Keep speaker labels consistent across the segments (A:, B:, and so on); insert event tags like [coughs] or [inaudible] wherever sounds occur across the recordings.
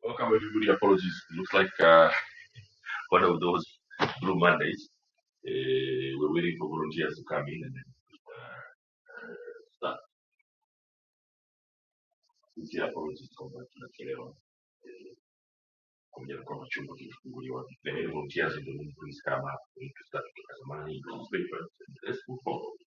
A: Welcome everybody. Apologies. It looks like uh, one of those blue Mondays. Uh, we're waiting for volunteers to come in and then start. Sincere apologies kwamba tunachelewa eh, pamoja na kwamba chumba kilifunguliwa. The main volunteers in the room, please come up. We need to start tukitazamana in those papers and let's move forward.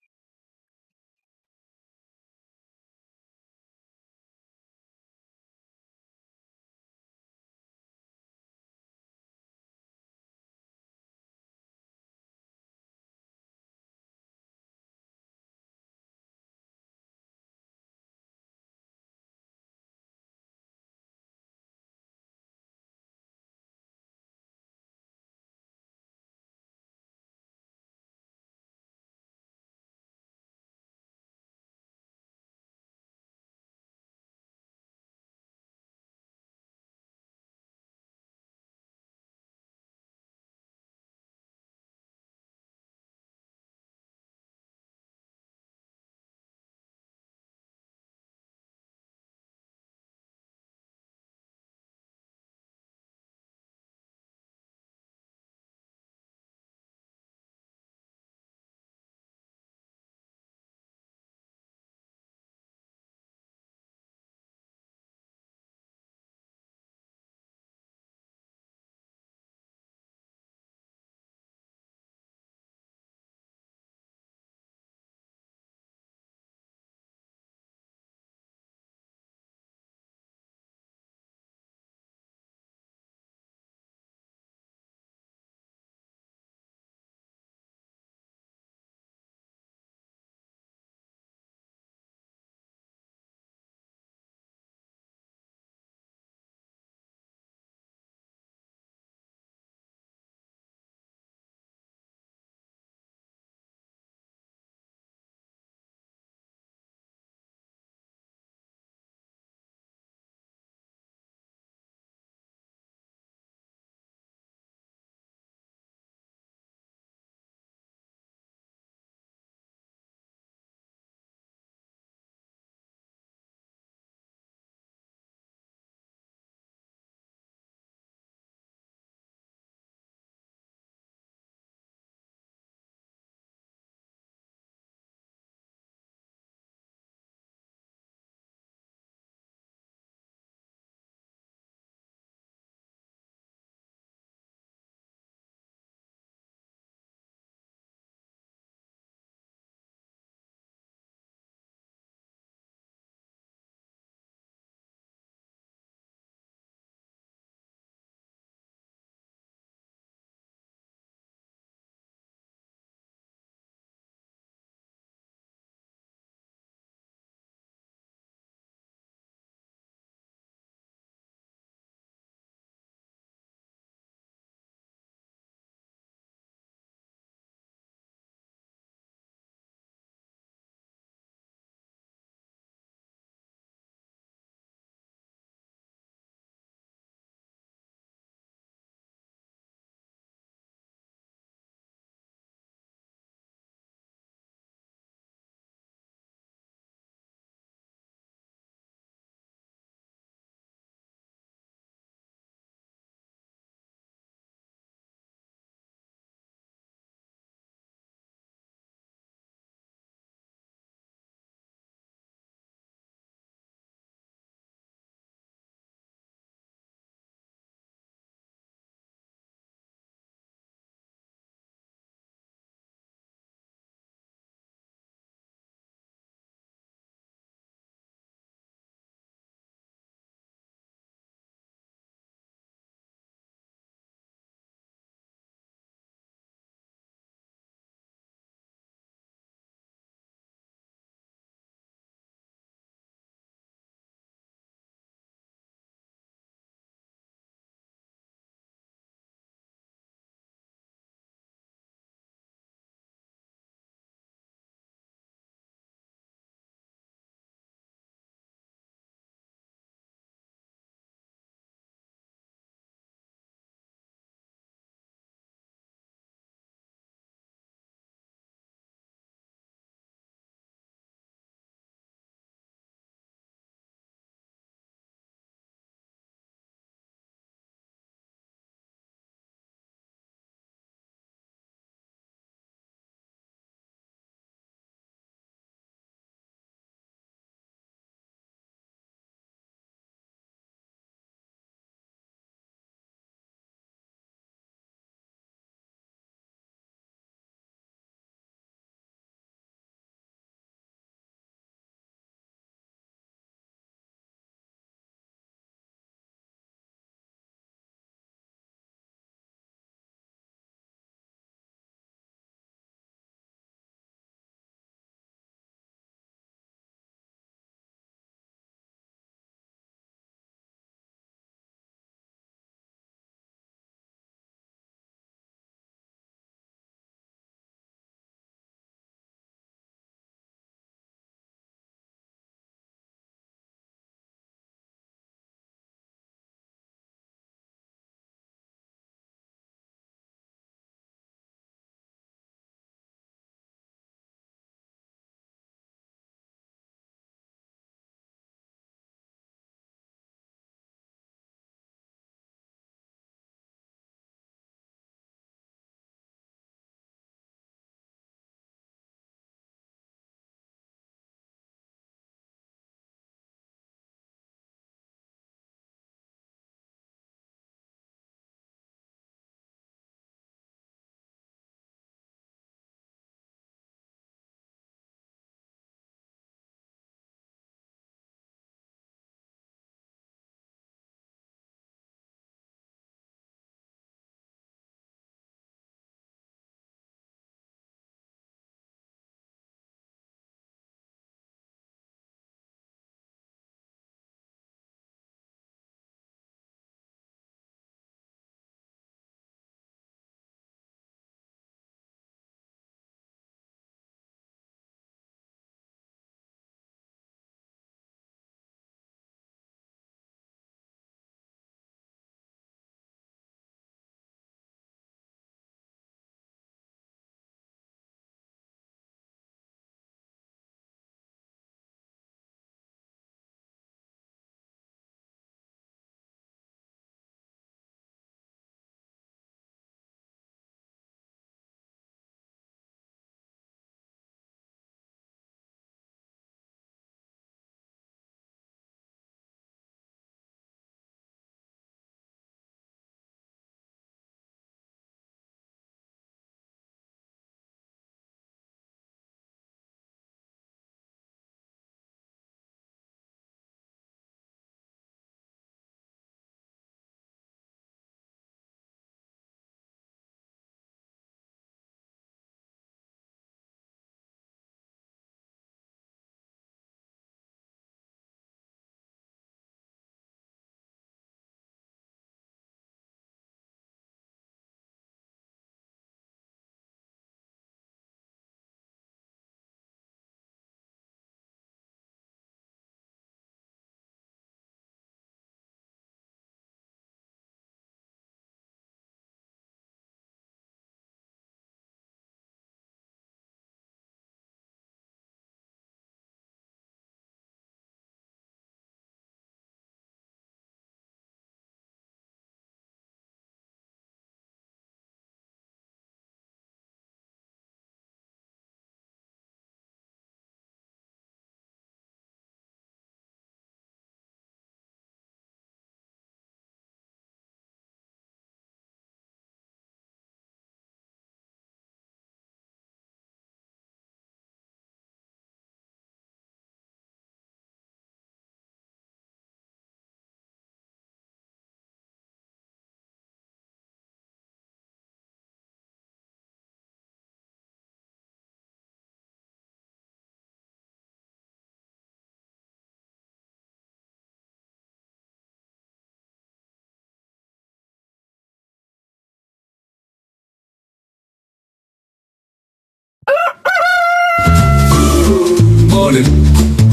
B: morning.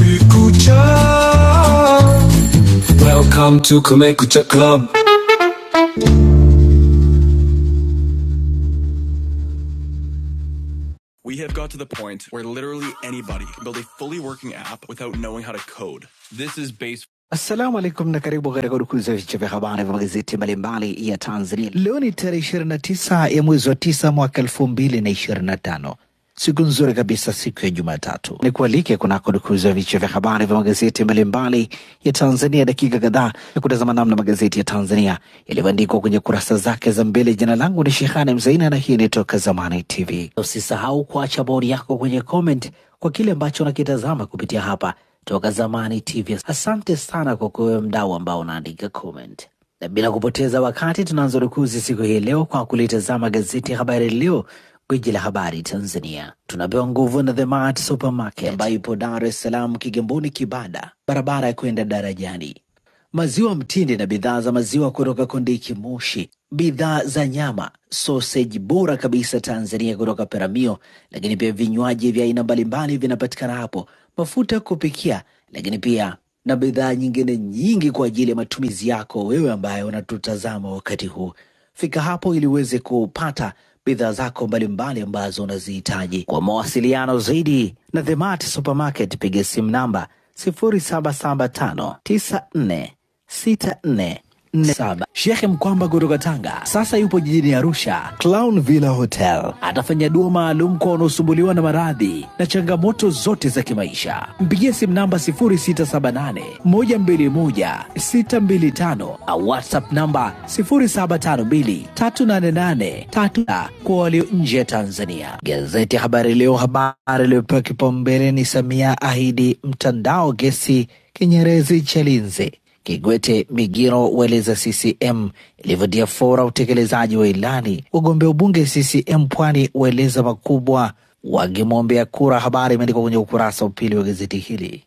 B: Mikucha. Welcome to Kumekucha Club. Assalamu alaikum na karibu katika udukuzi ya vichwa vya habari vya magazeti mbalimbali ya Tanzania. Leo ni tarehe 29 ya mwezi wa 9 mwaka 2025, siku nzuri kabisa, siku ya Jumatatu. Ni kualike kunako dukuzi ya vichwa vya habari vya magazeti mbalimbali ya Tanzania, dakika kadhaa ya kutazama namna magazeti ya Tanzania yalivyoandikwa kwenye kurasa zake za mbele. Jina langu ni Shehani Mzaina na hii ni Toka Zamani TV. Usisahau kuacha bodi yako kwenye comment kwa kile ambacho unakitazama kupitia hapa toka zamani TV. Asante sana kwa kuwewe mdau ambao unaandika comment, na bila kupoteza wakati tunaanza rukuzi siku hii leo kwa kulitazama gazeti ya Habari Leo, gwiji la habari Tanzania. Tunapewa nguvu na The Mart Supermarket ambayo ipo Dar es Salaam, Kigamboni, Kibada, barabara ya kwenda darajani maziwa mtindi na bidhaa za maziwa kutoka Kondiki Moshi, bidhaa za nyama, soseji bora kabisa Tanzania kutoka Peramio, lakini pia vinywaji vya aina mbalimbali vinapatikana hapo, mafuta ya kupikia, lakini pia na bidhaa nyingine nyingi kwa ajili ya matumizi yako wewe ambaye unatutazama wakati huu. Fika hapo ili uweze kupata bidhaa zako mbalimbali ambazo unazihitaji. Kwa mawasiliano zaidi na The Mart Supermarket, piga simu namba 0775946447. Shekhe Mkwamba kutoka Tanga sasa yupo jijini Arusha, Clown Villa Hotel. Atafanya dua maalum kwa wanaosumbuliwa na maradhi na changamoto zote za kimaisha. Mpigie simu namba 0678121625 au WhatsApp namba 07523883 kwa walio nje ya Tanzania. Gazeti ya Habari Leo, habari iliyopewa kipaumbele ni Samia ahidi mtandao gesi Kinyerezi Chalinze. Kigwete Migiro waeleza CCM ilivyotia fora utekelezaji wa ilani. Wagombea ubunge CCM Pwani waeleza makubwa wakimwombea kura. Habari imeandikwa kwenye ukurasa wa pili wa gazeti hili.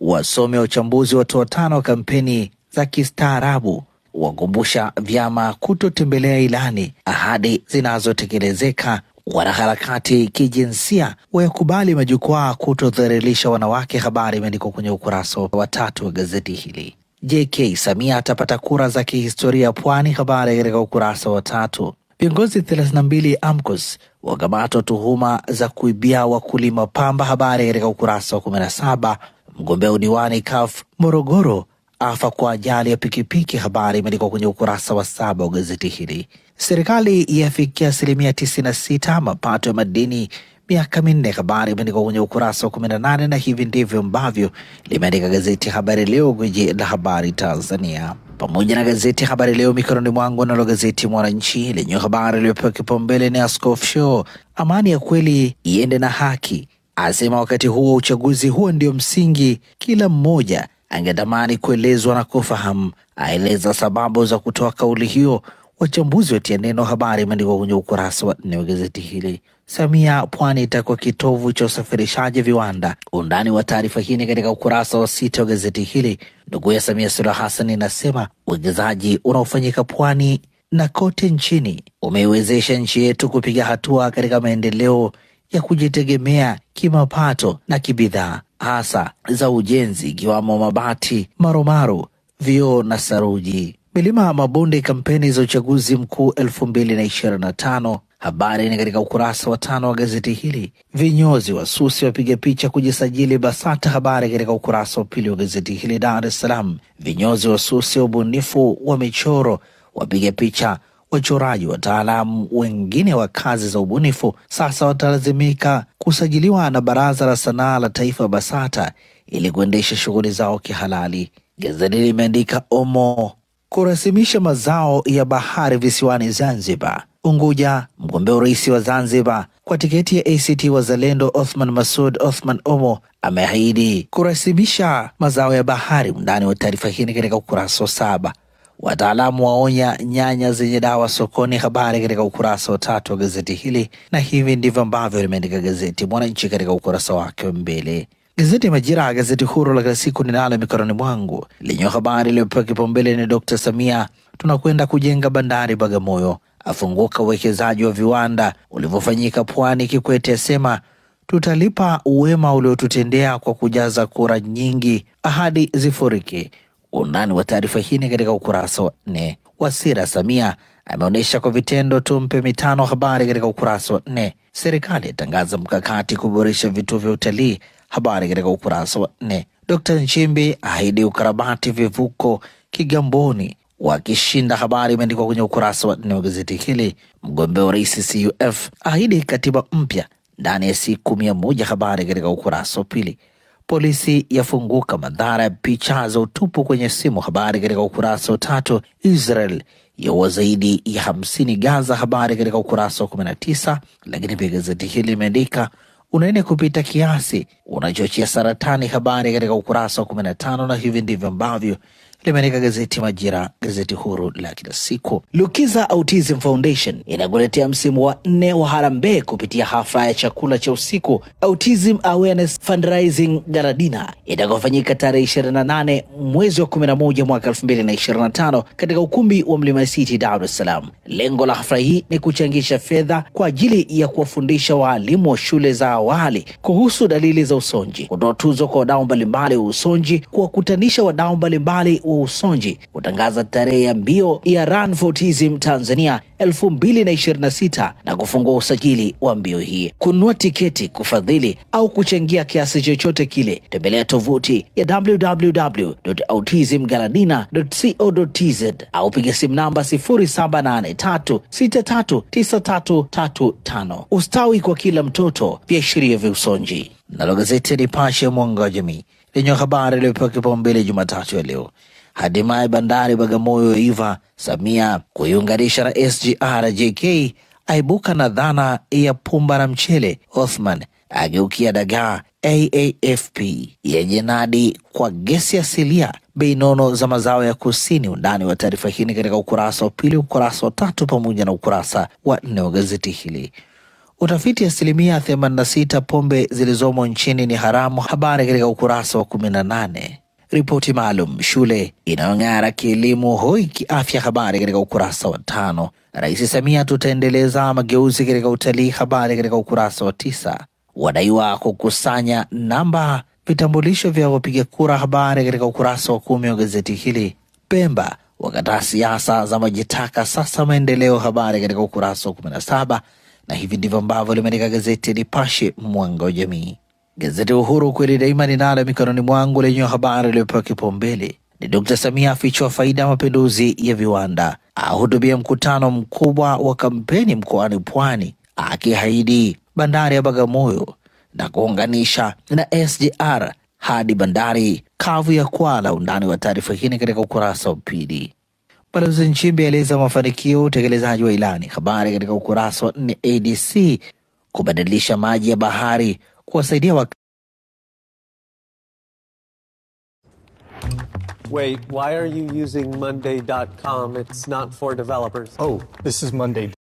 B: Wasomi wa uchambuzi watoa tano wa kampeni za kistaarabu wakumbusha vyama kutotembelea ilani, ahadi zinazotekelezeka. Wanaharakati kijinsia wayakubali majukwaa kutodhalilisha wanawake, habari imeandikwa kwenye ukurasa wa tatu wa gazeti hili. JK Samia atapata kura za kihistoria Pwani, habari katika ukurasa wa tatu. Viongozi 32 AMCOS wakamatwa tuhuma za kuibia wakulima pamba. Habari katika ukurasa wa 17. Mgombea udiwani CUF Morogoro afa kwa ajali ya pikipiki. Habari imeandikwa kwenye ukurasa wa saba wa gazeti hili. Serikali yafikia asilimia 96 mapato ya madini miaka minne. Habari imeandikwa kwenye ukurasa wa 18, na nane na hivi ndivyo ambavyo limeandika gazeti ya Habari Leo, gwiji la habari Tanzania pamoja na gazeti Habari Leo mikononi mwangu. Nalo gazeti Mwananchi lenye habari iliyopewa kipaumbele ni Askofu Shoo, amani ya kweli iende na haki, asema wakati huo wa uchaguzi huo ndio msingi, kila mmoja angetamani kuelezwa na kufahamu. Aeleza sababu za kutoa kauli hiyo, Wachambuzi watia neno, habari imeandikwa kwenye ukurasa wa nne wa gazeti hili. Samia, pwani itakuwa kitovu cha usafirishaji viwanda. Undani wa taarifa hii ni katika ukurasa wa sita wa gazeti hili. Ndugu ya Samia Suluhu Hassan inasema uwekezaji unaofanyika pwani na kote nchini umeiwezesha nchi yetu kupiga hatua katika maendeleo ya kujitegemea kimapato na kibidhaa, hasa za ujenzi, ikiwamo mabati, maromaro, vioo na saruji, milima, mabonde, kampeni za uchaguzi mkuu elfu mbili na ishirini na tano. Habari ni katika ukurasa wa tano wa gazeti hili. Vinyozi wasusi wapiga picha kujisajili BASATA. Habari katika ukurasa wa pili wa gazeti hili. Dar es Salaam, vinyozi wasusi wa ubunifu wa michoro wapiga picha wachoraji wataalamu wengine wa kazi za ubunifu sasa watalazimika kusajiliwa na Baraza la Sanaa la Taifa BASATA ili kuendesha shughuli zao kihalali. Gazeti limeandika Omo kurasimisha mazao ya bahari visiwani Zanzibar. Unguja, mgombea urais wa Zanzibar kwa tiketi ya ACT Wazalendo Othman Masud Othman Omo ameahidi kurasimisha mazao ya bahari. Undani wa taarifa hii ni katika ukurasa wa saba. Wataalamu waonya nyanya zenye dawa sokoni. Habari katika ukurasa wa tatu wa gazeti hili, na hivi ndivyo ambavyo limeandika gazeti Mwananchi katika ukurasa wake wa mbele. Gazeti Majira, gazeti huru la kila siku ninalo mikononi mwangu, lenye habari iliyopewa kipaumbele ni Dr. Samia, tunakwenda kujenga bandari Bagamoyo, afunguka uwekezaji wa viwanda ulivyofanyika Pwani. Kikwete asema tutalipa uwema uliotutendea kwa kujaza kura nyingi, ahadi zifurike. Undani wa taarifa hii ni katika ukurasa wa nne. Wasira Samia ameonyesha kwa vitendo tumpe mitano. Habari katika ukurasa wa nne. Serikali yatangaza mkakati kuboresha vituo vya utalii. Habari katika ukurasa wa nne. Dkt Nchimbi ahidi ukarabati vivuko Kigamboni wakishinda. Habari imeandikwa kwenye ukurasa wa nne wa gazeti hili. Mgombea wa rais CUF ahidi katiba mpya ndani ya siku mia moja. Habari katika ukurasa wa pili. Polisi yafunguka madhara ya picha za utupu kwenye simu. Habari katika ukurasa wa tatu. Israel yaua zaidi ya hamsini Gaza. Habari katika ukurasa wa kumi na tisa. Lakini pia gazeti hili limeandika unene kupita kiasi unachochea saratani. Habari katika ukurasa wa kumi na tano. Na hivi ndivyo ambavyo limeandika gazeti Majira, gazeti huru la kila siku. Lukiza Autism Foundation inakuletea msimu wa nne wa harambee kupitia hafla ya chakula cha usiku Autism Awareness Fundraising Gala Dinner itakaofanyika tarehe 28 mwezi wa 11 mwaka 2025 katika ukumbi wa Mlima City, Dar es Salaam. Lengo la hafla hii ni kuchangisha fedha kwa ajili ya kuwafundisha waalimu wa shule za awali kuhusu dalili za usonji, kutoa tuzo kwa wadau mbalimbali wa usonji, kuwakutanisha kuwawezesha wadau mbalimbali wa usonji kutangaza tarehe ya mbio ya Run for Autism Tanzania 2026 na ishirini na sita na kufungua usajili wa mbio hii. Kununua tiketi, kufadhili au kuchangia kiasi chochote kile, tembelea tovuti ya www.autismgaladina.co.tz au piga simu namba 0783639335. Ustawi kwa kila mtoto, viashiria vya usonji. Nalo gazeti ya Nipashe ya mwanga wa jamii lenye habari iliyopewa kipaumbele Jumatatu ya leo. Hatimaye bandari Bagamoyo iva, Samia kuiunganisha na SGR. JK aibuka na dhana ya pumba na mchele. Othman ageukia dagaa. AAFP yenye nadi kwa gesi asilia, bei nono za mazao ya kusini. Undani wa taarifa hii ni katika ukurasa wa pili, ukurasa wa tatu pamoja na ukurasa wa nne wa gazeti hili. Utafiti asilimia 86 pombe zilizomo nchini ni haramu. Habari katika ukurasa wa 18. Ripoti maalum shule inayong'ara kielimu, hoi kiafya. Habari katika ukurasa wa tano. Rais Samia, tutaendeleza mageuzi katika utalii. Habari katika ukurasa wa tisa. Wadaiwa kukusanya namba vitambulisho vya wapiga kura. Habari katika ukurasa wa kumi wa gazeti hili. Pemba wakataa siasa za majitaka, sasa maendeleo. Habari katika ukurasa wa 17 na saba, na hivi ndivyo ambavyo limeandika gazeti ya Nipashe mwanga wa jamii. Gazeti Uhuru ukweli daima ninalo mikononi mwangu, lenye habari iliyopewa kipaumbele ni Dkt. Samia afichua faida ya mapinduzi ya viwanda, ahutubia mkutano mkubwa wa kampeni mkoani Pwani, akiahidi bandari ya Bagamoyo na kuunganisha na SGR hadi bandari kavu ya Kwala. Undani wa taarifa hii ni katika ukurasa wa pili. Balozi Nchimbi aeleza mafanikio ya utekelezaji wa ilani, habari katika ukurasa wa nne. ADC kubadilisha maji ya bahari kuwasaidia wakazi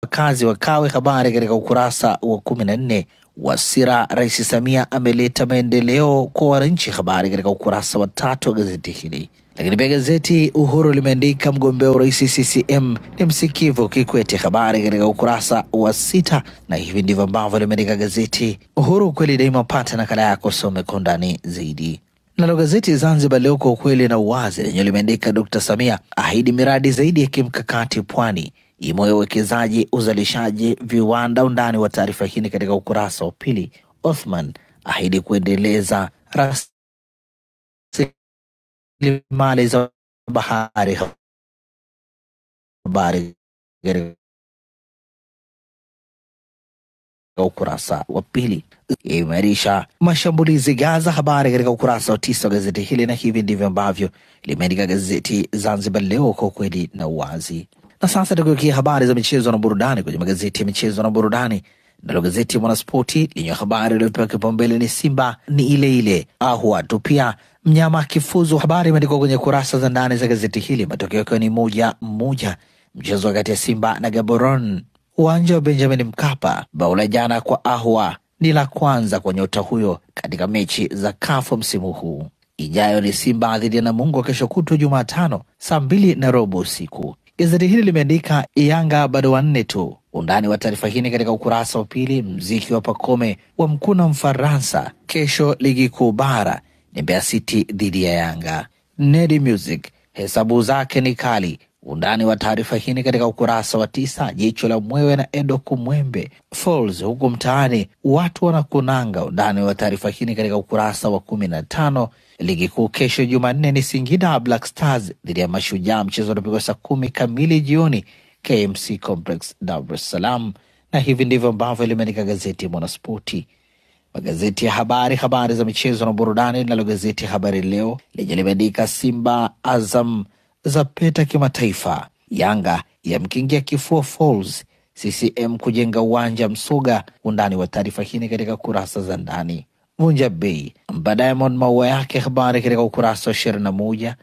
B: Wakazi wa Kawe. Habari katika ukurasa wa kumi na nne wa Sira, Rais Samia ameleta maendeleo kwa wananchi. Habari katika ukurasa wa tatu wa gazeti hili. Lakini pia gazeti Uhuru limeandika mgombea urais CCM ni msikivu Kikwete. Habari katika ukurasa wa sita, na hivi ndivyo ambavyo limeandika gazeti Uhuru, kweli daima. Pata nakala yako, some kwa undani zaidi. Nalo gazeti Zanzibar Leo kwa ukweli na uwazi lenye limeandika Dr. Samia ahidi miradi zaidi ya kimkakati pwani, imo uwekezaji, uzalishaji, viwanda. Undani wa taarifa hii ni katika ukurasa wa pili. Othman ahidi kuendeleza rasilimali za bahari, habari katika katika ukurasa wa pili. Imeimarisha mashambulizi Gaza, habari katika ukurasa wa tisa wa gazeti hili, na hivi ndivyo ambavyo limeandika gazeti Zanzibar Leo kwa ukweli na uwazi. Na sasa tukiwekia habari za michezo na burudani kwenye magazeti ya michezo na burudani, nalo gazeti ya Mwanaspoti lenye habari iliyopewa kipaumbele ni Simba ni ile ile ahwa tu pia mnyama akifuzu. Habari imeandikwa kwenye kurasa za ndani za gazeti hili, matokeo yakiwa ni moja moja, mchezo kati ya Simba na Gaborone Uwanja wa Benjamin Mkapa, bao la jana kwa Ahwa ni la kwanza kwa nyota huyo katika mechi za kafu msimu huu. Ijayo ni Simba dhidi ya Namungo kesho kutwa Jumatano saa mbili na robo usiku. Gazeti hili limeandika Yanga bado wanne tu. Undani wa taarifa hii ni katika ukurasa wa pili. Mziki wa Pakome wa mkuna Mfaransa. Kesho ligi kuu bara ni Mbeya City dhidi ya Yanga. Nedi Music hesabu zake ni kali, Undani wa taarifa hii ni katika ukurasa wa tisa. Jicho la mwewe na Edo Kumwembe Falls huku mtaani watu wanakunanga. Undani wa taarifa hii ni katika ukurasa wa kumi na tano. Ligi kuu kesho Jumanne ni Singida Black Stars dhidi ya Mashujaa, mchezo unapigwa saa kumi kamili jioni KMC Complex, Dar es Salaam. Na hivi ndivyo ambavyo limeandika gazeti Mwanaspoti. Magazeti ya habari, habari za michezo na burudani. Linalo gazeti ya Habari Leo lenye limeandika Simba Azam za peta kimataifa, Yanga yamkingia kifua Falls, CCM kujenga uwanja Msuga. Undani wa taarifa hii ni katika kurasa za ndani. Vunja bei mpa Diamond maua yake, habari katika ukurasa wa ishirini na moja.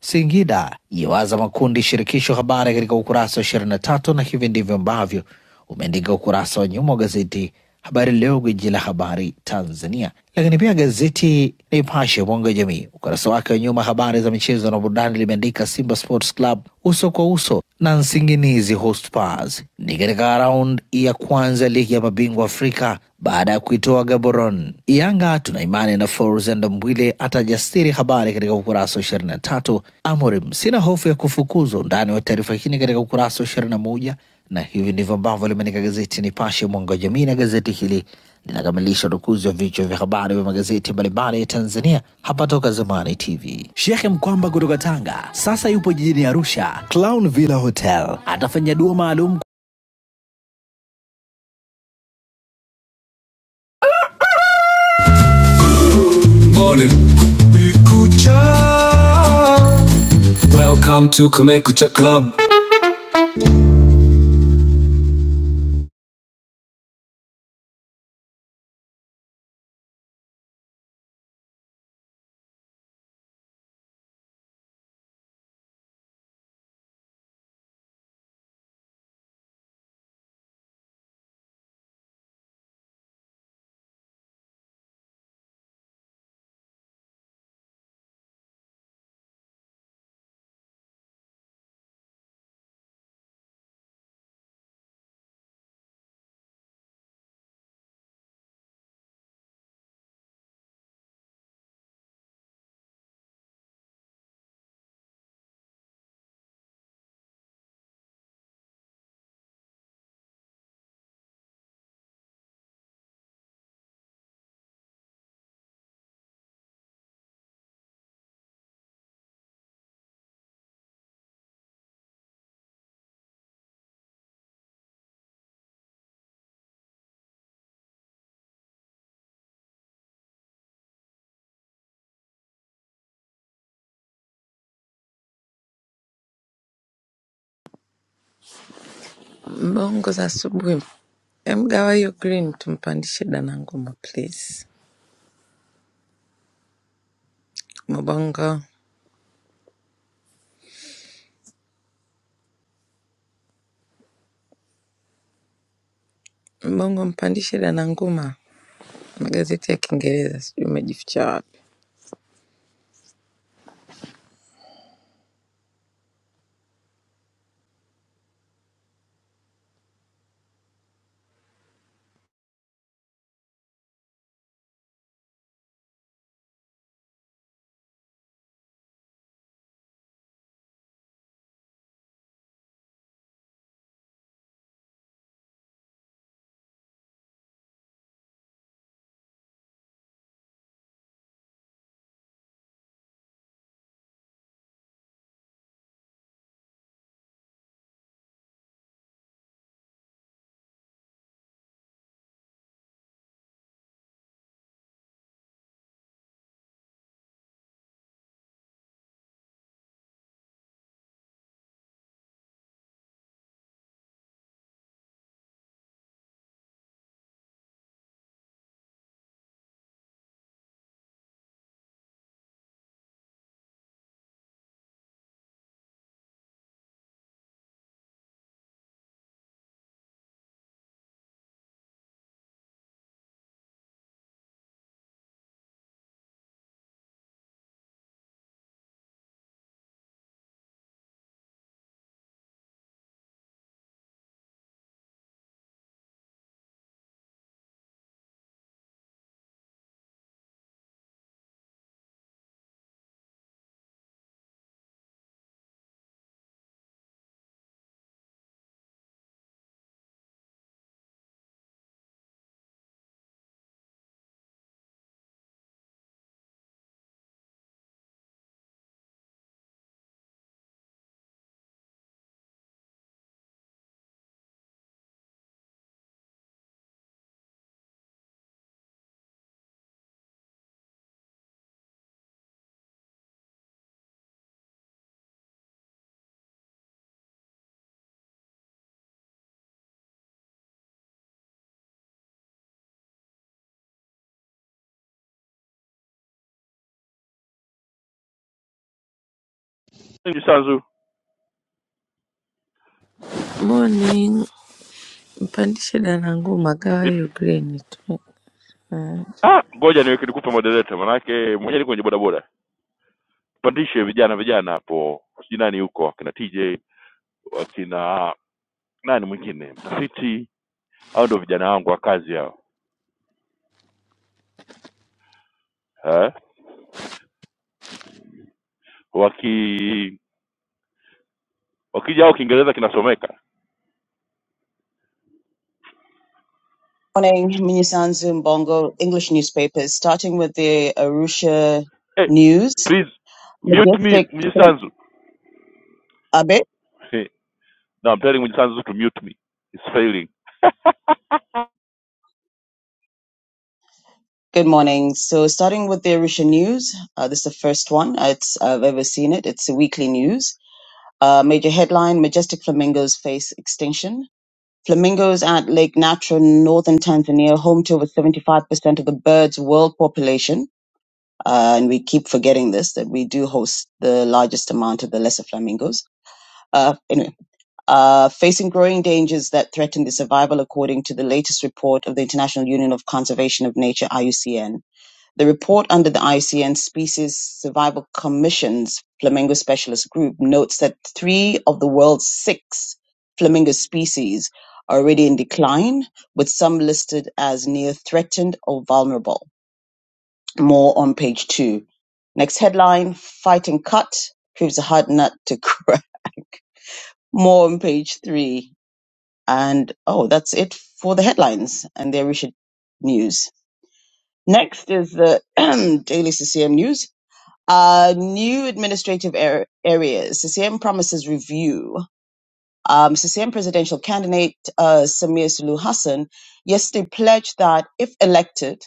B: Singida yawaza makundi shirikisho, habari katika ukurasa wa ishirini na tatu. Na hivi ndivyo ambavyo umeandika ukurasa wa nyuma wa gazeti Habari Leo, gwiji la habari Tanzania. Lakini pia gazeti Nipashe mwanga wa jamii, ukurasa wake wa nyuma, habari za michezo na burudani, limeandika Simba Sports Club uso kwa uso na Nsinginizi Hotspurs ni katika raundi ya kwanza ligi ya mabingwa Afrika baada ya kuitoa Gaborone. Yanga tuna imani na Forzan Ndambwile atajasiri, habari katika ukurasa wa ishirini na tatu. Amorim sina hofu ya kufukuzwa, undani wa taarifa hii ni katika ukurasa wa ishirini na moja na hivi ndivyo ambavyo limeandika gazeti Nipashe mwanga wa jamii, na gazeti hili linakamilisha udukuzi wa vichwa vya habari vya magazeti mbalimbali ya Tanzania hapa Toka Zamani TV. Shekhe Mkwamba kutoka Tanga sasa yupo jijini Arusha, Clown Villa Hotel, atafanya dua maalum Morning. Kumekucha. Welcome to Kumekucha Club.
C: Mbongo za asubuhi. Emgawa hiyo green tumpandishe Dananguma please. Mbongo, Mbongo mpandishe Dananguma. Magazeti ya Kiingereza sijui umejificha wapi.
A: Mimi Sanzu.
C: Morning, mpandishe Dananguma, gawa
A: Vip-
C: hiyo green.
A: Ah, ngoja niweke nikupe moderator manake mwenyewe ni kwenye bodaboda. Pandishe vijana vijana hapo. Sijui nani huko akina TJ, wakina nani mwingine, mtafiti au ndio vijana wangu wa kazi hao. eh, waki wakija au kiingereza kinasomeka
D: Morning, Minisanzu Bongo English newspapers, starting with the Arusha
A: hey,
D: News.
A: please mute me
D: Majestic Philip
A: mjisanzu
D: Abet,
A: hey, no, I'm telling mjisanzu to mute me it's failing
D: good morning. So, starting with the Arusha News, uh, this is the first one it's, I've ever seen it. It's a weekly news. Uh, major headline Majestic Flamingos face extinction. Flamingos at Lake Natra, northern Tanzania, home to over 75% of the bird's world population. Uh, and we keep forgetting this that we do host the largest amount of the lesser flamingos. Uh, anyway, uh, facing growing dangers that threaten the survival, according to the latest report of the International Union of Conservation of Nature, IUCN. The report under the IUCN Species Survival Commission's Flamingo Specialist Group notes that three of the world's six flamingo species are already in decline, with some listed as near threatened or vulnerable. More on page two. Next headline Fighting Cut proves a hard nut to crack. [laughs] More on page three. And oh, that's it for the headlines and their recent news. Next is the [clears throat] daily CCM news. Uh, new administrative ar- areas. CCM promises review. Um, CCM presidential candidate uh, Samir Sulu Hassan yesterday pledged that if elected,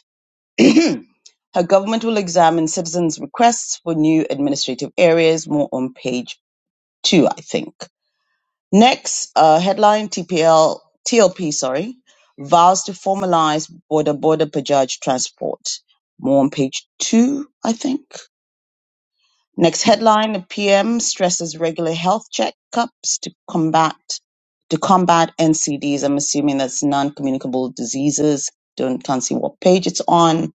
D: [clears throat] her government will examine citizens' requests for new administrative areas. More on page two, I think. Next, uh, headline TPL, TLP, sorry, vows to formalize border border per judge transport. More on page two, I think. Next headline, the PM stresses regular health checkups to combat to combat NCDs. I'm assuming that's non-communicable diseases. Don't can't see what page it's on.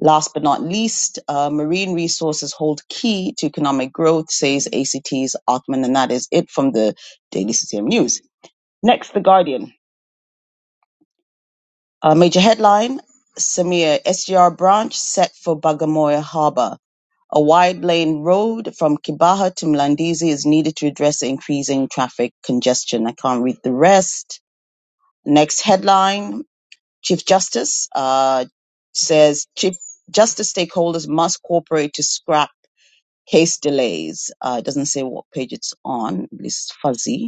D: Last but not least, uh, marine resources hold key to economic growth, says ACT's Ackman, and that is it from the Daily CCM News. Next, The Guardian. A major headline Samir SGR branch set for Bagamoyo Harbour. A wide lane road from Kibaha to Mlandizi is needed to address the increasing traffic congestion. I can't read the rest. Next headline Chief Justice uh, says Chief Justice stakeholders must cooperate to scrap case delays. Uh, it doesn't say what page it's on, at least it's fuzzy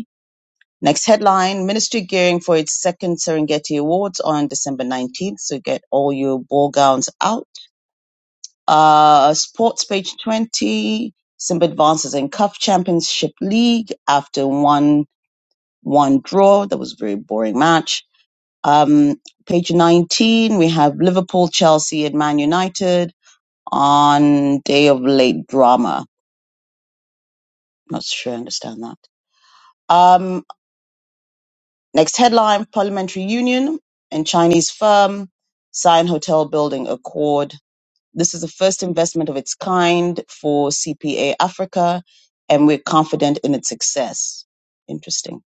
D: Next headline Ministry gearing for its second Serengeti Awards on December 19th. So get all your ball gowns out. Uh, sports page 20. Simba advances in CUF Championship League after one one draw. That was a very boring match. Um, page 19, we have Liverpool, Chelsea, and Man United on day of late drama. Not sure I understand that. Um. Next headline Parliamentary Union and Chinese firm sign hotel building accord. This is the first investment of its kind for CPA Africa, and we're confident in its success. Interesting.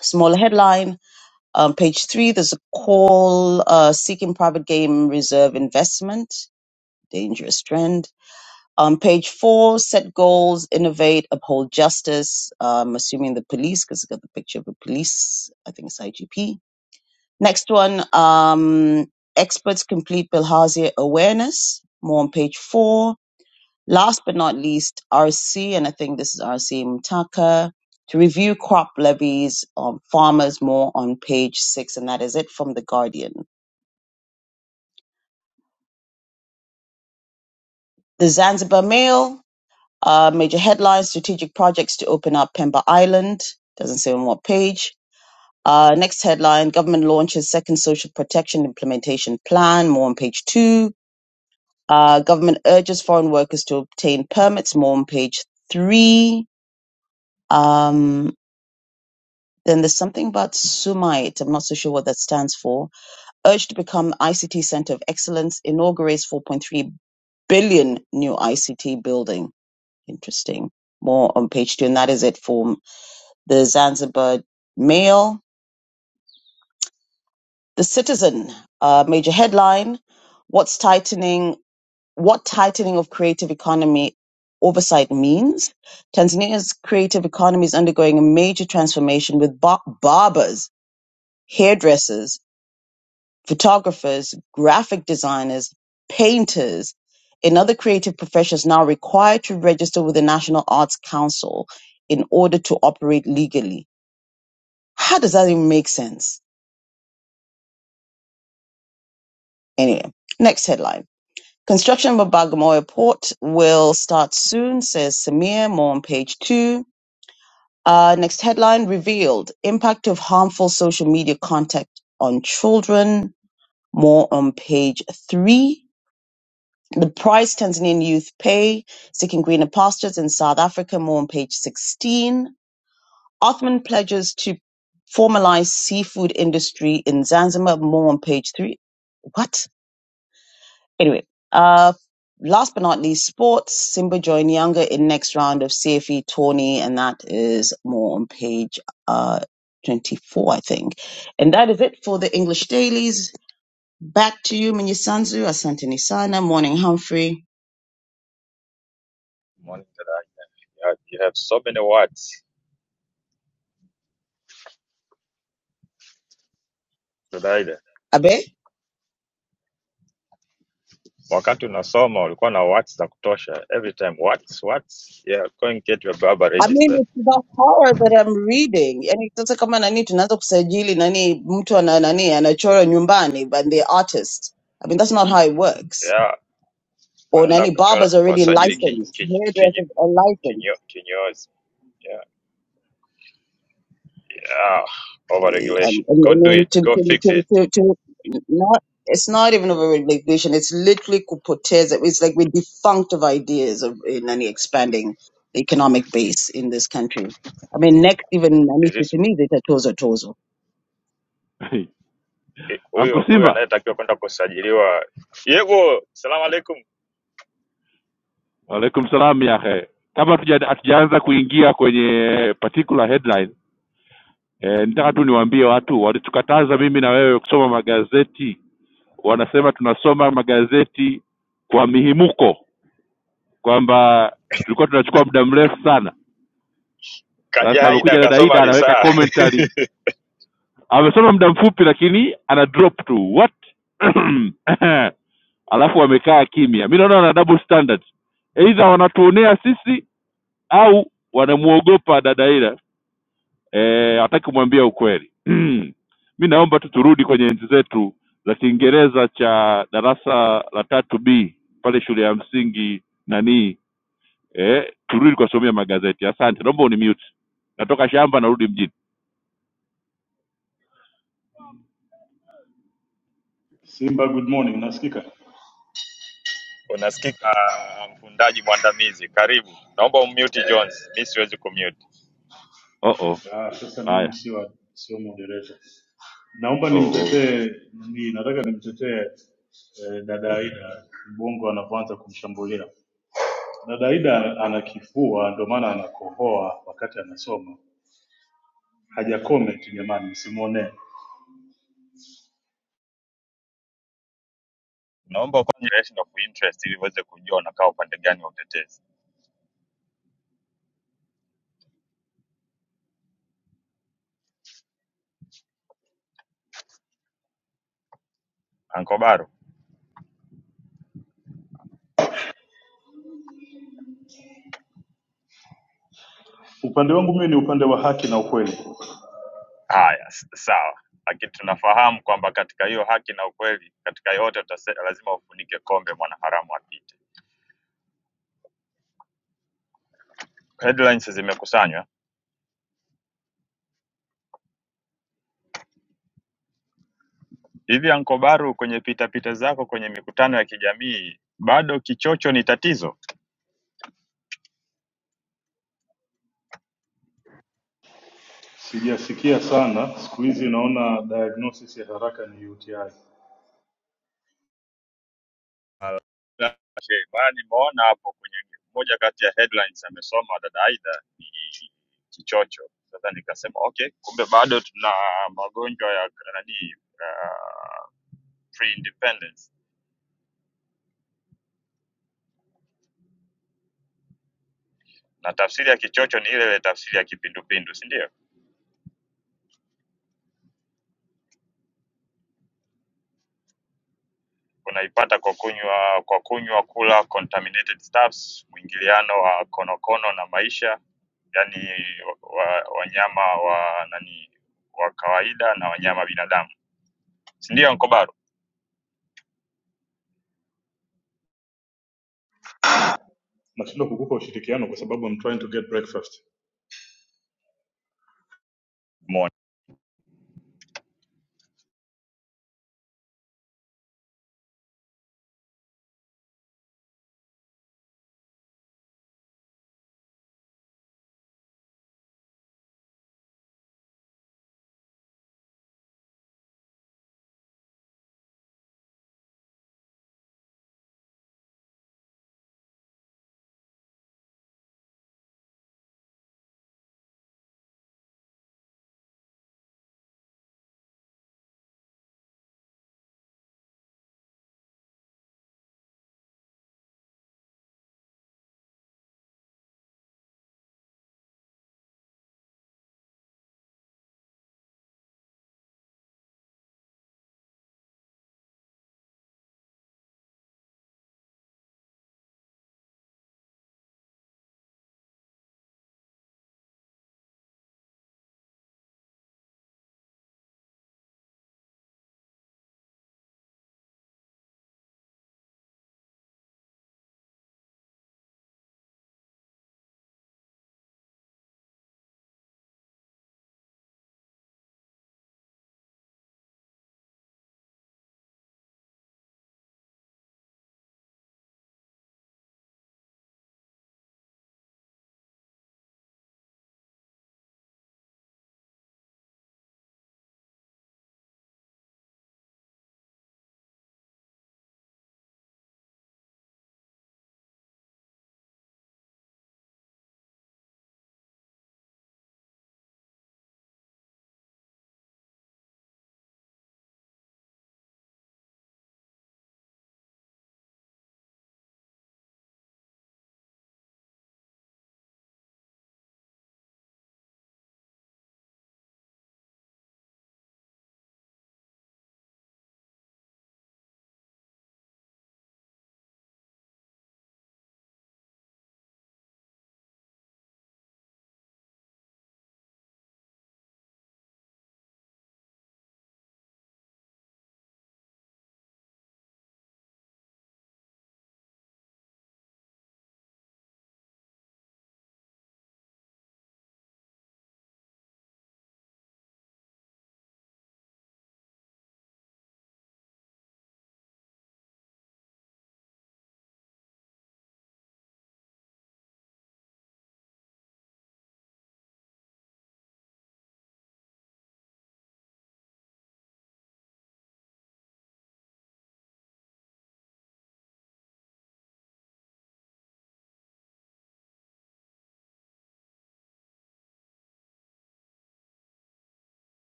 D: Smaller headline, um, page three, there's a call uh, seeking private game reserve investment, dangerous trend. Um, page four, set goals, innovate, uphold justice. Um, assuming the police, because it's got the picture of a police, I think it's IGP Next one, um, experts complete bilharzia awareness, more on page four. Last but not least, RC, and I think this is RC Mutaka, to review crop levies on farmers, more on page six, and that is it from The Guardian. The Zanzibar Mail, uh, major headlines, strategic projects to open up Pemba Island, doesn't say on what page. Uh, next headline, government launches second social protection implementation plan, more on page two Uh, government urges foreign workers to obtain permits, more on page three. Um, then there's something about SUMITE. I'm not so sure what that stands for. Urged to become ICT Center of Excellence, inaugurates 4.3 billion new ICT building. Interesting. More on page two, and that is it for the Zanzibar Mail. The Citizen, uh, major headline. What's tightening? what tightening of creative economy oversight means. Tanzania's creative economy is undergoing a major transformation with bar- barbers, hairdressers, photographers, graphic designers, painters, and other creative professions now required to register with the National Arts Council in order to operate legally. How does that even make sense? Anyway, next headline. Construction of Bagamoyo Port will start soon, says Samir, more on page two. Uh, next headline revealed impact of harmful social media content on children. More on page three. The price Tanzanian youth pay, seeking greener pastures in South Africa. More on page 16. Othman pledges to formalize seafood industry in Zanzibar. More on page three. What? Anyway, uh, last but not least, sports. Simba joined Younger in next round of CFE tourney, and that is more on page uh, 24, I think. And that is it for the English dailies. Back to you, Minyisanzu, Asante Nisana, Morning Humphrey.
E: Morning, Dada. You have so many words. Dada ile.
D: Abe?
E: Wakati unasoma ulikuwa na words za kutosha. Every time words, words. Yeah, go and get your baba
D: I mean,
E: registered.
D: it's the horror that I'm reading. Yani sasa kama nani tunaanza kusajili nani mtu ana nani anachora nyumbani but the artists. I mean, that's not how it works.
E: Yeah,
D: or
E: wanaenda
D: any barbers
E: kuchora
D: already
E: kuwasajili kinyo,
D: licensed,
E: kinyo,
D: hairdressers are
E: kinyo,
D: licensed,
E: kinyozi. Yeah, yeah.
D: eh, and,
E: Overregulation.
D: and,
E: Go
D: and
E: do
D: then
E: it.
D: to,
E: Go
D: to,
E: fix
D: to,
E: it.
D: to, to not. It's not even of a regulation. It's literally corporates. It's like we're defunct of ideas of in any expanding the economic base in this country. I mean, next even nani
E: Is this
D: sitimii zitatozo tozo. tozo.
A: hey. Anko
E: huyo huyo
A: Simba
E: anayetakiwa kwenda kusajiliwa. Yebo, salamu alaikum.
A: alaikum salam yahe kabla hatuja- hatujaanza kuingia kwenye particular headline eh, nitaka tu niwaambie watu walitukataza mimi na wewe kusoma magazeti wanasema tunasoma magazeti kwa mihimuko kwamba tulikuwa tunachukua muda mrefu sana
E: Kaja
A: sasa
E: Aida
A: amekuja dada
E: akasoma
A: ida anaweka
E: risaa.
A: commentary amesoma muda mfupi lakini ana drop tu what [clears throat] [coughs] alafu wamekaa kimya mi naona wana double standard eidha wanatuonea sisi au wanamwogopa dadaila eh, hataki kumwambia ukweli [clears throat] [coughs] mi naomba tu turudi kwenye enzi zetu za kiingereza cha darasa la tatu b pale shule ya msingi nanii eh, turudi kuwasomea magazeti asante naomba unimute natoka shamba narudi mjini
F: Simba, good morning, nasikika?
E: Unasikika uh, mfundaji mwandamizi, karibu. Naomba ummute Jones, mi siwezi kumute.
A: oh -oh.
F: Ah, sasa
A: haya
F: mimi sio sio moderator. Naomba
A: oh -oh.
F: nimtetee ni nataka nimtetee eh, dada Aida Mbongo anapoanza kumshambulia. Dada Aida ana kifua ndio maana anakohoa wakati anasoma. Haja comment jamani, msimuonee.
E: Naomba ufanye relation of interest ili uweze kujua unakaa upande gani wa utetezi. Ankobaru,
F: Upande wangu mimi ni upande wa haki na ukweli.
E: haya s- sawa, lakini tunafahamu kwamba katika hiyo haki na ukweli, katika yote utase, lazima ufunike kombe, mwanaharamu apite. Headlines zimekusanywa hivi. Ankobaru, kwenye pitapita zako kwenye mikutano ya kijamii, bado kichocho ni tatizo?
F: Sijasikia sana siku hizi, naona diagnosis ya haraka ni UTI.
E: Sheban nimeona hapo kwenye moja kati ya headlines amesoma dada Aida ni kichocho. Sasa nikasema okay, kumbe bado tuna magonjwa ya nani uh, pre-independence na tafsiri ya kichocho ni ile ile tafsiri ya kipindupindu, si ndio? Unaipata kwa kunywa kwa kunywa, kula contaminated stuffs, mwingiliano wa konokono na maisha, yani wanyama wa, wa wa nani wa kawaida na wanyama binadamu, si ndio? Nko
F: Nashindwa kukupa ushirikiano kwa sababu I'm trying to get breakfast.
E: Good morning.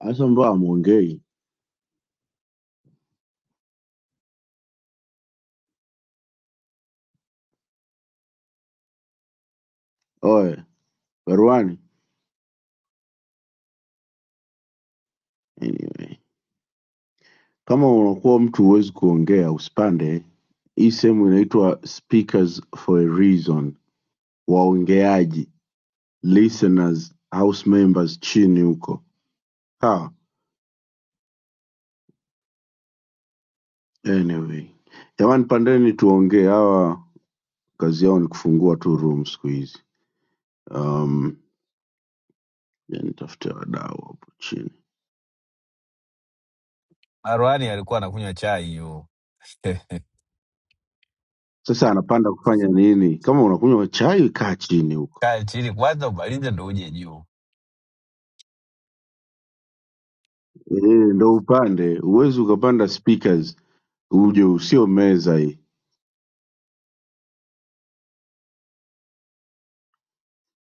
G: hasa mbao amwongei oe baruani anyway kama unakuwa mtu huwezi kuongea usipande hii sehemu inaitwa speakers for a reason waongeaji listeners house members chini huko sawa anyway jamani pandeni tuongee hawa kazi yao ni kufungua tu room siku hizi um, ya nitafute wadau hapo chini
H: Marwani alikuwa anakunywa chai hiyo. [laughs]
G: sasa anapanda kufanya nini kama unakunywa chai kaa chini huko
H: Kaa chini kwanza umalize ndo uje juu.
G: Eh, ndo upande, huwezi ukapanda speakers uje usio meza hii.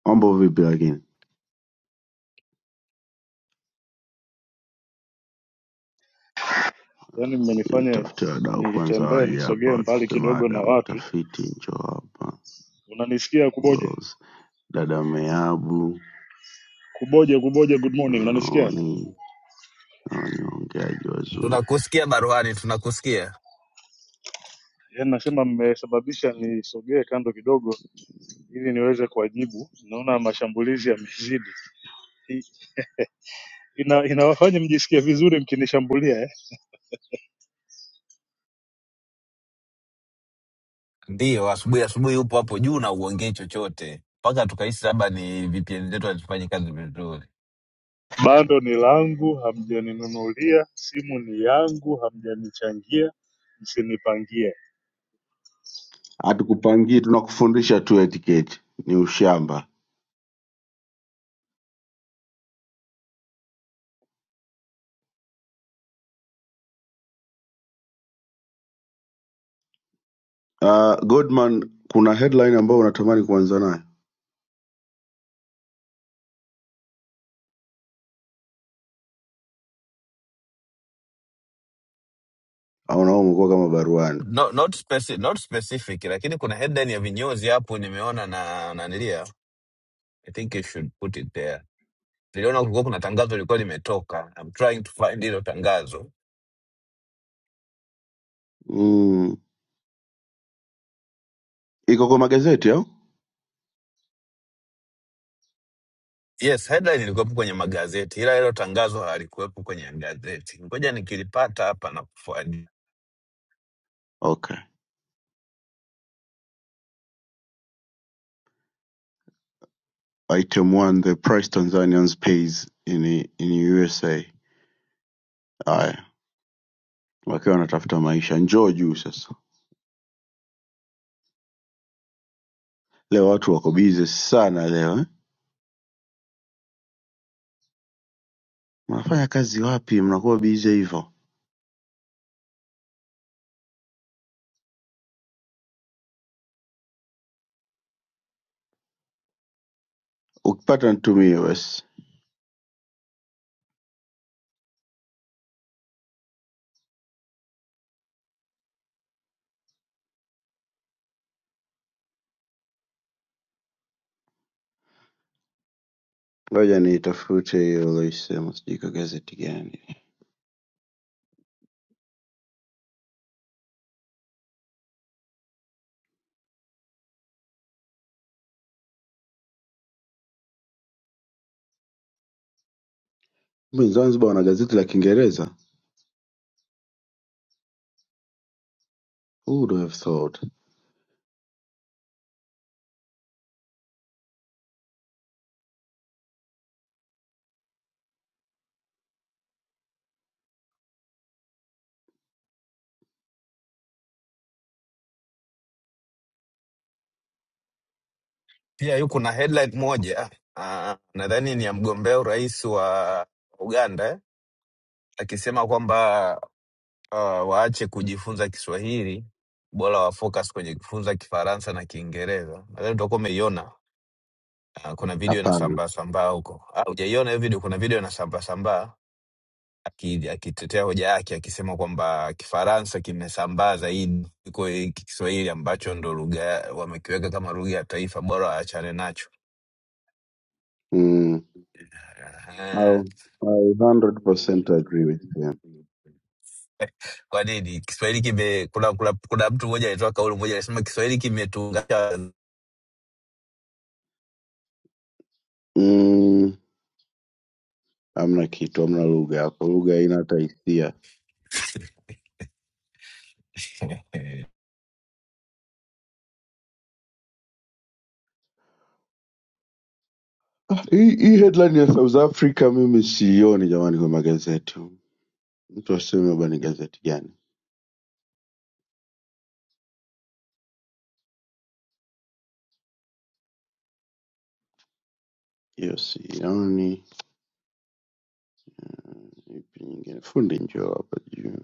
G: Mambo vipi lakini?
F: Yaani
G: Ah,
F: mmenifanya
G: Tafute wadau kwanza
F: nitembee
G: waje hapa
F: nisogee mbali
G: watupe
F: kidogo na
G: mada.
F: watu.
G: Mtafiti njoo hapa,
F: Unanisikia Kuboja?
G: Who else? dada Meabu,
F: Kuboja, Kuboja, good morning. Unanisikia?
G: Roni, hawa ni waongeaji wazuri.
H: Tunakusikia Marwani, tunakusikia.
F: Yaani nasema mmesababisha nisogee kando kidogo ili niweze kuwajibu. Naona mashambulizi yamezidi. I- Ina, inawafanya mjisikie vizuri mkinishambulia eh?
H: Ndiyo, asubuhi asubuhi upo hapo juu na uongei chochote mpaka tukahisi labda ni VPN zetu hazifanye kazi vizuri.
F: Bando ni langu, hamjaninunulia. Simu ni yangu, hamjanichangia, msinipangie.
G: Hatukupangii, tunakufundisha tu etiquette, ni ushamba. Ah, Godman, kuna headline ambayo unatamani kuanza nayo au nawe umekuwa kama baruani?
H: No, not, speci not specific, lakini kuna headline ya vinyozi hapo nimeona na nanilia. I think you should put it there. Niliona kulikuwa kuna tangazo lilikuwa limetoka. I'm trying to find hilo tangazo
G: Mm, iko kwa magazeti au?
H: Yes, headline ilikuwepo kwenye magazeti, ila hilo tangazo halikuwepo kwenye gazeti. Ngoja nikilipata hapa na kufuadi.
G: Okay. Item One The Price Tanzanians Pays in in USA. Haya, wakiwa wanatafuta maisha, njoo juu sasa. Leo watu wako bize sana leo eh? Mnafanya kazi wapi mnakuwa bize hivyo? Ukipata nitumie basi, ngoja niitafute hiyo uloisema, sijui kwa gazeti gani. Kumbe Zanzibar wana gazeti la Kiingereza? Who would have thought?
H: Pia yuko na headline moja ah, nadhani ni ya mgombea urais wa Uganda eh, akisema kwamba ah, waache kujifunza Kiswahili, bora wa focus kwenye kujifunza Kifaransa na Kiingereza. Nadhani utakuwa umeiona. ah, kuna video
G: Hapana.
H: inasambaa sambaa huko. Ah, hujaiona hiyo video? Kuna video inasambaa sambaa aki- akitetea hoja yake akisema kwamba Kifaransa kimesambaa zaidi kuliko hiki Kiswahili ambacho ndo lugha ya- wamekiweka kama lugha ya taifa, bora waachane nacho.
G: Mm,
H: Aha.
G: au I 100% agree with him.
H: Kwa nini Kiswahili kime kuna, kuna, kuna mtu mmoja alitoa kauli moja alisema Kiswahili kimetuunganisha.
G: Mm, hamna kitu, hamna lugha hapo, lugha haina hata hisia.
H: Eh,
G: Ah, Hii hii headline ya South Africa mimi siioni jamani kwa magazeti. Mtu aseme baba ni gazeti gani? Hiyo siioni. Ipi nyingine? Fundi njoo hapa juu.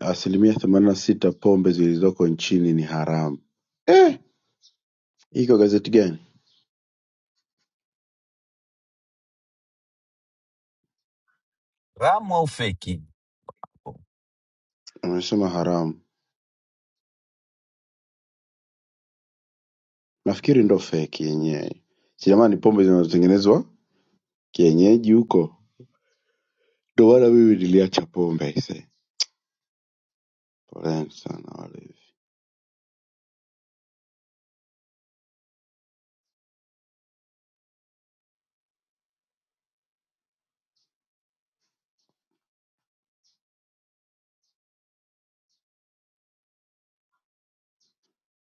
G: Asilimia themanini na sita pombe zilizoko nchini ni haramu. Eh, hii kwa gazeti gani?
H: Ramu au feki?
G: Amesema haramu. Nafikiri ndo fake yenyewe. Si jamani pombe zinazotengenezwa kienyeji huko. Ndo maana mimi niliacha pombe ise. Poleni sana wale.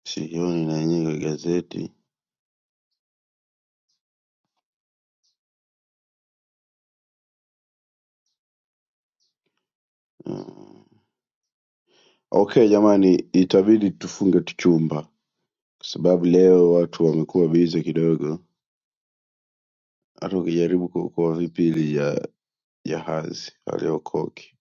G: Sioni na yenyewe kwa gazeti. Mm. Okay jamani, itabidi tufunge tu chumba kwa sababu leo watu wamekuwa bize kidogo, hata ukijaribu kuokoa vipili ya jahazi haliokoki.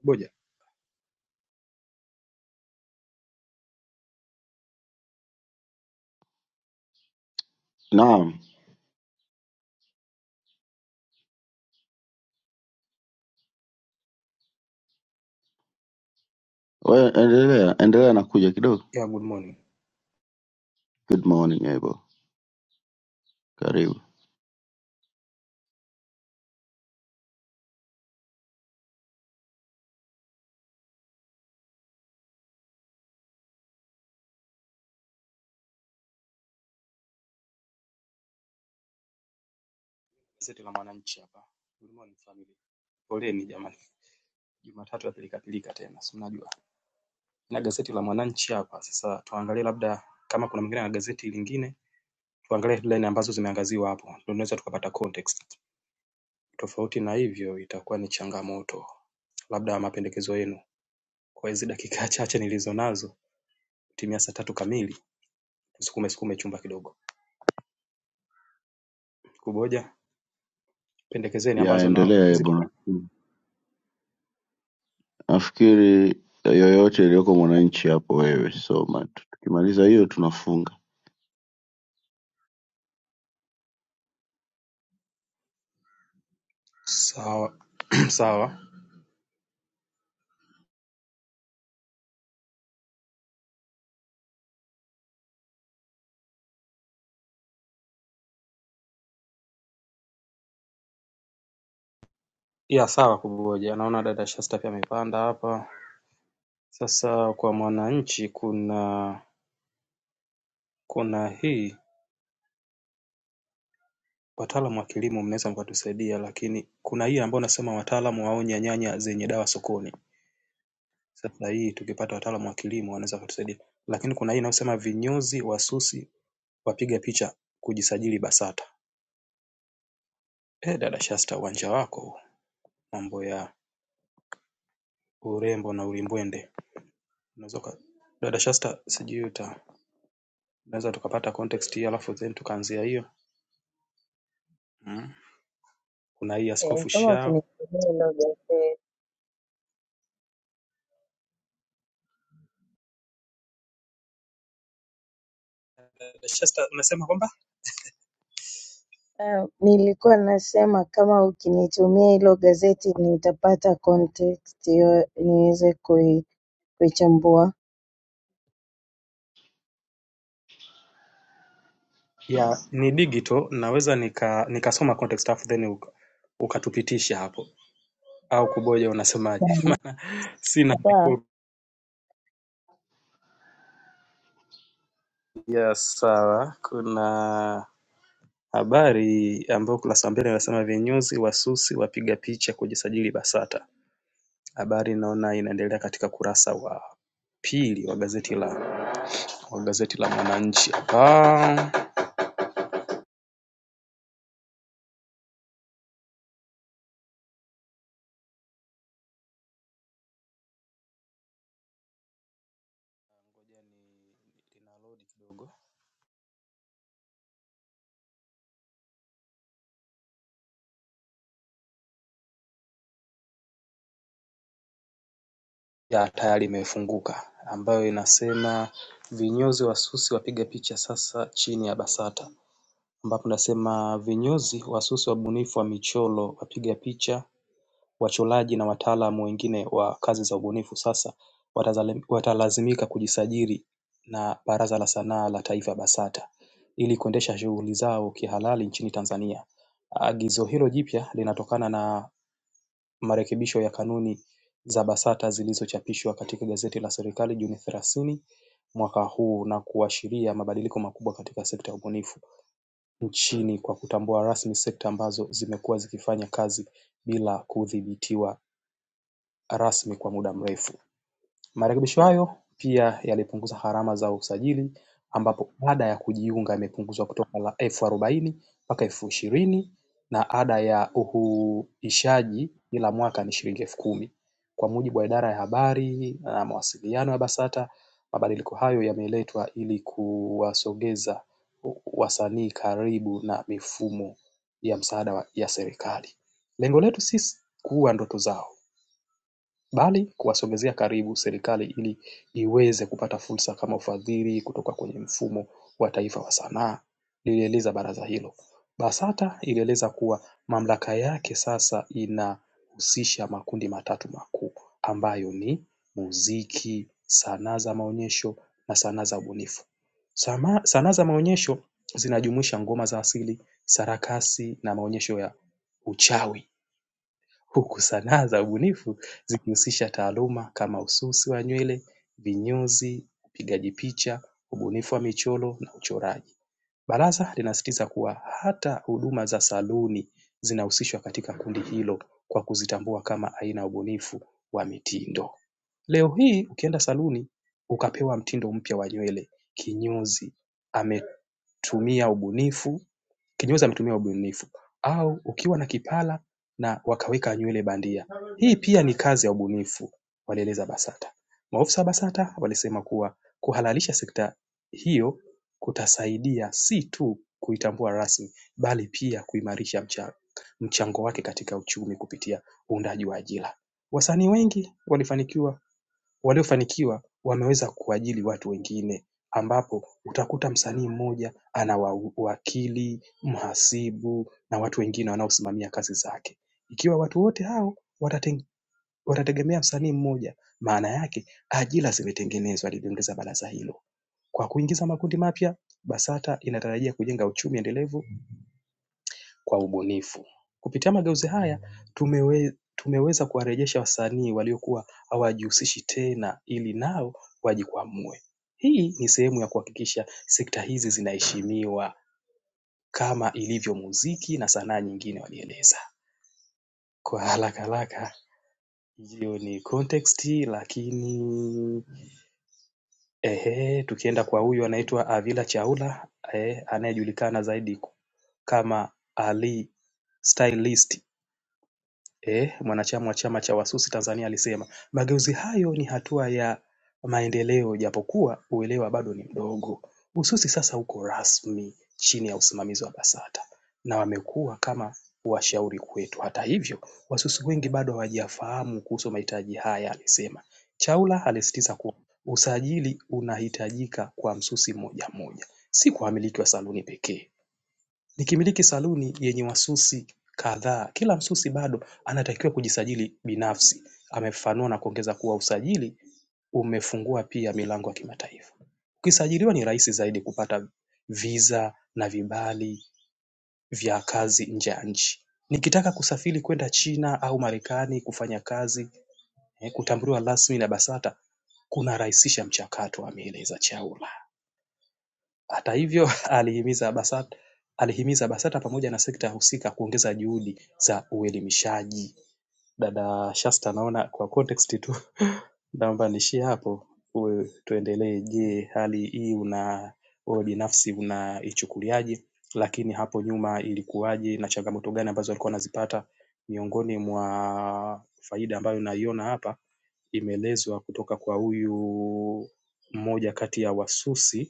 I: Kuboja
G: Naam, wewe endelea, endelea na kuja kidogo.
I: yeah, good morning.
G: Good morning Ebo, karibu.
I: Gazeti la Mwananchi hapa. Good morning family. Poleni jamani. Jumatatu ya pilika pilika tena, si mnajua. Na gazeti la Mwananchi hapa. Sasa tuangalie labda kama kuna mwingine na gazeti lingine, tuangalie headline ambazo zimeangaziwa hapo. Ndio tunaweza tukapata context. Tofauti na hivyo itakuwa ni changamoto. Labda mapendekezo yenu. Kwa hizi dakika chache nilizo nazo, timia saa tatu kamili, tusukume sukume chumba kidogo. Kuboja, pendekezeni
G: Ya
I: ambazo na
G: endelea
I: zipo.
G: Ebo. Nafikiri yoyote iliyoko mwananchi hapo wewe, so mat- tukimaliza hiyo tunafunga.
I: Sawa. [clears throat] [coughs] Sawa. ya sawa kuboja naona dada Shasta pia amepanda hapa sasa kwa mwananchi kuna kuna hii wataalamu wa kilimo mnaweza mkatusaidia lakini kuna hii ambayo nasema wataalamu waonya nyanya zenye dawa sokoni sasa hii tukipata wataalamu wa kilimo wanaweza wakatusaidia lakini kuna hii inayosema vinyozi wasusi wapiga picha kujisajili BASATA eh dada Shasta uwanja wako huu. mambo ya urembo na ulimbwende unaweza uka- dada Shasta sijui uta unaweza tukapata context hii alafu then tukaanzia hiyo Mm. kuna hii
J: Eh,
I: askofu
J: kama
I: Shao
J: ukinitumia hilo gazeti
I: Shasta, unasema kwamba
J: Ah, nilikuwa nasema kama ukinitumia hilo gazeti nitapata context hiyo niweze kui, kuichambua.
I: ya ni digital, naweza nika nikasoma context alafu then uka- ukatupitisha hapo au kuboja, unasemaje?
J: Sawa.
I: [laughs] Sina
J: Sawa.
I: ya sawa. Kuna habari ambayo ukurasa wa mbele inasema vinyozi wasusi wapiga picha kujisajili BASATA. Habari inaona inaendelea katika kurasa wa pili wa gazeti la wa gazeti la Mwananchi hapa. Ina load kidogo. ya tayari imefunguka ambayo inasema vinyozi wasusi wapiga picha sasa chini ya BASATA ambapo nasema vinyozi wasusi wabunifu wa michoro wapiga picha wachoraji na wataalamu wengine wa kazi za ubunifu sasa watalazimika kujisajili na Baraza la Sanaa la Taifa BASATA ili kuendesha shughuli zao kihalali nchini Tanzania. Agizo hilo jipya linatokana na marekebisho ya kanuni za BASATA zilizochapishwa katika gazeti la serikali Juni thelathini mwaka huu na kuashiria mabadiliko makubwa katika sekta ya ubunifu nchini kwa kutambua rasmi sekta ambazo zimekuwa zikifanya kazi bila kudhibitiwa rasmi kwa muda mrefu. Marekebisho hayo pia yalipunguza gharama za usajili ambapo ada ya kujiunga imepunguzwa kutoka elfu arobaini mpaka elfu ishirini na ada ya uhuishaji kila mwaka ni shilingi elfu kumi. Kwa mujibu wa idara ya habari na mawasiliano ya BASATA mabadiliko hayo yameletwa ili kuwasogeza wasanii karibu na mifumo ya msaada ya serikali. Lengo letu si kuua ndoto zao bali kuwasogeza karibu serikali ili iweze kupata fursa kama ufadhili kutoka kwenye mfumo wa taifa wa sanaa lilieleza baraza hilo. BASATA ilieleza kuwa mamlaka yake sasa inahusisha makundi matatu makuu ambayo ni muziki, sanaa za maonyesho na sanaa za ubunifu. Sanaa za maonyesho zinajumuisha ngoma za asili, sarakasi na maonyesho ya uchawi huku sanaa za ubunifu zikihusisha taaluma kama ususi wa nywele, vinyozi, upigaji picha, ubunifu wa michoro na uchoraji. Baraza linasisitiza kuwa hata huduma za saluni zinahusishwa katika kundi hilo kwa kuzitambua kama aina ya ubunifu wa mitindo. Leo hii ukienda saluni ukapewa mtindo mpya wa nywele, kinyozi ametumia ubunifu kinyozi ametumia ubunifu au ukiwa na kipara na wakaweka nywele bandia. Hii pia ni kazi ya ubunifu walieleza Basata. Maofisa wa Basata walisema kuwa kuhalalisha sekta hiyo kutasaidia si tu kuitambua rasmi bali pia kuimarisha mchango mchango wake katika uchumi kupitia uundaji wa ajira. Wasanii wengi walifanikiwa waliofanikiwa wameweza kuajiri watu wengine ambapo utakuta msanii mmoja ana wakili, mhasibu na watu wengine wanaosimamia kazi zake. Ikiwa watu wote hao watategemea msanii mmoja, maana yake ajira zimetengenezwa, aliliongeza baraza hilo. Kwa kuingiza makundi mapya, BASATA inatarajia kujenga uchumi endelevu kwa ubunifu. Kupitia mageuzi haya tumewe, tumeweza kuwarejesha wasanii waliokuwa hawajihusishi tena ili nao wajikwamue. Hii ni sehemu ya kuhakikisha sekta hizi zinaheshimiwa kama ilivyo muziki na sanaa nyingine walieleza. Kwa haraka haraka hiyo ni context lakini ehe, tukienda kwa huyu anaitwa Avila Chaula ehe, anayejulikana zaidi kama Ali Stylist. E, Mwanachama wa Chama cha Wasusi Tanzania alisema mageuzi hayo ni hatua ya maendeleo japokuwa uelewa bado ni mdogo Ususi sasa uko rasmi chini ya usimamizi wa BASATA na wamekuwa kama washauri kwetu Hata hivyo Wasusi wengi bado hawajafahamu kuhusu mahitaji haya alisema Chaula alisisitiza kuwa usajili unahitajika kwa msusi mmoja mmoja si kwa wamiliki wa saluni pekee nikimiliki saluni yenye wasusi kadhaa kila msusi bado anatakiwa kujisajili binafsi amefafanua na kuongeza kuwa usajili umefungua pia milango ya kimataifa ukisajiliwa ni rahisi zaidi kupata visa na vibali vya kazi nje ya nchi nikitaka kusafiri kwenda China au Marekani kufanya kazi eh, kutambuliwa rasmi na BASATA kunarahisisha mchakato ameeleza Chaula hata hivyo [laughs] alihimiza BASATA alihimiza BASATA pamoja na sekta husika kuongeza juhudi za uelimishaji. Dada Shasta naona kwa context tu [laughs] naomba niishie hapo, tuendelee. Je, hali hii una wewe binafsi unaichukuliaje? Lakini hapo nyuma ilikuwaje na changamoto gani ambazo walikuwa wanazipata? Miongoni mwa faida ambayo naiona hapa imeelezwa kutoka kwa huyu mmoja kati ya wasusi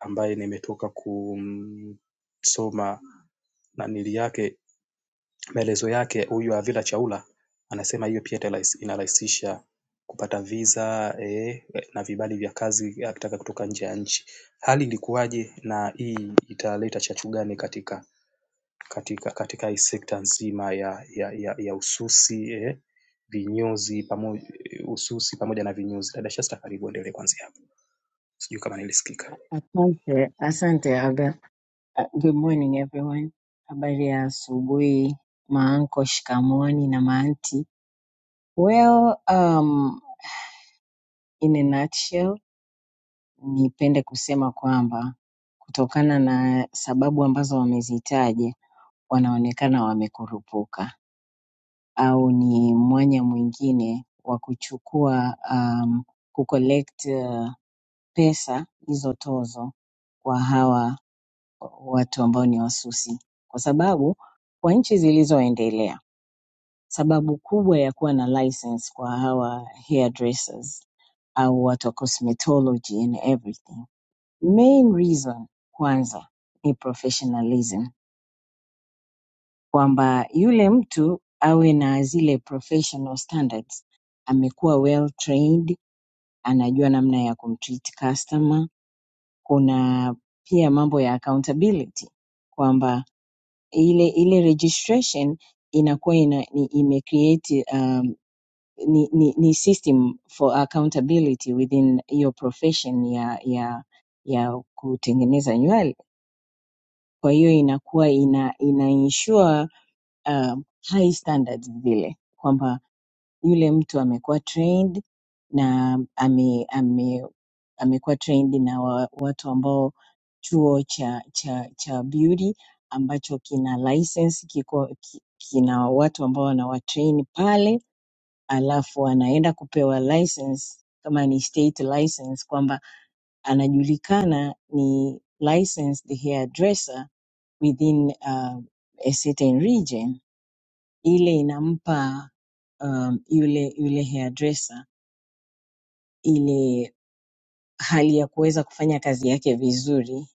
I: ambaye nimetoka kusoma nanili yake maelezo yake huyu Avila Chaula anasema hiyo pia italais- inarahisisha kupata visa eh, na vibali vya kazi akitaka kutoka nje ya nchi. Hali ilikuwaje na hii italeta chachu gani katika katika katika hii sekta nzima ya ya ya, ya ususi eh, vinyozi pamoja ususi pamoja na vinyozi. Dada Shasta, karibu endelee kuanzia hapo. Sijui kama nilisikika.
J: Asante, asante Aga. Uh, Good morning everyone. Habari ya asubuhi, maanko shikamoani na maanti. Well, um, in a nutshell, nipende kusema kwamba kutokana na sababu ambazo wamezitaja wanaonekana wamekurupuka au ni mwanya mwingine wa kuchukua um, kucollect uh, pesa hizo tozo kwa hawa watu ambao ni wasusi, kwa sababu kwa nchi zilizoendelea sababu kubwa ya kuwa na license kwa hawa hairdressers au watu wa cosmetology and everything, main reason kwanza ni professionalism kwamba yule mtu awe na zile professional standards. Amekuwa well trained, anajua namna ya kumtreat customer. Kuna pia mambo ya accountability kwamba ile ile registration inakuwa ina, ni, imecreate um, ni, ni, ni system for accountability within your profession ya ya ya kutengeneza nywele. Kwa hiyo inakuwa ina, ina ensure um, high standards vile kwamba yule mtu amekuwa trained na ame, ame, amekuwa trained na wa, watu ambao chuo cha cha cha beauty ambacho kina license kiko ki- kina watu ambao wanawatrain pale alafu anaenda kupewa license kama ni state license kwamba anajulikana ni licensed hairdresser within uh, a certain region ile inampa um, yule yule hairdresser ile hali ya kuweza kufanya kazi yake vizuri,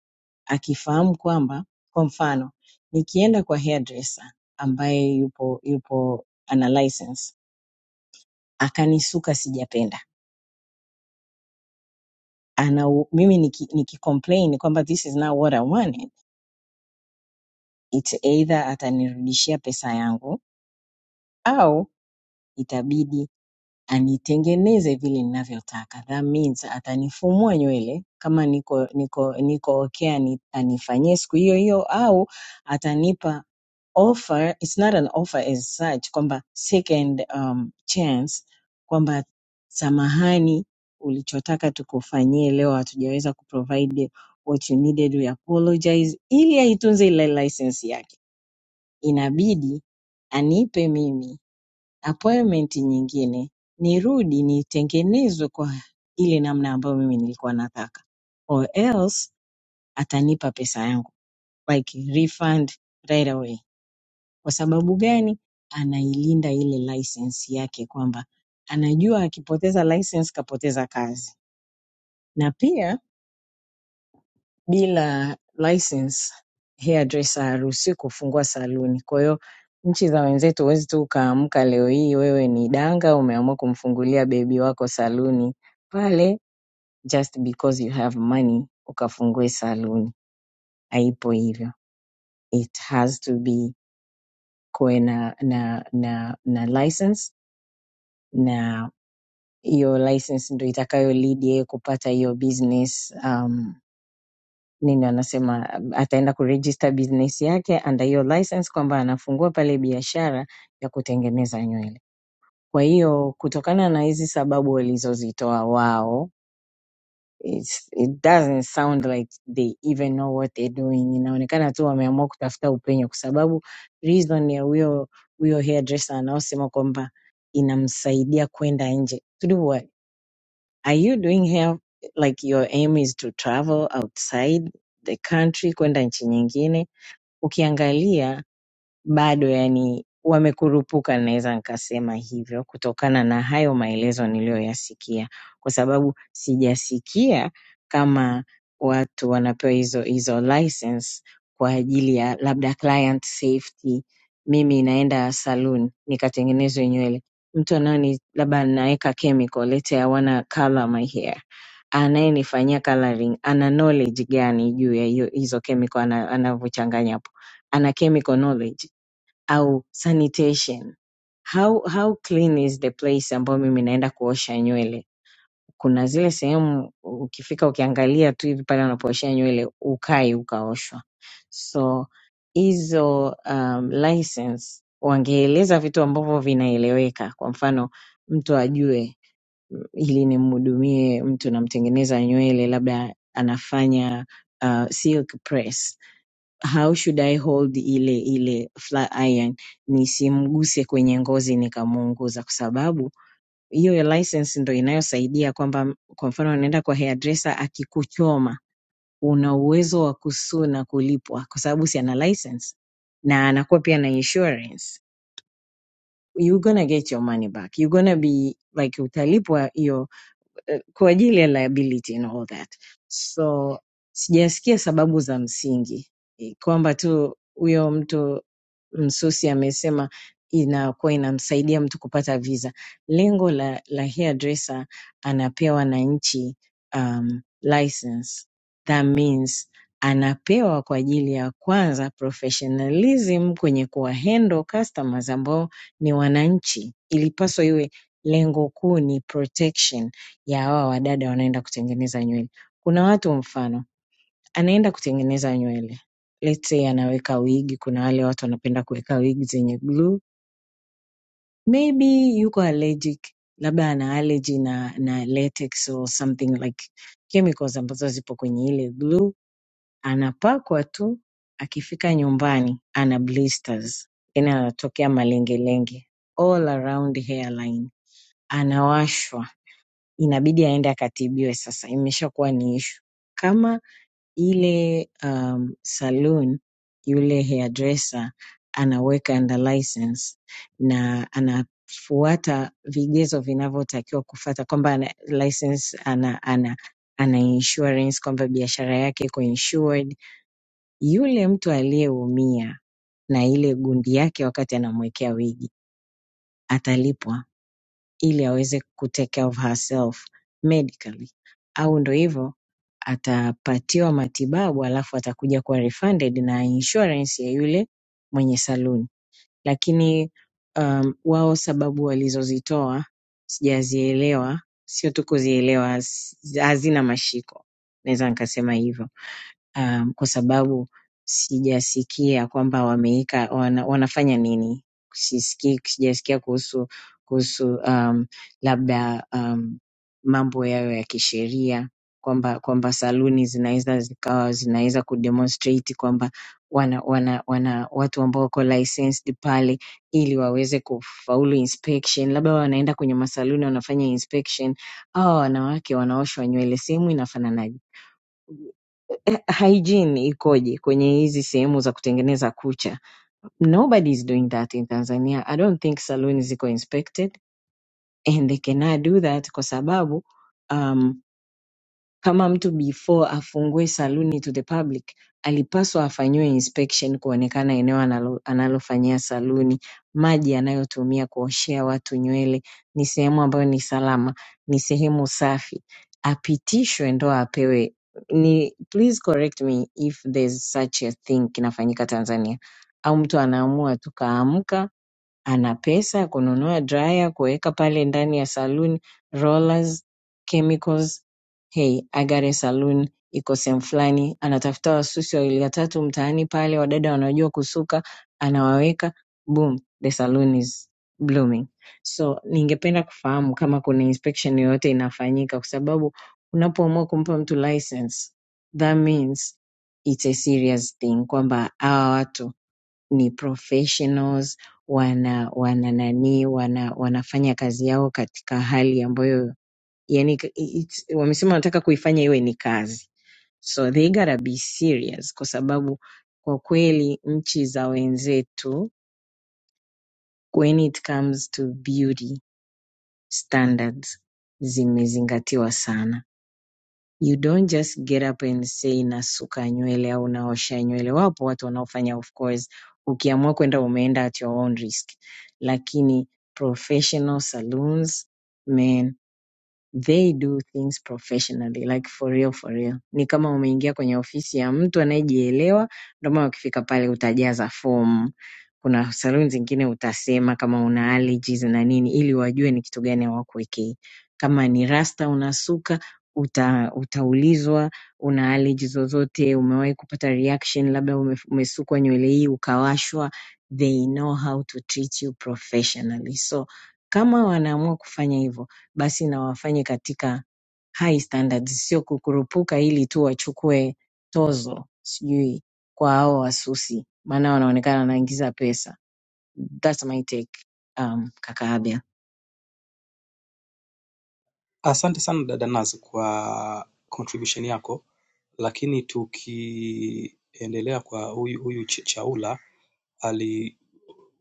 J: akifahamu kwamba, kwa mfano, nikienda kwa hairdresser ambaye yupo yupo ana license akanisuka sijapenda, ana u- mimi niki, niki complain kwamba this is not what I wanted, it's either atanirudishia pesa yangu au itabidi anitengeneze vile ninavyotaka. That means atanifumua nywele kama niko niko niko okay ani- anifanyie siku hiyo hiyo au atanipa offer, it's not an offer as such kwamba second um, chance kwamba samahani, ulichotaka tukufanyie leo hatujaweza kuprovide what you needed, we apologize, ili aitunze ile license yake inabidi anipe mimi appointment nyingine nirudi nitengenezwe kwa ile namna ambayo mimi nilikuwa nataka or else atanipa pesa yangu like refund right away kwa sababu gani anailinda ile license yake kwamba anajua akipoteza license kapoteza kazi na pia bila license hairdresser haruhusiwi kufungua saluni. Kwa hiyo nchi za wenzetu huwezi tu ukaamka leo hii wewe ni danga umeamua kumfungulia bebi wako saluni pale just because you have money ukafungue saluni. Haipo hivyo. It has to be kuwe na na na na license na hiyo license ndo itakayo lead yeye kupata hiyo business um, nini wanasema ataenda kuregister business yake under hiyo license kwamba anafungua pale biashara ya kutengeneza nywele. Kwa hiyo kutokana na hizi sababu walizozitoa wao it's, it doesn't sound like they even know what they're doing. Inaonekana tu wameamua kutafuta upenyo kwa sababu reason ya huyo huyo hairdresser anaosema kwamba inamsaidia kwenda nje. Are you doing here like your aim is to travel outside the country kwenda nchi nyingine? Ukiangalia bado yani wamekurupuka, naweza nikasema hivyo kutokana na hayo maelezo niliyoyasikia, kwa sababu sijasikia kama watu wanapewa hizo hizo license kwa ajili ya labda client safety. Mimi naenda saloon nikatengenezwe nywele, mtu anaoni labda naweka chemical, lete I wanna color my hair anayenifanyia coloring ana knowledge gani juu ya hiyo hizo chemical ana- anavyochanganya hapo ana chemical knowledge au sanitation how, how clean is the place ambayo mimi naenda kuosha nywele kuna zile sehemu ukifika ukiangalia tu hivi pale unapooshea nywele ukai ukaoshwa so hizo um, license wangeeleza vitu ambavyo vinaeleweka kwa mfano mtu ajue ili nimhudumie mtu namtengeneza nywele labda anafanya uh, silk press how should i hold ile ile flat iron nisimguse kwenye ngozi nikamuunguza kwa sababu hiyo ya license ndo inayosaidia kwamba kwa mfano anaenda kwa hairdresser akikuchoma una uwezo wa kusua na kulipwa kwa sababu si ana license na anakuwa pia na insurance you're gonna get your money back you're gonna be like utalipwa hiyo eh, kwa ajili ya liability and all that. So sijasikia sababu za msingi Eh, kwamba tu huyo mtu Msusi amesema inakuwa inamsaidia mtu kupata visa. Lengo la, la hairdresser anapewa na nchi um, license. That means anapewa kwa ajili ya kwanza professionalism kwenye kuwahandle customers ambao ni wananchi. Ilipaswa iwe lengo kuu ni protection ya hawa wadada wanaenda kutengeneza nywele. Kuna watu mfano anaenda kutengeneza nywele. Let's say anaweka wigi, kuna wale watu wanapenda kuweka wigi zenye glue. Maybe yuko allergic, labda ana allergy na, na latex or something like chemicals ambazo zipo kwenye ile glue. Anapakwa tu, akifika nyumbani ana blisters, yani anatokea malengelenge all around hairline, anawashwa, inabidi aende akatibiwe. Sasa imeshakuwa ni issue kama ile um, saloon yule hairdresser anaweka under license na anafuata vigezo vinavyotakiwa kufuata kwamba ana license ana, ana, ana insurance kwamba biashara yake iko insured. Yule mtu aliyeumia na ile gundi yake wakati anamwekea wigi atalipwa ili aweze kutake care of herself medically, au ndo hivyo atapatiwa matibabu alafu atakuja kuwa refunded na insurance ya yule mwenye saluni. Lakini um, wao sababu walizozitoa sijazielewa, sio tu kuzielewa, haz- hazina mashiko, naweza nikasema hivyo um, kwa sababu sijasikia kwamba wameika wana, wanafanya nini. Sisikii, sijasikia kuhusu kuhusu um, labda um, mambo yayo ya kisheria kwamba kwamba saluni zinaweza zikawa zinaweza kudemonstrate kwamba wana, wana, wana watu ambao wako licensed pale ili waweze kufaulu inspection, labda wanaenda kwenye masaluni wanafanya inspection, hawa wanawake wanaoshwa nywele sehemu inafananaje? eh, hygiene ikoje kwenye hizi sehemu za kutengeneza kucha nobody is doing that in tanzania i don't think saloon ziko inspected and they cannot do that kwa sababu um, kama mtu before afungue saluni to the public alipaswa afanyiwe inspection kuonekana eneo analo- analofanyia saluni, maji anayotumia kuoshea watu nywele, ni sehemu ambayo ni salama, ni sehemu safi, apitishwe ndo apewe ni please correct me if there's such a thing kinafanyika Tanzania au mtu anaamua tu kaamka ana pesa ya kununua dryer kuweka pale ndani ya saluni, rollers, chemicals. Hey, Agare Saloon iko sehemu fulani, anatafuta wasusi wawili watatu mtaani pale, wadada wanaojua kusuka, anawaweka, boom, the saloon is blooming. So ningependa kufahamu kama kuna inspection yoyote inafanyika, kwa sababu unapoamua kumpa mtu license, that means it's a serious thing kwamba hawa watu ni professionals wana wana nani wana wanafanya kazi yao katika hali ambayo yani k- it's, wamesema wanataka kuifanya iwe ni kazi so they gotta be serious kwa sababu kwa kweli nchi za wenzetu when it comes to beauty standards zimezingatiwa sana You don't just get up and say nasuka nywele au naosha nywele. Wapo watu wanaofanya of course, ukiamua kwenda umeenda at your own risk, lakini professional saloons man they do things professionally like for real for real ni kama umeingia kwenye ofisi ya mtu anayejielewa ndio maana ukifika pale utajaza fomu kuna saluni zingine utasema kama una allergies na nini ili wajue ni kitu gani hawakuwekei kama ni rasta unasuka uta, utaulizwa una allergies zozote umewahi kupata reaction labda ume, umesukwa nywele hii ukawashwa they know how to treat you professionally so kama wanaamua kufanya hivyo basi na wafanye katika high standards, sio kukurupuka ili tu wachukue tozo sijui kwa hao wasusi, maana wanaonekana wanaingiza pesa. That's my take, um, kaka Abia.
I: Asante sana dada Naz kwa contribution yako, lakini tukiendelea kwa huyu huyu Ch- Chaula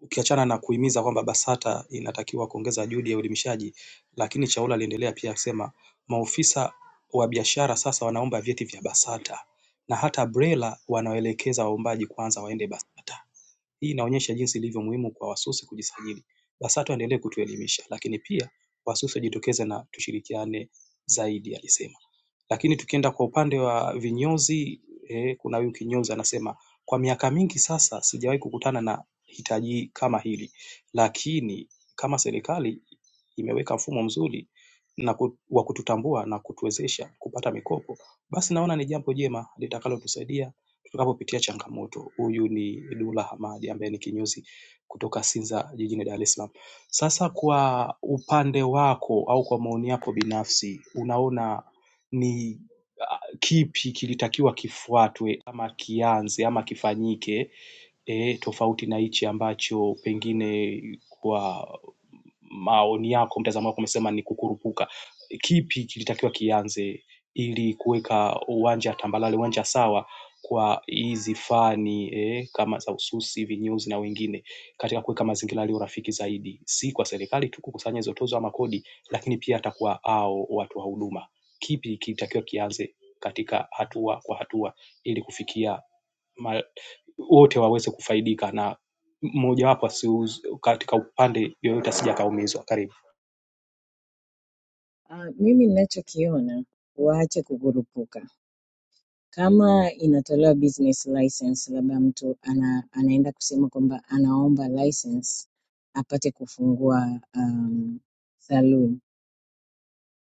I: ukiachana na kuhimiza kwamba BASATA inatakiwa kuongeza juhudi ya uelimishaji lakini Chaula aliendelea pia akisema maofisa wa biashara sasa wanaomba vyeti vya BASATA na hata BRELA wanawaelekeza waombaji kwanza waende BASATA hii inaonyesha jinsi ilivyo muhimu kwa wasusi kujisajili. BASATU waendelee kutuelimisha lakini pia wasusi wajitokeze na tushirikiane zaidi alisema. Lakini tukienda kwa upande wa vinyozi, eh, kuna huyu kinyozi anasema kwa miaka mingi sasa sijawahi kukutana na hitaji kama hili lakini kama serikali imeweka mfumo mzuri na wa kututambua na kutuwezesha kupata mikopo basi naona ni jambo jema litakalotusaidia Tunapopitia changamoto huyu ni Dula Hamadi ambaye ni kinyozi kutoka Sinza jijini Dar es Salaam. Sasa kwa upande wako au kwa maoni yako binafsi unaona ni uh, kipi kilitakiwa kifuatwe ama kianze ama kifanyike eh, tofauti na hichi ambacho pengine kwa maoni yako, mtazamo wako umesema ni kukurupuka. Kipi kilitakiwa kianze ili kuweka uwanja tambalale, uwanja sawa kwa hizi fani eh, kama za ususi, vinyozi na wengine katika kuweka mazingira yaliyo rafiki zaidi, si kwa serikali tu kukusanya hizo tozo ama kodi, lakini pia hata kwa hao watu wa huduma. Kipi kilitakiwa kianze katika hatua kwa hatua ili kufikia ma, wote waweze kufaidika na mojawapo asiuzi katika upande yoyote asije akaumizwa. Karibu.
J: Uh, mimi ninachokiona waache kukurupuka. Kama inatolewa business license, labda mtu ana, anaenda kusema kwamba anaomba license apate kufungua um, saloon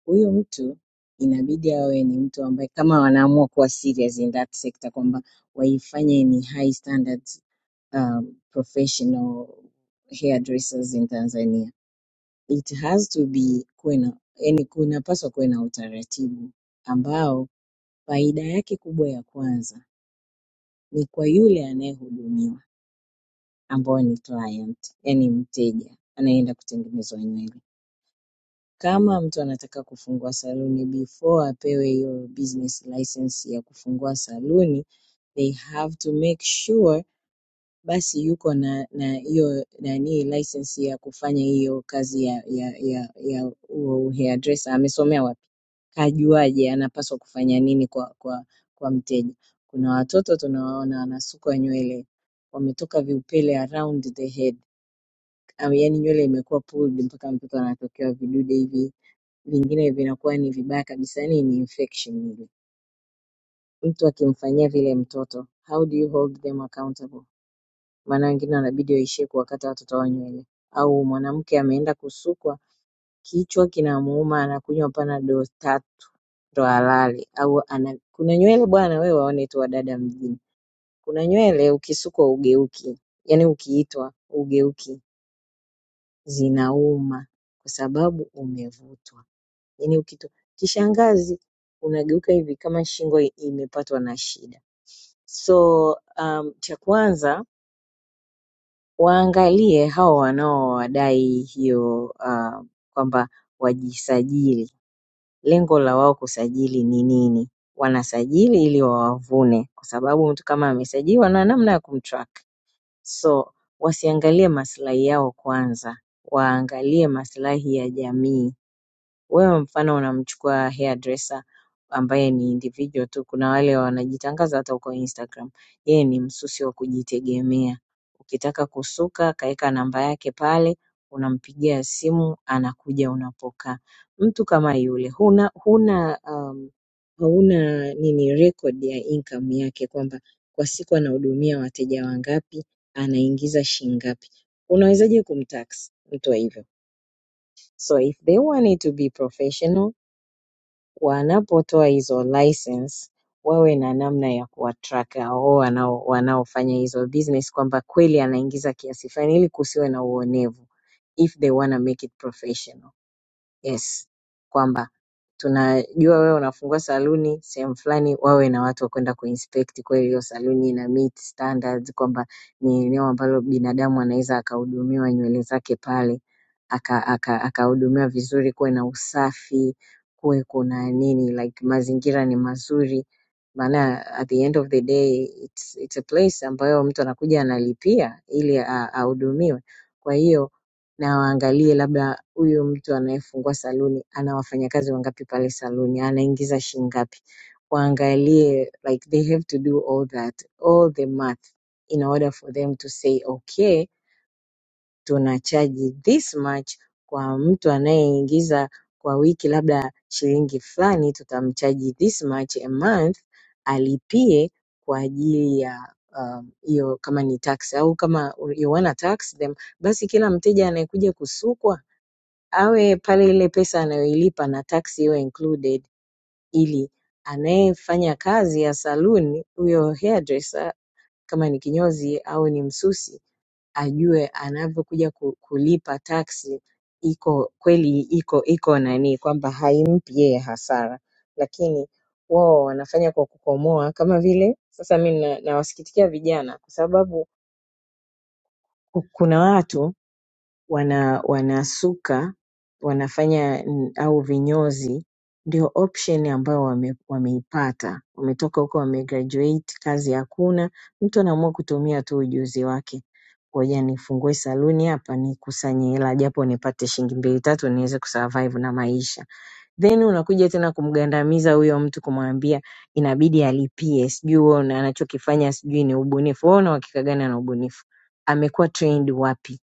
J: Huyu mtu inabidi awe ni mtu ambaye kama wanaamua kuwa serious in that sector kwamba waifanye ni high standards um, professional hairdressers in Tanzania. It has to be kuwe na yani, kunapaswa kuwe na utaratibu ambao faida yake kubwa ya kwanza ni kwa yule anayehudumiwa ambao ni client, yani mteja anayeenda kutengenezwa nywele. Kama mtu anataka kufungua saluni before apewe hiyo business license ya kufungua saluni they have to make sure basi yuko na na hiyo nani license ya kufanya hiyo kazi ya ya ya ya huo hairdresser. Amesomea wapi? Kajuaje? Anapaswa kufanya nini kwa kwa kwa mteja? Kuna watoto tunawaona wanasukwa nywele, wametoka viupele around the head, yaani nywele imekuwa pulled mpaka mtoto anatokewa vidude hivi vingine vinakuwa ni vibaya kabisa yani ni infection ile mtu akimfanyia vile mtoto how do you hold them accountable maana wengine wanabidi waishie kuwakata watoto wao nywele au mwanamke ameenda kusukwa kichwa kinamuuma anakunywa panadol tatu ndo alale au ana kuna nywele bwana wewe waone tu wadada mjini kuna nywele ukisukwa ugeuki yani ukiitwa ugeuki zinauma kwa sababu umevutwa Yaani ukitu kishangazi unageuka hivi kama shingo i- imepatwa na shida. So um, cha kwanza waangalie hao wanaowadai hiyo uh, kwamba wajisajili. Lengo la wao kusajili ni nini? Wanasajili ili wawavune, kwa sababu mtu kama amesajiliwa na namna ya kumtrack. So wasiangalie maslahi yao kwanza, waangalie maslahi ya jamii. Wewe mfano unamchukua hairdresser ambaye ni individual tu. Kuna wale wanajitangaza hata huko Instagram. Yeye ni msusi wa kujitegemea. Ukitaka kusuka kaeka namba yake pale, unampigia simu anakuja unapokaa. Mtu kama yule huna huna um, hauna nini record ya income yake kwamba kwa siku anahudumia wateja wangapi, anaingiza shilingi ngapi. Unawezaje kumtax mtu wa hivyo? So if they want it to be professional wanapotoa hizo license wawe na namna ya kuwatrack hao wanao wanaofanya hizo business kwamba kweli anaingiza kiasi fulani ili kusiwe na uonevu if they wanna make it professional yes kwamba tunajua wewe unafungua saluni sehemu fulani, wawe na watu wa kwenda kuinspect kweli hiyo saluni ina meet standards, kwamba ni eneo ambalo binadamu anaweza akahudumiwa nywele zake pale akahudumiwa aka, aka akahudumiwa vizuri, kuwe na usafi, kuwe kuna nini, like mazingira ni mazuri. Maana at the end of the day it's, it's a place ambayo mtu anakuja analipia ili a- ahudumiwe. Kwa hiyo na waangalie labda huyu mtu anayefungua saluni ana wafanyakazi wangapi pale saluni, anaingiza shilingi ngapi, waangalie like they have to do all that all the math in order for them to say okay, tunachaji this much kwa mtu anayeingiza kwa wiki labda shilingi fulani, tutamchaji this much a month alipie kwa ajili ya um, hiyo kama ni tax au kama you wanna tax them basi kila mteja anayekuja kusukwa awe pale ile pesa anayoilipa na taxi iwe included ili anayefanya kazi ya saluni huyo hairdresser kama ni kinyozi au ni msusi ajue anavyokuja ku- kulipa taxi iko kweli iko iko nani kwamba haimpi yeye hasara lakini wao wanafanya kwa kukomoa kama vile sasa mi na- nawasikitikia vijana kwa sababu ku- kuna watu wana wanasuka wanafanya mm, au vinyozi ndio option ambayo wame, wameipata wametoka huko wamegraduate kazi hakuna mtu anaamua kutumia tu ujuzi wake ngoja nifungue saluni hapa nikusanye hela japo nipate shilingi mbili tatu niweze kusurvive na maisha then unakuja tena kumgandamiza huyo mtu kumwambia inabidi alipie sijui wewe una- anachokifanya sijui ni ubunifu wewe una uhakika gani ana ubunifu amekuwa trained wapi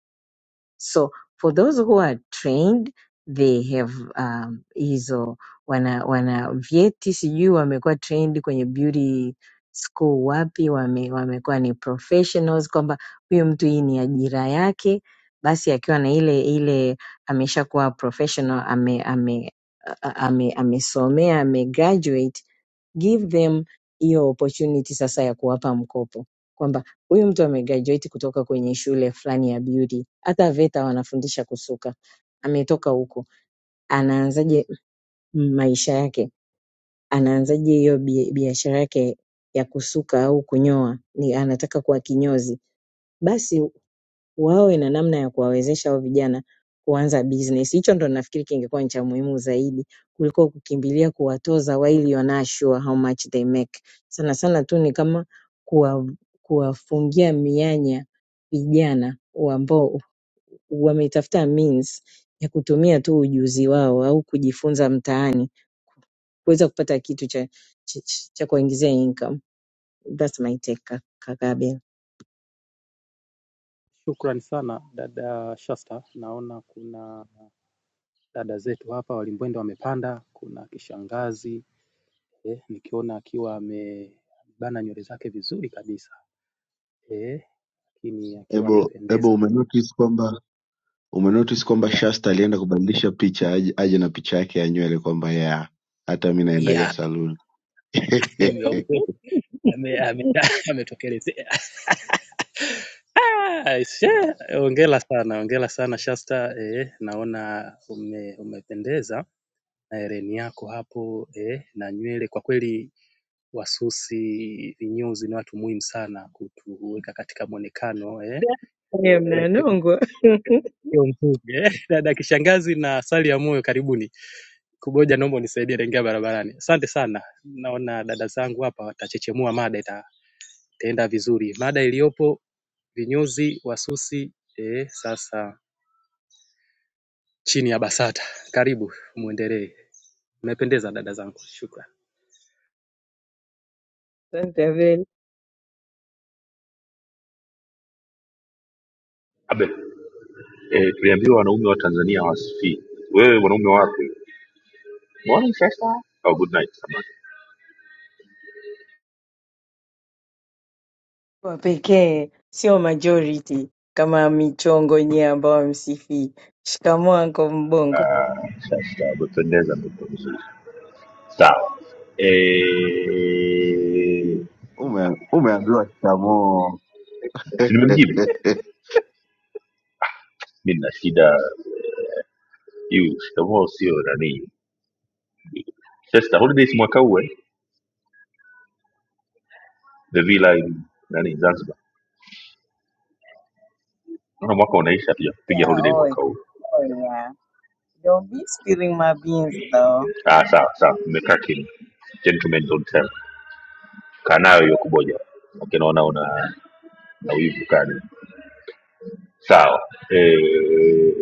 J: So for those who are trained they have um, hizo wana wana vyeti, sijui wamekuwa trained kwenye beauty school wapi, wame, wamekuwa ni professionals, kwamba huyu mtu hii ni ajira yake, basi akiwa na ile ile ameshakuwa professional ame ame a- a- ame amesomea ame give them hiyo opportunity sasa ya kuwapa mkopo kwamba huyu mtu amegraduate kutoka kwenye shule fulani ya beauty, hata VETA wanafundisha kusuka, ametoka huko, anaanzaje maisha yake? Anaanzaje hiyo bi- biashara yake ya kusuka au kunyoa? Ni anataka kuwa kinyozi, basi wawe na namna ya kuwawezesha hao vijana kuanza business. Hicho ndo nafikiri kingekuwa ni cha muhimu zaidi kuliko kukimbilia kuwatoza while you're not sure how much they make. Sana sana tu ni kama kuwa, kuwafungia mianya vijana ambao wametafuta means ya kutumia tu ujuzi wao au kujifunza mtaani kuweza kupata kitu cha, cha, cha cha kuwaingizia income. That's my take, kaka Abel.
I: Shukrani sana dada Shasta, naona kuna dada zetu hapa walimbwende wamepanda, kuna kishangazi eh, nikiona akiwa amebana nywele zake vizuri kabisa eh, lakini akiwa
G: Ebo,
I: amependeza
G: Ebo
I: kweli.
G: umenotice kwamba umenotice kwamba
I: Yeah.
G: Shasta alienda kubadilisha picha aje, aje na picha yake ya nywele kwamba ya hata mi naendaga
I: Yeah,
G: saluni [laughs]
I: nimeogopa ame- ame- [laughs] ametokelezea. Ah, she, Hongera sana, hongera sana Shasta eh, naona ume, umependeza na hereni yako hapo eh, na nywele. Kwa kweli wasusi vinyozi ni watu muhimu sana kutuweka katika mwonekano eh, mweupe
J: Mnanongwa.
I: ukiwa mzuri. eh. [laughs] Dada kishangazi na sali ya moyo, karibuni. Kuboja, naomba unisaidie naingia barabarani. Asante sana, naona dada zangu hapa watachechemua mada, ita- itaenda vizuri. Mada iliyopo vinyozi wasusi, eh, sasa chini ya BASATA. Karibu muendelee, mmependeza dada zangu, shukran.
J: Asante Abel.
A: Abe. eh, tuliambiwa wanaume wa tanzania hawasifii wewe wanaume wapi morning shasta oh, good night samahani.
J: wa pekee, sio majority kama michongo yenyewe ambao wamsifii. Shikamoo Uncle Mbongo.
A: Ah, shasta umependeza mtoto mzuri sawa eh,
G: Ume, umeambiwa chamoo [laughs]
A: si nimemjibu mi nina shida hiyo shikamoo sio nani shasta holidays mwaka huu eh? the villa in nani zanzibar naona mwaka unaisha tujakupiga
J: Yeah,
A: holiday
J: oh,
A: mwaka huu
J: oh yeah. Don't be spilling my beans though.
A: ah, sawa sawa mmekaa kimya gentlemen don't tell kaa nayo hiyo kuboja lakini naona una na wivu kani. sawa eh,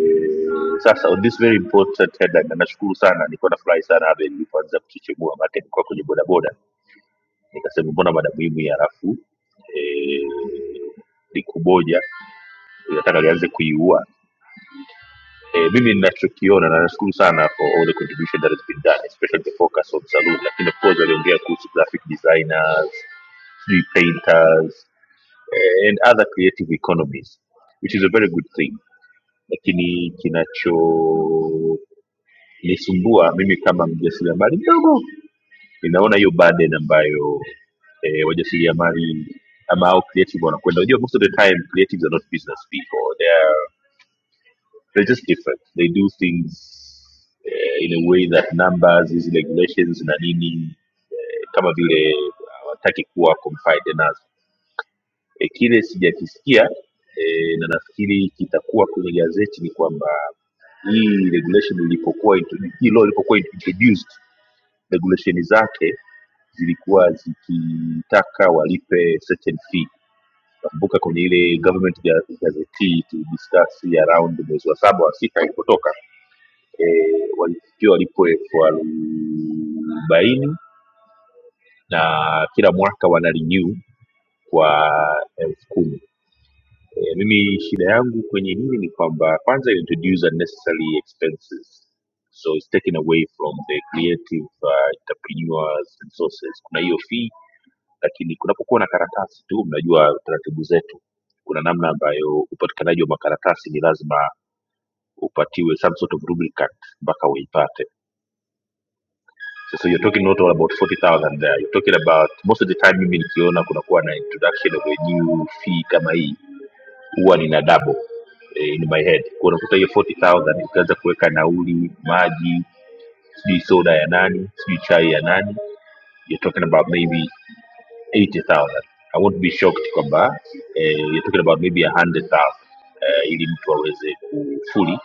A: sasa on this very important headline na nashukuru sana nilikuwa nafurahi sana Abel nilipoanza kuchechemua maana nilikuwa kwenye bodaboda nikasema mbona mada muhimu ya rafu eh, likuboja nataka lianze kuiua eh, mimi ninachokiona na nashukuru sana for all the contribution that has been done especially the focus on saloon lakini of course waliongea kuhusu graphic designers sijui painters eh, and other creative economies which is a very good thing lakini kinachonisumbua mimi kama mjasiriamali mdogo ninaona hiyo burden ambayo eh, wajasiriamali ama au creative wanakwenda unajua most of the time creatives are not business people they're, they're just different they do things eh, in a way that numbers hizi regulations na nini eh, kama vile hawataki kuwa confined nazo E, kile sijakisikia e, na nafikiri kitakuwa kwenye gazeti ni kwamba hii regulation ilipokuwa intro- hii law ilipokuwa introduced regulation zake zilikuwa zikitaka walipe certain fee nakumbuka kwenye ile government ga- gazeti tulidiscuss hii around mwezi wa saba wa sita ilipotoka e, walitakiwa walipwe elfu arobaini na kila mwaka wana renew kwa elfu kumi Eh, mimi shida yangu kwenye hili ni kwamba kwanza it introduce unnecessary expenses so it's taken away from the creative uh, entrepreneurs resources kuna hiyo fee lakini kunapokuwa na karatasi tu mnajua taratibu zetu kuna namna ambayo upatikanaji wa makaratasi ni lazima upatiwe some sort of rubricant mpaka uipate sasa you're talking not all about 40000 there you're talking about most of the time mimi nikiona kunakuwa na introduction of a new fee kama hii huwa nina double eh, in my head kwa unakuta hiyo 40000 ukianza kuweka nauli maji sijui soda ya nani sijui chai ya nani you're talking about maybe 80000 i won't be shocked kwamba eh, you're talking about maybe 100000 eh, ili mtu aweze kufuli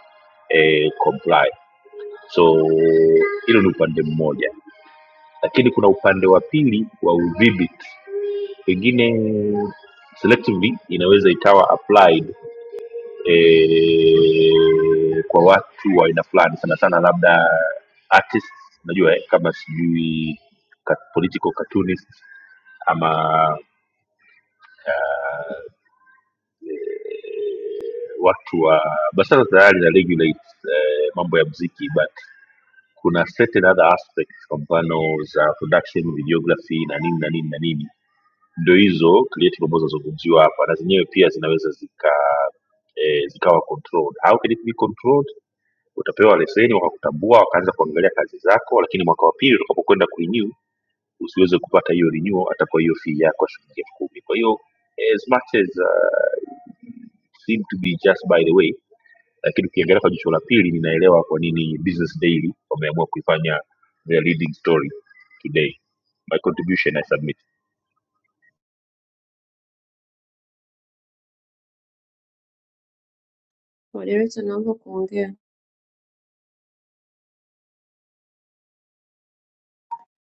A: eh, comply so hilo ni upande mmoja lakini kuna upande wa pili wa udhibiti pengine selectively inaweza ikawa applied e, kwa watu wa aina fulani sana sana labda artists unajua eh, kama sijui ka- political cartoonists ama watu wa basara tayari na regulate eh, mambo ya mziki but kuna certain other aspects kwa mfano za production videography na nini na nini na nini ndo hizo creative ambazo zinazungumziwa hapa na zenyewe pia zinaweza zika eh, zikawa controlled how can it be controlled utapewa leseni wakakutambua wakaanza kuangalia kazi zako lakini mwaka wa pili utakapokwenda kurenew usiweze kupata hiyo renewal atakuwa hiyo fee yako ya shilingi elfu kumi kwa hiyo as much as uh, seem to be just by the way lakini ukiangalia kwa jicho la pili ninaelewa kwa nini business daily wameamua kuifanya their leading story today my contribution i submit
K: Moderator naomba kuongea.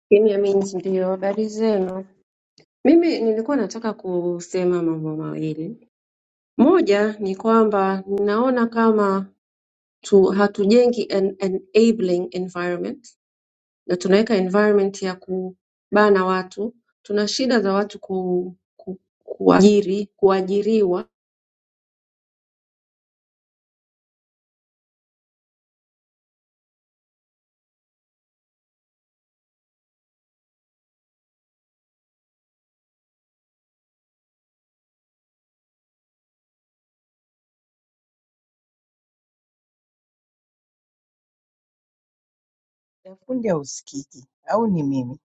K: Kimya means ndio. Habari zenu? Mimi nilikuwa nataka kusema mambo mawili. Moja ni kwamba ninaona kama tu, hatujengi an enabling environment na tunaweka environment ya kubana watu. Tuna shida za watu ku, ku, kuajiri, kuajiriwa
J: Dafundi hausikiki au ni mimi?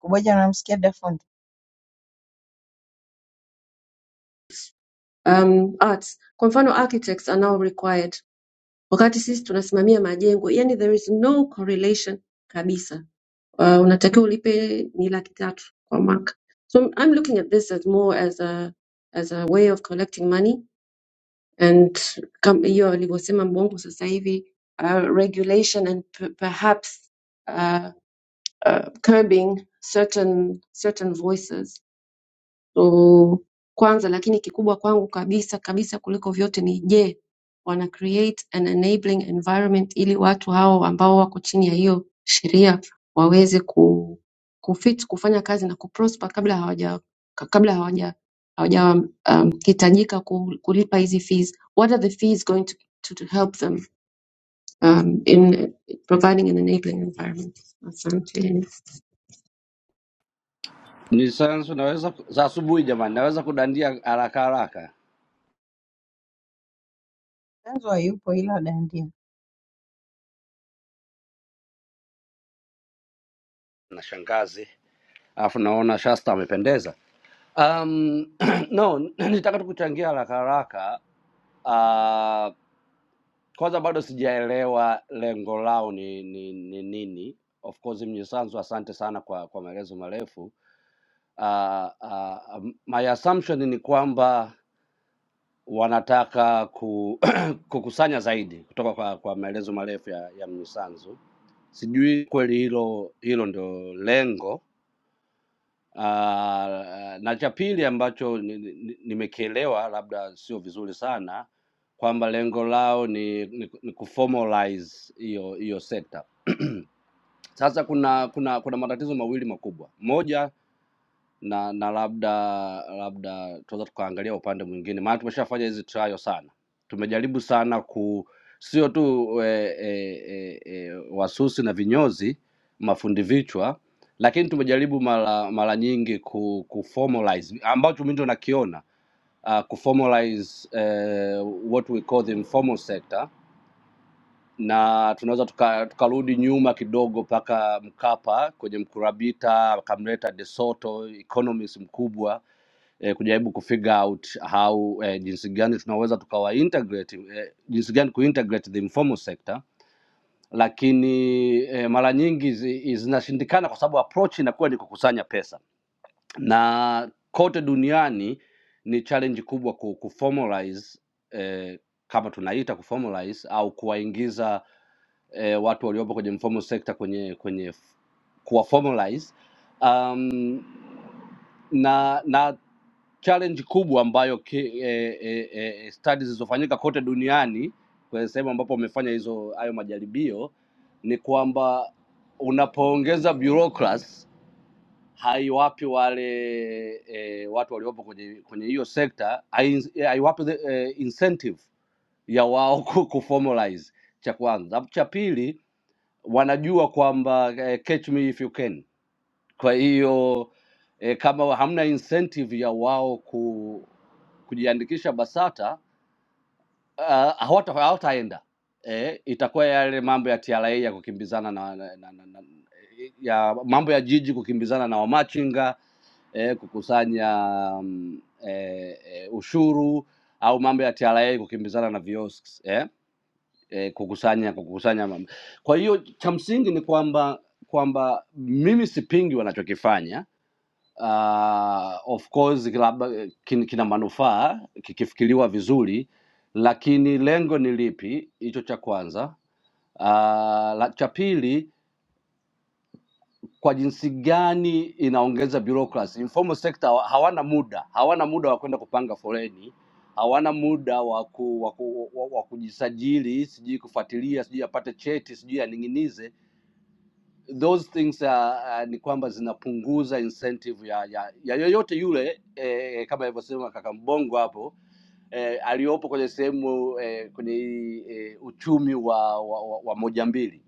J: Kuboja unamsikia Dafundi?
K: um, arts. Kwa mfano architects are now required, wakati sisi tunasimamia majengo, yani there is no correlation kabisa uh, unatakiwa ulipe ni laki tatu kwa mwaka. So I'm looking at this as more as a as a way of collecting money and kam- hiyo alivyosema Mbongo sasa hivi uh, regulation and p- perhaps uh, uh, curbing certain certain voices So kwanza lakini kikubwa kwangu kabisa kabisa kuliko vyote ni je, wana create an enabling environment ili watu hao ambao wako chini ya hiyo sheria waweze ku kufit kufanya kazi na kuprosper kabla hawaja ka- kabla hawaja hawaja um, hitajika ku- kulipa hizi fees. What are the fees going to, to, to help them um, in providing an enabling environment? Asante.
L: Ni sayansi naweza za asubuhi jamani, naweza kudandia haraka haraka
J: Tanzo hayupo ila dandia.
L: na shangazi, alafu naona Shasta amependeza. Um, [clears throat] no, nitaka tu kuchangia haraka haraka. Uh, kwanza bado sijaelewa lengo lao ni nini. ni ni nini. Of course Mnyisanzu, asante sana kwa kwa maelezo marefu. Uh, uh, um, my assumption ni kwamba wanataka ku, [clears throat] [coughs] kukusanya zaidi kutoka kwa, kwa maelezo marefu ya, ya Mnyisanzu. Sijui kweli hilo hilo ndio lengo. Aa, na cha pili ambacho ni- ni- nimekielewa, labda sio vizuri sana, kwamba lengo lao ni, ni, ni kuformalize hiyo hiyo sekta. Sasa kuna kuna kuna matatizo mawili makubwa. Moja na na labda labda tunaweza tukaangalia upande mwingine, maana tumeshafanya hizi trial sana, tumejaribu sana ku sio tu e, e, e, e, wasusi na vinyozi mafundi vichwa, lakini tumejaribu mara mara nyingi ku, ku formalize ambacho mimi ndo nakiona uh, ku formalize uh, what we call the informal sector na tunaweza tuka- tukarudi tuka nyuma kidogo mpaka Mkapa kwenye mkurabita akamleta De Soto economist mkubwa eh, kujaribu kufigure out how eh, jinsi gani tunaweza tukawa integrate eh, jinsi gani kuintegrate the informal sector lakini eh, mara nyingi zi- zinashindikana kwa sababu approach inakuwa ni kukusanya pesa na kote duniani ni challenge kubwa ku, kuformalize eh, kama tunaita kuformalize au kuwaingiza eh, watu waliopo kwenye informal sector kwenye kwenye kuwa formalize na na challenge kubwa ambayo ki, eh, eh, eh, eh, studies zilizofanyika kote duniani kwenye sehemu ambapo wamefanya hizo hayo majaribio ni kwamba unapoongeza bureaucracy haiwapi wale eh, watu waliopo kwenye kwenye hiyo sekta hai- haiwapi the, eh, incentive ya wao [laughs] ku- kuformalize cha kwanza. Alafu Cha pili wanajua kwamba eh, catch me if you can kwa hiyo e, kama hamna incentive ya wao ku, kujiandikisha BASATA ah, hawata- hawataenda e, itakuwa yale mambo ya TRA ya kukimbizana na, na, na, na na- ya mambo ya jiji kukimbizana na wamachinga eh, kukusanya mm, eh, eh, ushuru au mambo ya TRA kukimbizana na kiosks eh, eh, kukusanya kukusanya mambo. Kwa hiyo cha msingi ni kwamba kwamba mimi sipingi wanachokifanya uh, of course labda kin- kina manufaa kikifikiriwa vizuri, lakini lengo ni lipi? Hicho cha kwanza. Uh, la, cha pili, kwa jinsi gani inaongeza bureaucracy. Informal sector hawa- hawana muda, hawana muda wa kwenda kupanga foleni, hawana muda wa ku, wa, ku, wa, wa kujisajili, sijui kufuatilia, sijui apate cheti, sijui aning'inize those things uh, uh, ni kwamba zinapunguza incentive ya, ya, ya yoyote yule eh, kama alivyosema kaka Mbongo hapo eh, aliyopo kwenye sehemu eh, kwenye eh, uchumi wa, wa, wa, wa moja mbili.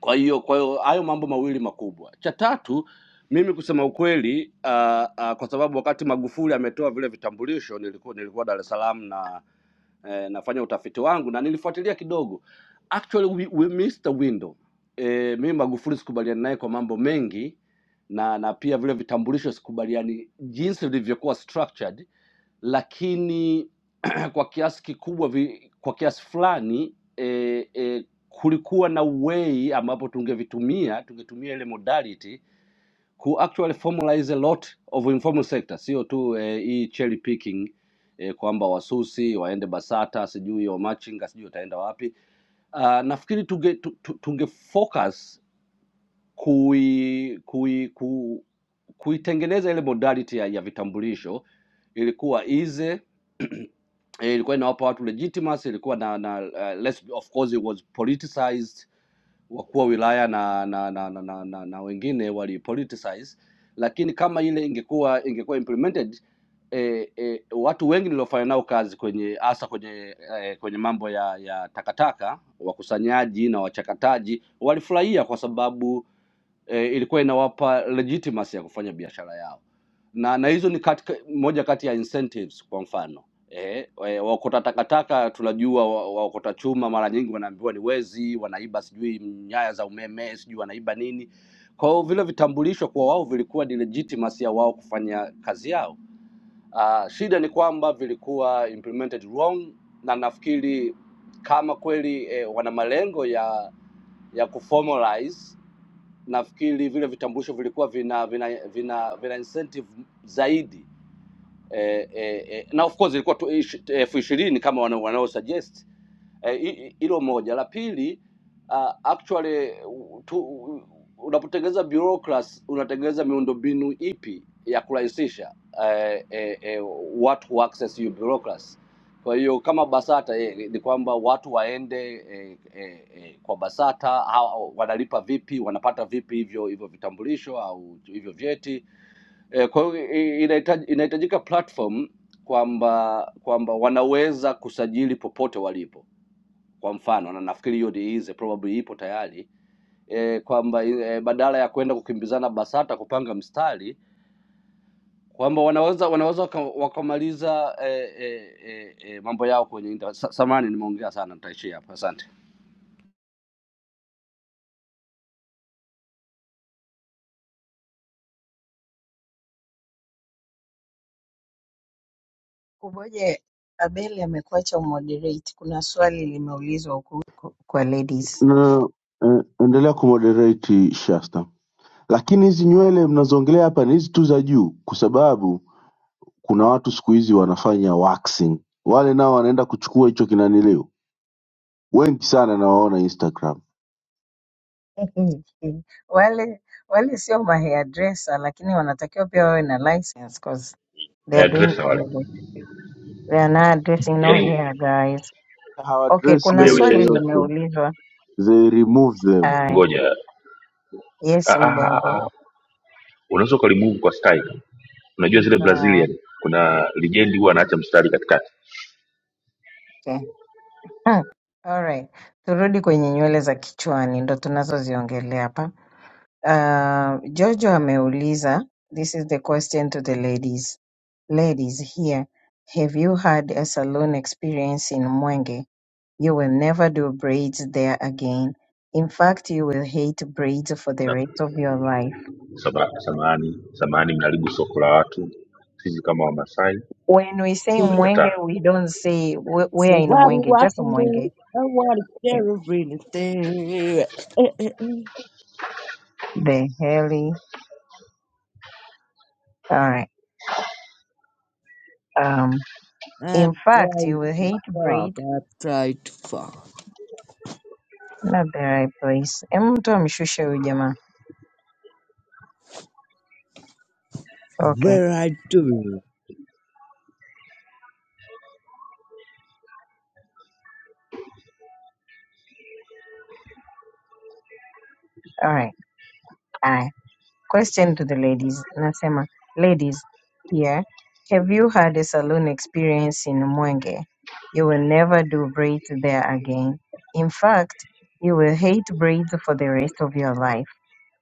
L: Kwa hiyo kwa hiyo hayo mambo mawili makubwa. Cha tatu mimi kusema ukweli uh, uh, kwa sababu wakati Magufuli ametoa vile vitambulisho nilikuwa nilikuwa Dar es Salaam na eh, nafanya utafiti wangu na nilifuatilia kidogo actually we, we missed the window eh, mimi Magufuli sikubaliani naye kwa mambo mengi na na pia vile vitambulisho sikubaliani jinsi vilivyokuwa structured, lakini [clears throat] kwa kiasi kikubwa vi, kwa kiasi fulani eh, eh, kulikuwa na way ambapo tungevitumia tungetumia ile modality who actually formalize a lot of informal sector, sio tu eh, hii cherry picking eh, kwamba wasusi waende BASATA sijui wamachinga sijui wataenda wapi. Uh, nafikiri tunge, tu- tu- tunge focus kui, kui, ku, kuitengeneza ile modality ya, ya vitambulisho ilikuwa easy eh, ilikuwa inawapa watu legitimacy, ilikuwa na, na uh, less, of course it was politicized wakuu wa wilaya na na, na, na, na, na, na wengine walipoliticize, lakini kama ile ingekuwa ingekuwa implemented eh, eh, watu wengi niliofanya nao kazi kwenye hasa kwenye eh, kwenye mambo ya ya takataka, wakusanyaji na wachakataji walifurahia kwa sababu e, ilikuwa inawapa legitimacy ya kufanya biashara yao na na hizo ni katika, moja kati ya incentives kwa mfano eh, eh, waokota takataka tunajua wa- waokota chuma mara nyingi wanaambiwa ni wezi, wanaiba sijui nyaya za umeme, sijui wanaiba nini. Kwa hiyo vile vitambulisho kwa wao vilikuwa ni legitimacy ya wao kufanya kazi yao. Uh, shida ni kwamba vilikuwa implemented wrong, na nafikiri kama kweli eh, wana malengo ya ya kuformalize nafikiri vile vitambulisho vilikuwa vina vina vina, vina incentive zaidi eh, eh, eh, na of course ilikuwa tu ish- eh, elfu ishirini kama wanao wanao suggest hilo e, moja. La pili uh, actually u- tu, u- unapotengeneza bureaucracy unatengeneza miundombinu ipi ya kurahisisha eh, eh, eh, watu wa access hiyo bureaucracy. Kwa hiyo kama Basata eh, ni kwamba watu waende eh, eh, eh, kwa Basata hao wanalipa vipi, wanapata vipi hivyo hivyo vitambulisho au hivyo vyeti eh, kwa hiyo i- inahitaji- inahitajika platform kwamba kwamba wanaweza kusajili popote walipo kwa mfano, na nafikiri hiyo ni is probably ipo tayari e, kwamba e, badala ya kwenda kukimbizana BASATA kupanga mstari kwamba wanaweza wanaweza waka- wakamaliza e, e, e, e, mambo yao kwenye inter. Sa, samani nimeongea sana, nitaishia hapo. Asante.
J: Kuboja Abeli amekuacha umoderate. Kuna swali limeulizwa huku huku kwa ladies.
G: na eh, endelea kumoderate Shasta. Lakini hizi nywele mnazoongelea hapa ni hizi tu za juu, kwa sababu kuna watu siku hizi wanafanya waxing, wale nao wanaenda kuchukua hicho kinanilio. Wengi sana nawaona Instagram
J: [laughs] Wale wale sio ma hairdresser lakini wanatakiwa pia wawe na license 'cause they are doing
A: hairdresser wale
J: We are not addressing no
A: yaani
J: here guys. Okay,
G: hawadress
J: kuna
A: wewe
G: nywele
J: swali
A: Chester
G: yoyote,
J: limeulizwa.
G: they remove them.
J: Haya,
A: ngoja
J: yes
A: ah, ah, ah,
J: Mbongo.
A: ah. unaweza ukalimove kwa style unajua zile
J: Sawa,
A: brazilian kuna lijendi huwa anaacha mstari katikati
J: Okay. Hmm. All right. Turudi kwenye nywele za kichwani ndo tunazoziongelea hapa. Uh, Jojo ameuliza, this is the question to the ladies. Ladies here, have you had a salon experience in Mwenge? You will never do braids there again. In fact, you will hate braids for the
A: na
J: rest of your life.
A: sama- samahani samahani mnaharibu soko la watu sisi kama wamasai
J: When we say
A: tumekataa
J: Mwenge, we don't say we- we're
M: So
J: in
M: why do you
J: Mwenge, just
M: watching me?
J: Mwenge.
M: I want to
J: Yeah.
M: share everything. [laughs]
J: The heli. All right. Um, in
M: I'm
J: fact, you
M: trying
J: will
M: to
J: hate breed.
M: fuck. I'm trying to fuck.
J: Not the right place. Em mtu amshushe huyu jamaa. Okay.
M: Where I do?
J: All right. Aye. Question to the ladies. Nasema, ladies, here, have you had a saloon experience in Mwenge? You will never do braids there again. In fact, you will hate braids for the rest of your life.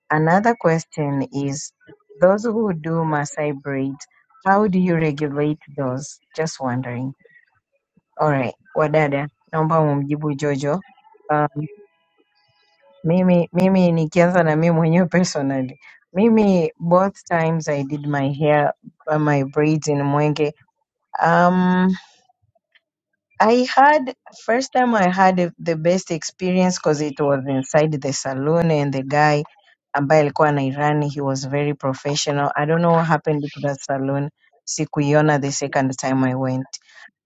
J: Another question is, those who do Maasai braids, how do you regulate those? Just wondering. All right, wadada, naomba mumjibu Jojo. Um, mimi mimi nikianza na mimi mwenyewe personally. Mimi both times I did my hair uh, my braids in Mwenge. Um I had first time I had a- the best experience because it was inside the saloon and the guy ambaye alikuwa anairani he was very professional. I don't know what happened to that saloon. Sikuiona the second time I went.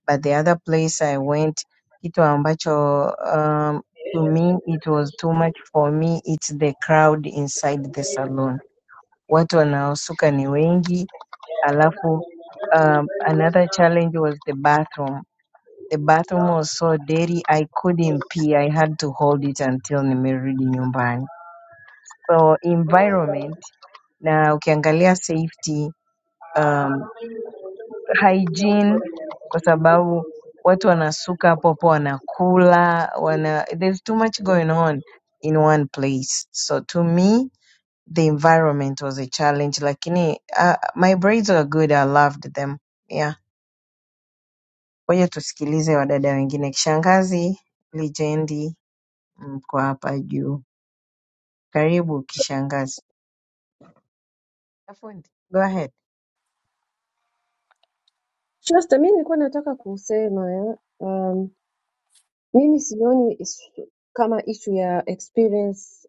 J: But the other place I went, kitu ambacho um, to me it was too much for me, it's the crowd inside the saloon. Watu wanaosuka ni wengi, alafu um, another challenge was the bathroom The bathroom was so dirty I couldn't pee. I had to hold it until nimerudi nyumbani. So environment na ukiangalia safety um, hygiene kwa sababu watu wanasuka hapo hapo wanakula wana there's too much going on in one place. So to me the environment was a challenge lakini uh, my braids were good. I loved them. Yeah. Ngoja tusikilize wadada wengine. Kishangazi, Lijendi mm, kwa hapa juu. Karibu kishangazi. Fundi, go ahead.
K: Mimi sioni isu- kama issue ya experience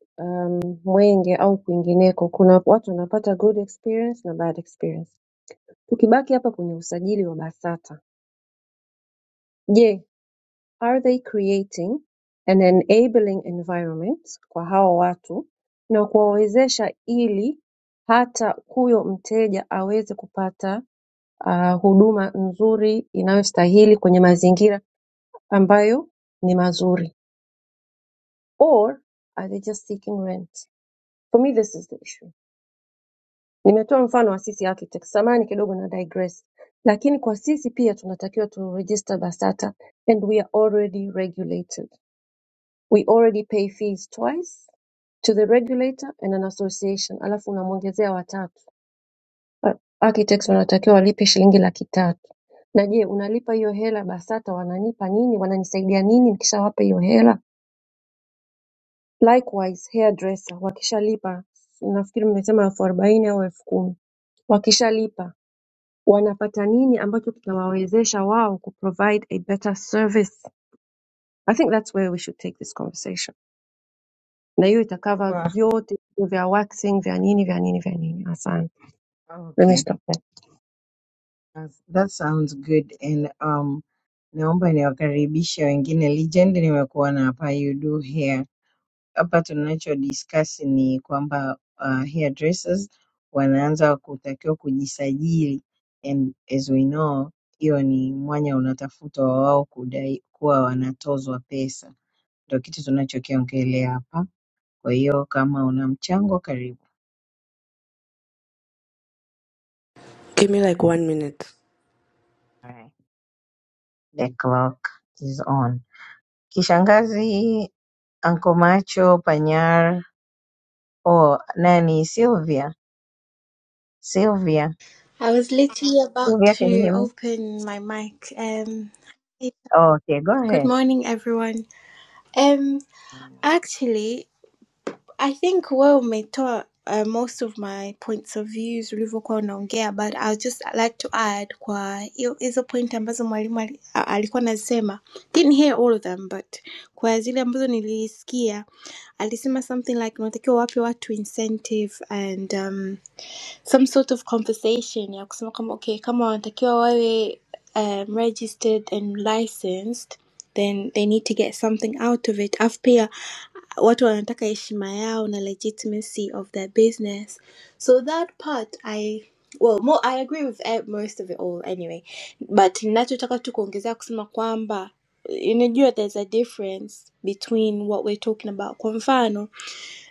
K: mm, Mwenge au kwingineko. Kuna watu wanapata good experience na bad experience. Tukibaki hapa kwenye usajili wa BASATA, je, are they creating an enabling environment kwa hawa watu na kuwawezesha ili hata huyo mteja aweze kupata ah, huduma nzuri inayostahili kwenye mazingira ambayo ni mazuri or are they just seeking rent? For me this is the issue. Nimetoa mfano wa sisi architects. Samani kidogo na digress. Lakini kwa sisi pia tunatakiwa tu register BASATA and we are already regulated. We already pay fees twice to the regulator and an association. Alafu unamwongezea watatu. Ah, Architects wanatakiwa walipe shilingi laki tatu. Na je, unalipa hiyo hela BASATA wananipa nini? Wananisaidia nini nikishawapa hiyo hela? Likewise hairdresser wakishalipa nafikiri mmesema elfu arobaini au elfu kumi wakishalipa wanapata nini ambacho kitawawezesha wao kuprovide a better service i think that's where we should take this conversation na hiyo itakava
J: Sure.
K: vyote vya waxing vya nini vya nini vya nini asante Let me
J: Okay.
K: stop there.
J: That's- That sounds good and um, naomba niwakaribishe wengine. Legend nimekuwa na hapa you do hair. Hapa tunacho discuss ni kwamba uh, hairdressers wanaanza kutakiwa kujisajili and as we know hiyo ni mwanya unatafutwa wa wao kudai kuwa wanatozwa pesa. Ndio kitu tunachokiongelea hapa. Kwa hiyo kama una mchango karibu.
N: Give me like one minute.
J: Alright, The clock is on. Kishangazi Uncle Macho Panyar or nani Sylvia. Sylvia.
O: I was literally about
J: Sylvia, can you
O: to
J: hear me?
O: open my mic. Um, hey,
J: Oh, okay, go
O: good
J: ahead.
O: morning, everyone. Um, actually, I think well, may talk uh, most of my points of views ulivyokuwa unaongea, but I would just like to add kwa hiyo hizo point ambazo mwalimu ali- a- alikuwa anasema. Didn't hear all of them, but kwa zile ambazo nilisikia alisema something like unatakiwa wape watu incentive and um, some sort of conversation ya kusema kama okay kama wanatakiwa wawe um, registered and licensed then they need to get something out of it alafu pia watu wanataka heshima yao na legitimacy of their business so that part i well more, i agree with eh, most of it all anyway but ninachotaka tu kuongezea kusema kwamba unajua there's a difference between what we're talking about kwa mfano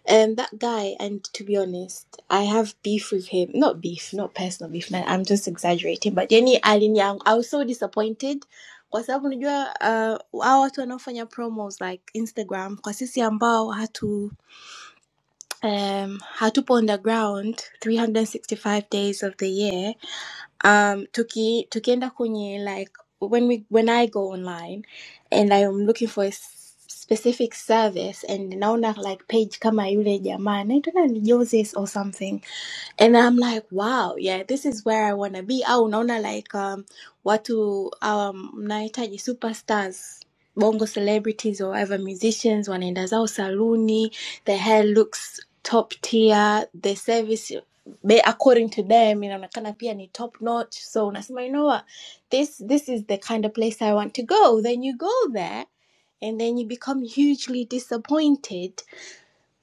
O: and that guy, and to be honest, I have beef with him. Not beef, not personal beef. Man, I'm just exaggerating. But yani alinia, I was so disappointed kwa sababu unajua uh, hao watu wanaofanya promos like Instagram kwa sisi ambao hatu um, hatupo underground 365 days of the year um tuki tukienda kwenye like when we when i go online and i'm looking for a s- specific service and naona like page kama yule jamaa anaitwa nani joses or something and I'm like, wow, yeah, this is where I wanna be. Au unaona like um watu um mnahitaji superstars bongo celebrities or whatever musicians wanaenda zao saluni, the hair looks top tier, the service they- according to them inaonekana pia ni top notch. So unasema, you know what? This this is the kind of place I want to go. Then you go there and then you become hugely disappointed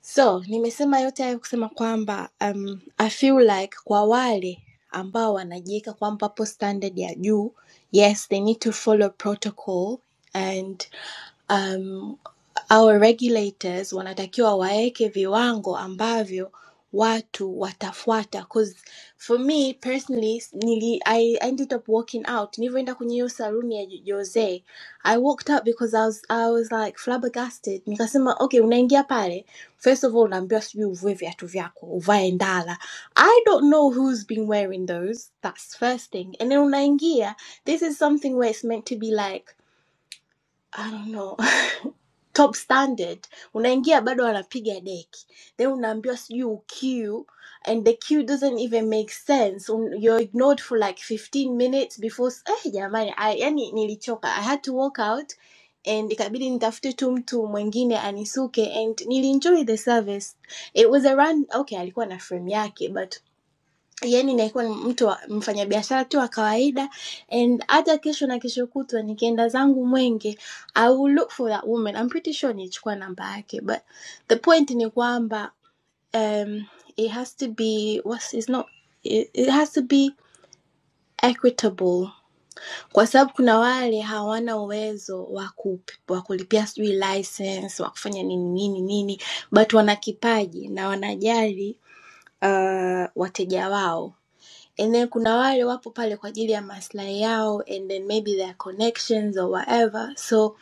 O: so nimesema yote hayo kusema kwamba um, I feel like kwa wale ambao wanajiweka kwamba wapo standard ya juu, yes they need to follow protocol and um, au regulators wanatakiwa waeke viwango ambavyo watu watafuata cause for me personally nili, I ended up walking out nilivyoenda kwenye hiyo saluni ya Jo- Jose I walked out because I was, I was like flabbergasted nikasema okay unaingia pale first of all unaambiwa sijui uvue viatu vyako uvae ndala I don't know who's been wearing those that's first thing and then unaingia this is something where it's meant to be like I don't know [laughs] top standard unaingia bado wanapiga deki then unaambiwa sijui uq and the q doesn't even make sense Un- you're ignored for like 15 minutes before eh, jamani I, yani nilichoka i had to walk out and ikabidi nitafute tu mtu mwingine anisuke and nilienjoy the service it was around okay alikuwa na frame yake but yani naikuwa ni mtu wa- mfanyabiashara tu wa kawaida and hata kesho na kesho kutwa nikienda zangu mwenge i will look for that woman I'm pretty sure nilichukua namba yake but the point ni kwamba um, it has to be what's, it's not, it, it has to be equitable kwa sababu kuna wale hawana uwezo wa ku- wa kulipia sijui license wa kufanya nini nini nini but wana kipaji na wanajali uh, wateja wao and then kuna wale wapo pale kwa ajili ya maslahi yao and then maybe their connections or whatever so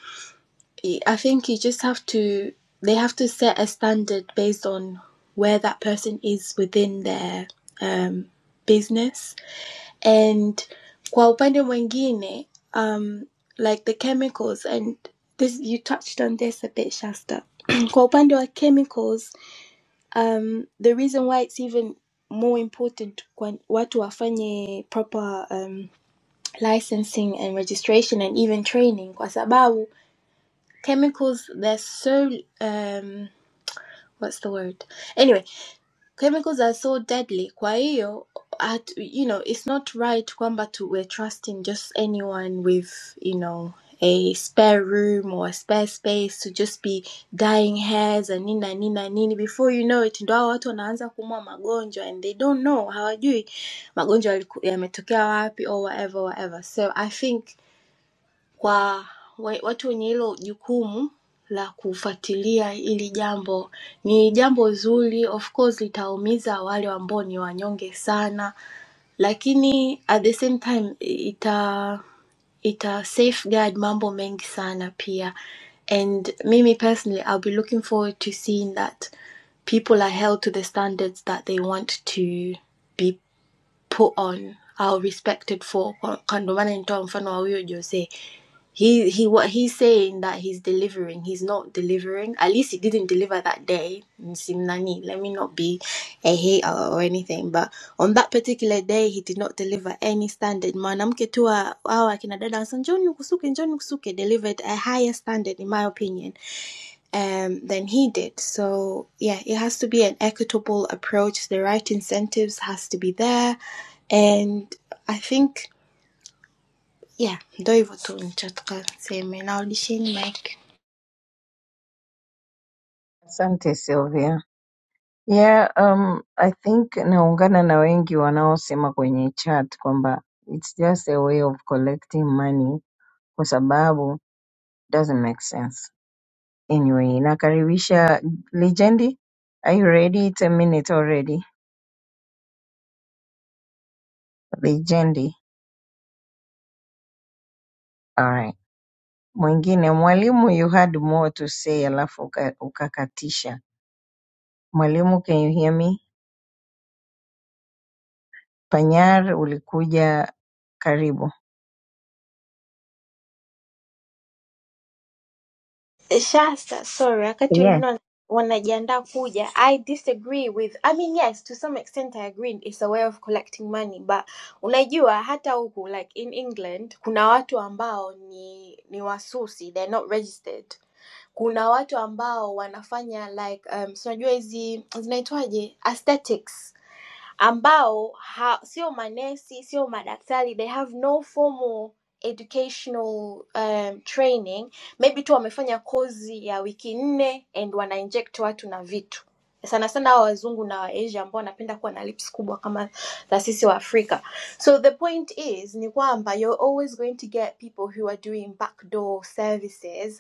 O: i think you just have to they have to set a standard based on where that person is within their um, business and kwa upande mwingine um, like the chemicals and this you touched on this a bit shasta [clears throat] kwa upande wa chemicals um, the reason why it's even more important when watu wafanye proper um, licensing and registration and even training kwa sababu chemicals they're so um, what's the word anyway chemicals are so deadly kwa hiyo at, you know it's not right kwamba to, we're trusting just anyone with you know a spare room or a spare space to just be dying hairs and nini na nini na nini before you know it ndo hao watu wanaanza kumwa magonjwa and they don't know hawajui magonjwa yaliku- yametokea wapi or whatever whatever so i think kwa we- watu wenye hilo jukumu la kufuatilia hili jambo ni jambo zuri of course litaumiza wale ambao ni wanyonge sana lakini at the same time ita ita safeguard mambo mengi sana pia and mimi personally i'll be looking forward to seeing that people are held to the standards that they want to be put on how respected for Kandomana and Tom Fanoyo say he he what he's saying that he's delivering he's not delivering at least he didn't deliver that day simnani let me not be a hater or anything but on that particular day he did not deliver any standard mwanamke tu wa- hawa akina dada wa San- njoni kusuke njoni kusuke delivered a higher standard in my opinion um, than he did. So yeah, it has to be an equitable approach. The right incentives has to be there, and I think yeah, ndo hivyo tu nichotaka niseme. Narudisheni mic.
J: Asante Sylvia. Yeah, um, I think naungana na wengi wanaosema kwenye chat kwamba it's just a way of collecting money kwa sababu doesn't make sense. Anyway, nakaribisha Legendi. Are you ready? It's a minute already. Legendi. All right. mwingine mwalimu you had more to say alafu uka- ukakatisha mwalimu can you hear me panyar ulikuja karibu
O: Shasta, sorry, wakati
J: yeah
O: wengine wana- wanajiandaa kuja. I disagree with I mean yes, to some extent I agree it's a way of collecting money but unajua hata huku like in England kuna watu ambao ni ni wasusi, they're not registered. kuna watu ambao wanafanya like um, si unajua hizi zinaitwaje aesthetics ambao ha, sio manesi sio madaktari they have no formal educational um, training maybe tu wamefanya kozi ya wiki nne and wana inject watu na vitu sana sana hawa wazungu na waasia ambao wanapenda kuwa na lips kubwa kama za sisi wa afrika so the point is ni kwamba you're always going to get people who are doing backdoor services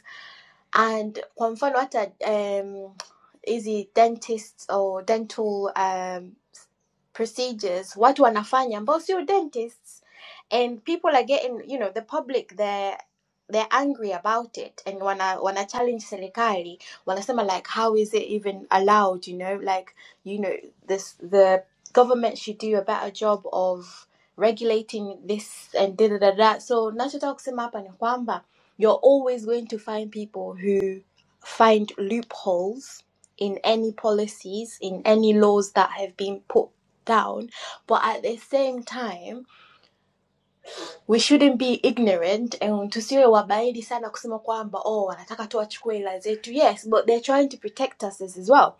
O: and kwa mfano hata um, hizi dentists or dental um, procedures watu wanafanya ambao sio dentists and people are getting you know the public they're they're angry about it and wana wana challenge serikali wanasema like how is it even allowed you know like you know this the government should do a better job of regulating this and da da da da so nachotaka kusema hapa ni kwamba you're always going to find people who find loopholes in any policies, in any laws that have been put down. But at the same time, we shouldn't be ignorant and tusiwe wabaidi sana kusema kwamba oh, wanataka tu wachukue hela zetu. Yes, but they're trying to protect us as well.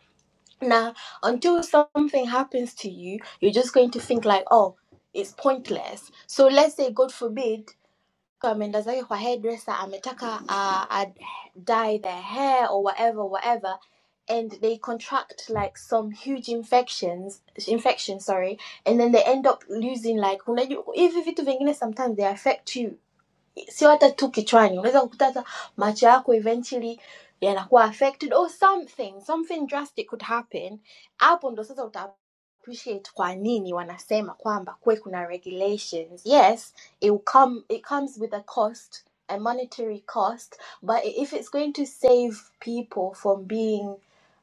O: Now, until something happens to you, you're just going to think like, oh, it's pointless. So let's say, God forbid, ameenda zake kwa hairdresser ametaka uh, ad dye their hair or whatever whatever and they contract like some huge infections infection sorry and then they end up losing like unajua hivi vitu vingine sometimes they affect you sio hata tu kichwani unaweza kukuta hata macho yako eventually yanakuwa affected or something something drastic could happen hapo ndo sasa uta appreciate kwa nini wanasema kwamba kuwe kuna regulations yes it, will come, it comes with a cost a monetary cost but if it's going to save people from being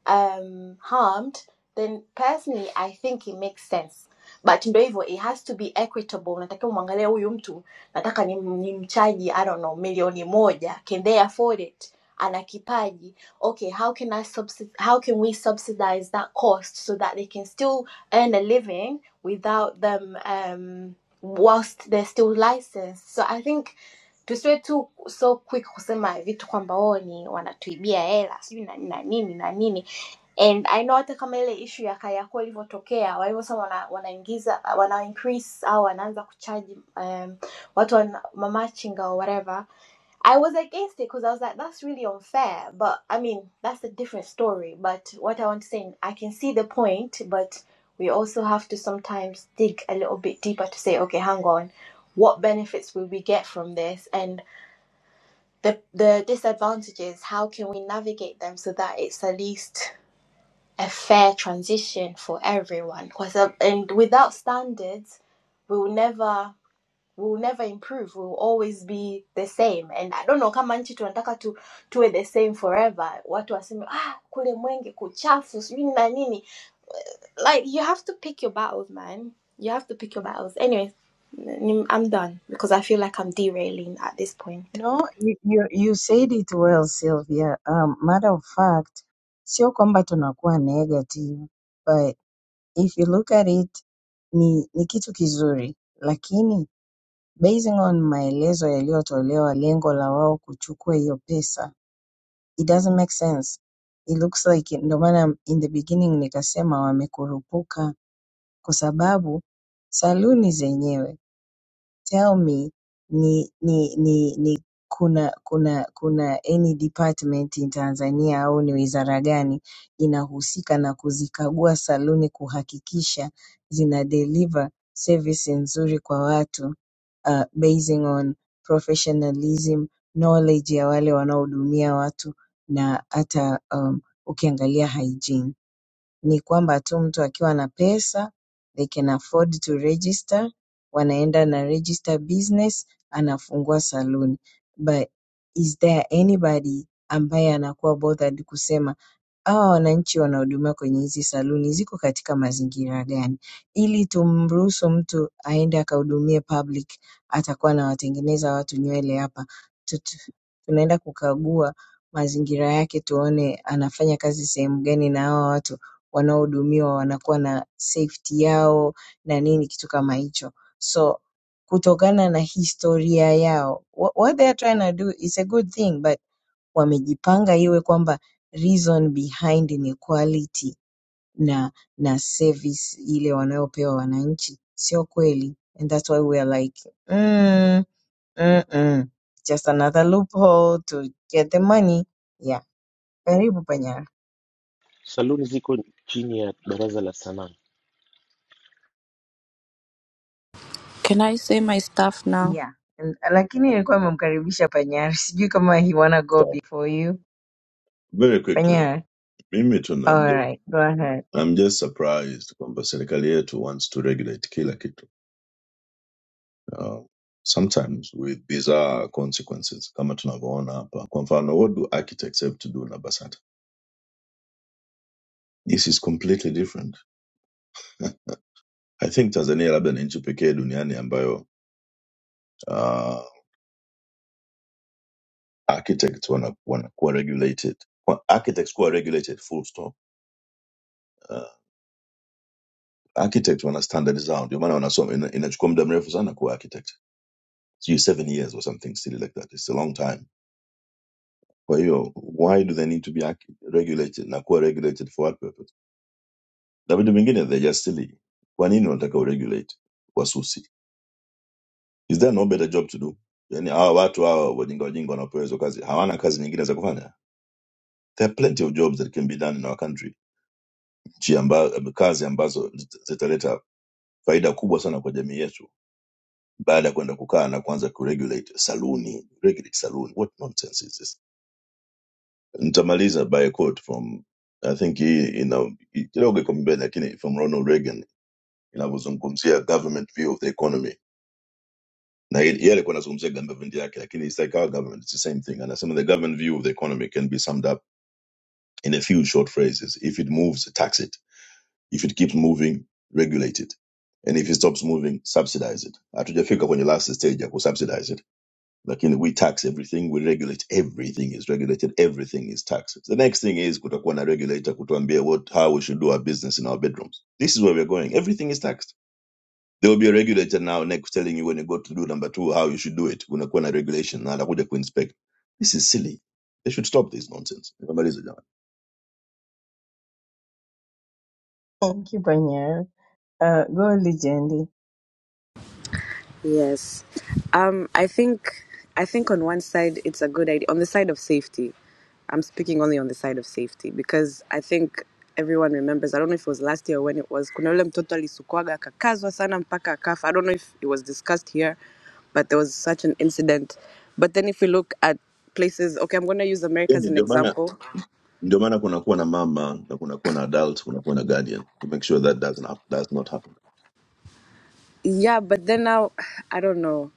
O: um, harmed then personally i think it makes sense but ndo hivyo it has to be equitable unatakiwa mwangalia huyu mtu nataka ni, ni mchaji I don't know milioni moja can they afford it ana kipaji okay how can I subsid how can we subsidize that cost so that they can still earn a living without them um, whilst they're still licensed so I think tusiwe tu so quick kusema vitu kwamba oo ni wanatuibia hela sijui na na nini na nini and i know hata kama ile ishu ya kariakoo ilivyotokea walivyosema wana, wanaingiza wana increase au wanaanza kuchaji um, watu wana, mamachinga or whatever i was against it because i was like that's really unfair but i mean that's a different story but what i want to say i can see the point but we also have to sometimes dig a little bit deeper to say okay hang on what benefits will we get from this and the the disadvantages how can we navigate them so that it's at least a fair transition for everyone because uh, and without standards we will never we will never improve we will always be the same and i don't know kama nchi tunataka tu tuwe the same forever watu waseme ah kule mwenge kuchafu sijui na nini like you have to pick your battles man you have to pick your battles Anyways, i i'm done because i feel like i'm derailing at this point
J: no you, you, you said it well sylvia um, matter of fact sio kwamba tunakuwa negative but if you look at it ni, ni kitu kizuri lakini basing on maelezo yaliyotolewa lengo la wao kuchukua hiyo pesa it doesn't make sense. It looks like ndio maana in the beginning nikasema wamekurupuka kwa sababu saluni zenyewe tell me ni ni ni, ni kuna kuna kuna any department in Tanzania au ni wizara gani inahusika na kuzikagua saluni kuhakikisha zina deliver service nzuri kwa watu uh, basing on professionalism knowledge ya wale wanaohudumia watu na hata um, ukiangalia hygiene ni kwamba tu mtu akiwa na pesa they can afford to register wanaenda na register business anafungua saloon but is there anybody ambaye anakuwa bothered kusema hawa wananchi wanahudumiwa kwenye hizi saluni ziko katika mazingira gani ili tumruhusu mtu aende akahudumie public atakuwa anawatengeneza watu nywele hapa Tutu, tunaenda kukagua mazingira yake tuone anafanya kazi sehemu gani na hawa watu wanaohudumiwa wanakuwa na safety yao na nini kitu kama hicho so kutokana na historia yao wha- what they are trying to do is a good thing but wamejipanga iwe kwamba reason behind ni quality na na service ile wanayopewa wananchi sio kweli and that's why we are like mm, mm, mm. just another loophole to get the money yeah karibu panyara
P: Saluni ziko chini ya Baraza la Sanaa.
N: Can I say my stuff now?
J: yeah and, lakini ilikuwa amemkaribisha panyara [laughs] sijui kama he wanna go
Q: Stop
J: before you
Q: very quickly,
J: panyara
Q: mimi tu
J: all
Q: namj-
J: right go ahead
Q: I'm just surprised kwamba serikali yetu wants to regulate kila kitu. Uh, sometimes with bizarre consequences kama tunavyoona hapa. Kwa mfano, what do architects have to do na BASATA? This is completely different. I think Tanzania labda ni nchi pekee duniani ambayo uh, architects wana- wanakuwa regulated. Kwa- Architects kuwa regulated full stop. Uh, architects wana standards zao, ndio maana wanasoma, ina- inachukua muda mrefu sana kuwa architect So you're seven years or something silly like that. It's a long time. Kwa hiyo, why do they need to be ac- regulated na kuwa regulated for what purpose? Na vitu vingine, they're just silly. Kwa nini wanataka uregulate wasusi? Is there no better job to do? Yani hawa watu hawa wajinga wajinga wanaopewa hizo kazi hawana kazi nyingine za kufanya? There are plenty of jobs that can be done in our country, nchi amba, kazi ambazo zit- zitaleta faida kubwa sana kwa jamii yetu baada ya kwenda kukaa na kuanza kuregulate saluni, regulate saluni. What nonsense is this? nitamaliza by a quote from i think hii ina kidogo iko mbele lakini from ronald reagan inavyozungumzia government view of the economy na ye ye alikuwa anazungumzia government yake lakini it's like our government it's the same thing anasema the government view of the economy can be summed up in a few short phrases if it moves tax it if it keeps moving regulate it and if it stops moving subsidize it hatujafika kwenye last stage ya kusubsidize lakini we tax everything we regulate everything is regulated everything is taxed the next thing is kutakuwa na regulator kutuambia what how we should do our business in our bedrooms this is where we're going everything is taxed there will be a regulator now next telling you when you go to do number two how you should do it kunakuwa na regulation na atakuja kuinspect this is silly they should stop this nonsense nikamaliza jamani
J: thank you panyara uh, go legendi
N: Yes. Um, I think I think on one side it's a good idea. On the side of safety, I'm speaking only on the side of safety because I think everyone remembers. I don't know if it was last year or when it was. Kuna yule mtoto alisukwaga akakazwa sana mpaka akafa. I don't know if it was discussed here, but there was such an incident. But then if we look at places, okay, I'm going to use America as
Q: yani
N: an
Q: ndio maana
N: example.
Q: ndio maana kunakuwa na mama na kunakuwa na adult kunakuwa na guardian to make sure that doesn't hap- does not happen
N: Yeah, but then now [sighs] I don't know.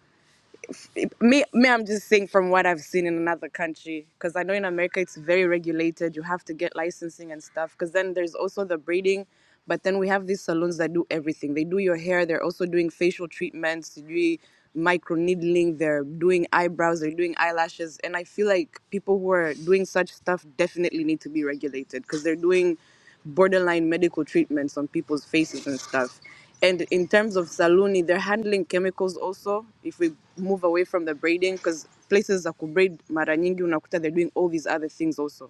N: me, me, I'm just saying from what I've seen in another country, because I know in America it's very regulated. You have to get licensing and stuff. Because then there's also the braiding, but then we have these salons that do everything. They do your hair. They're also doing facial treatments. They do micro needling. They're doing eyebrows. They're doing eyelashes. And I feel like people who are doing such stuff definitely need to be regulated because they're doing borderline medical treatments on people's faces and stuff. And in terms of saluni, they're handling chemicals also. If we move away from the braiding, because places za kubraid mara nyingi unakuta they're doing all these other things also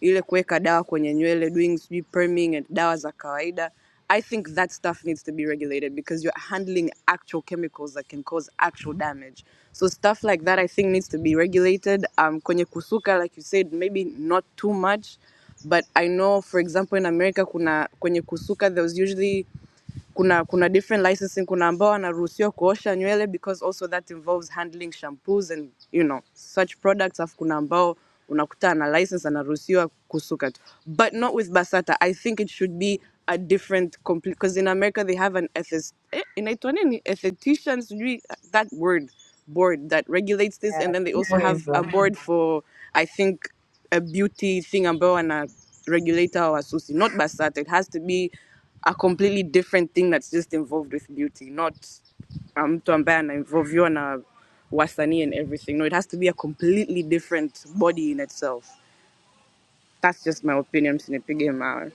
N: ile kuweka dawa kwenye nywele doing sijui perming and dawa za kawaida I think that stuff needs to be regulated because you're handling actual chemicals that can cause actual damage. So stuff like that, I think, needs to be regulated. Um, kwenye kusuka, like you said, maybe not too much, but I know, for example, in America, kuna kwenye kusuka, there was usually kuna kuna different licensing kuna ambao wanaruhusiwa kuosha nywele because also that involves handling shampoos and you know such products afu kuna ambao unakuta na license anaruhusiwa kusuka tu but not with basata i think it should be a different complete because in america they have an ethics eh, inaitwa nini esthetician sijui that word board that regulates this
J: yeah
N: and then they
J: hivyo
N: also have a
J: hivyo
N: board for i think a beauty thing ambao wana regulate our wasusi not basata it has to be a completely different thing that's just involved with beauty, not mtu ambaye anainvolviwa na wasanii and everything. No, it has to be a completely different body in itself. That's just my opinion. Msinipige mawe.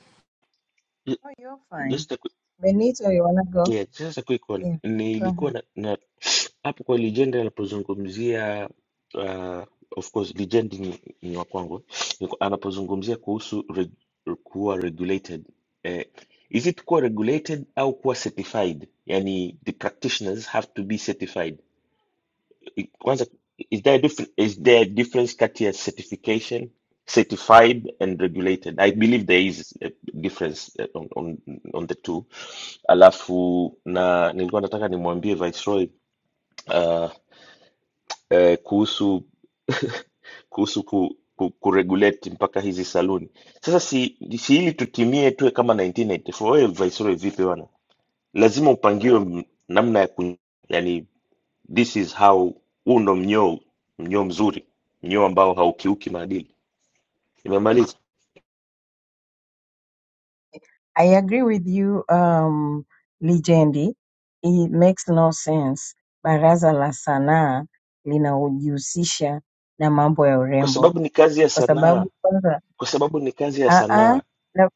P: Ju-
J: oh, you're fine
P: Just a quick,
J: Benito, you wanna go?
P: yeah, just a quick one.
J: Yeah, go
P: Nilikuwa
J: ahead.
P: na, na hapo kwa legend anapozungumzia uh, of course legend ni, ni wa kwangu Niko- anapozungumzia kuhusu reg, kuwa regulated eh, is it kuwa regulated au kuwa certified? Yani the practitioners have to be certified. It- Kwanza, is there a different, is there a difference kati ya certification, certified and regulated? I believe there is a difference eh, on, on, on the two. Alafu na nilikuwa nataka nimwambie Viceroy uh, eh, kuhusu [laughs] kuhusu ku, ku, kuregulate mpaka hizi saluni. Sasa si, si ili tutimie tuwe kama 1984. Wewe Viceroy vipi bwana? Lazima upangiwe m- namna ya ku, yani this is how huu ndo mnyoo mnyoo mzuri mnyoo ambao haukiuki maadili nimemaliza
J: I agree with you, um, Lijendi. It makes no sense. Baraza la sanaa linajihusisha na mambo ya
P: kwa
J: urembo
P: sababu ni kazi ya
J: kwa
P: sanaa
J: sababu kwanza,
P: kwa sababu ni kazi ya
J: ah ah,
P: sanaa
J: na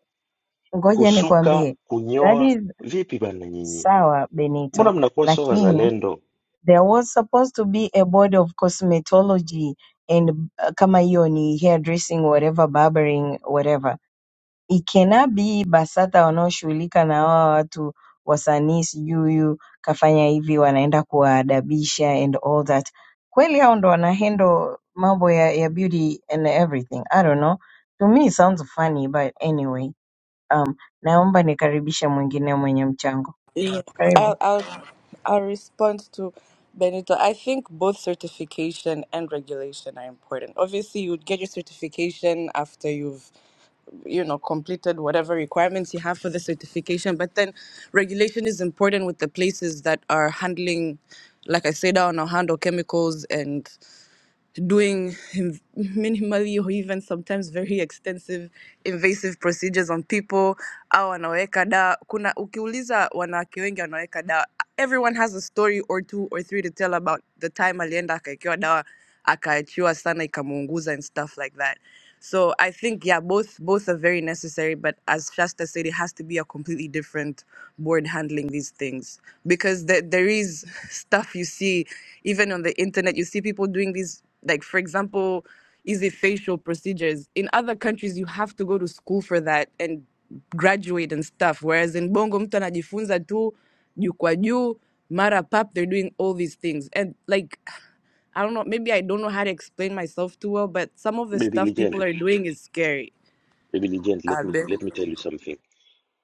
J: ngoja
P: kusuka
J: nikwambie, that
P: kunyoa
J: is
P: vipi bana nyinyi
J: sawa
P: mbona
J: Benito,
P: mnakuwa sio
J: lakini
P: wazalendo
J: there was supposed to be a board of cosmetology and uh, kama hiyo ni hair dressing, whatever, barbering, whatever Ikena-Bi BASATA wanaoshughulika na hawa watu wasanii sijui huyu kafanya hivi wanaenda kuwaadabisha and all that kweli hao ndo wana handle mambo ya, ya beauty and everything i don't know to me it sounds funny but anyway um, naomba nikaribishe mwingine mwenye mchango
N: Yeah,
J: karibu
N: I'll, I'll, I'll respond to Benito. I think both certification and regulation are important. Obviously, you would get your certification after you've you know completed whatever requirements you have for the certification but then regulation is important with the places that are handling like i said on or handle chemicals and doing inv- minimally or even sometimes very extensive invasive procedures on people au wanaweka dawa kuna ukiuliza wanawake wengi wanaweka dawa everyone has a story or two or three to tell about the time alienda akawekewa dawa akaachiwa sana ikamuunguza and stuff like that so i think yeah both both are very necessary but as shasta said it has to be a completely different board handling these things because there, there is [laughs] stuff you see even on the internet you see people doing these like, for example, is it facial procedures? In other countries, you have to go to school for that and graduate and stuff. Whereas in Bongo, mtu anajifunza tu juu kwa juu, mara pap, they're doing all these things. And like, [sighs] I don't know, maybe I don't know how to explain myself too well, but some of the
P: baby
N: stuff people
P: legend
N: are doing is scary.
P: baby legend let
N: I've
P: me,
N: been.
P: let me tell you something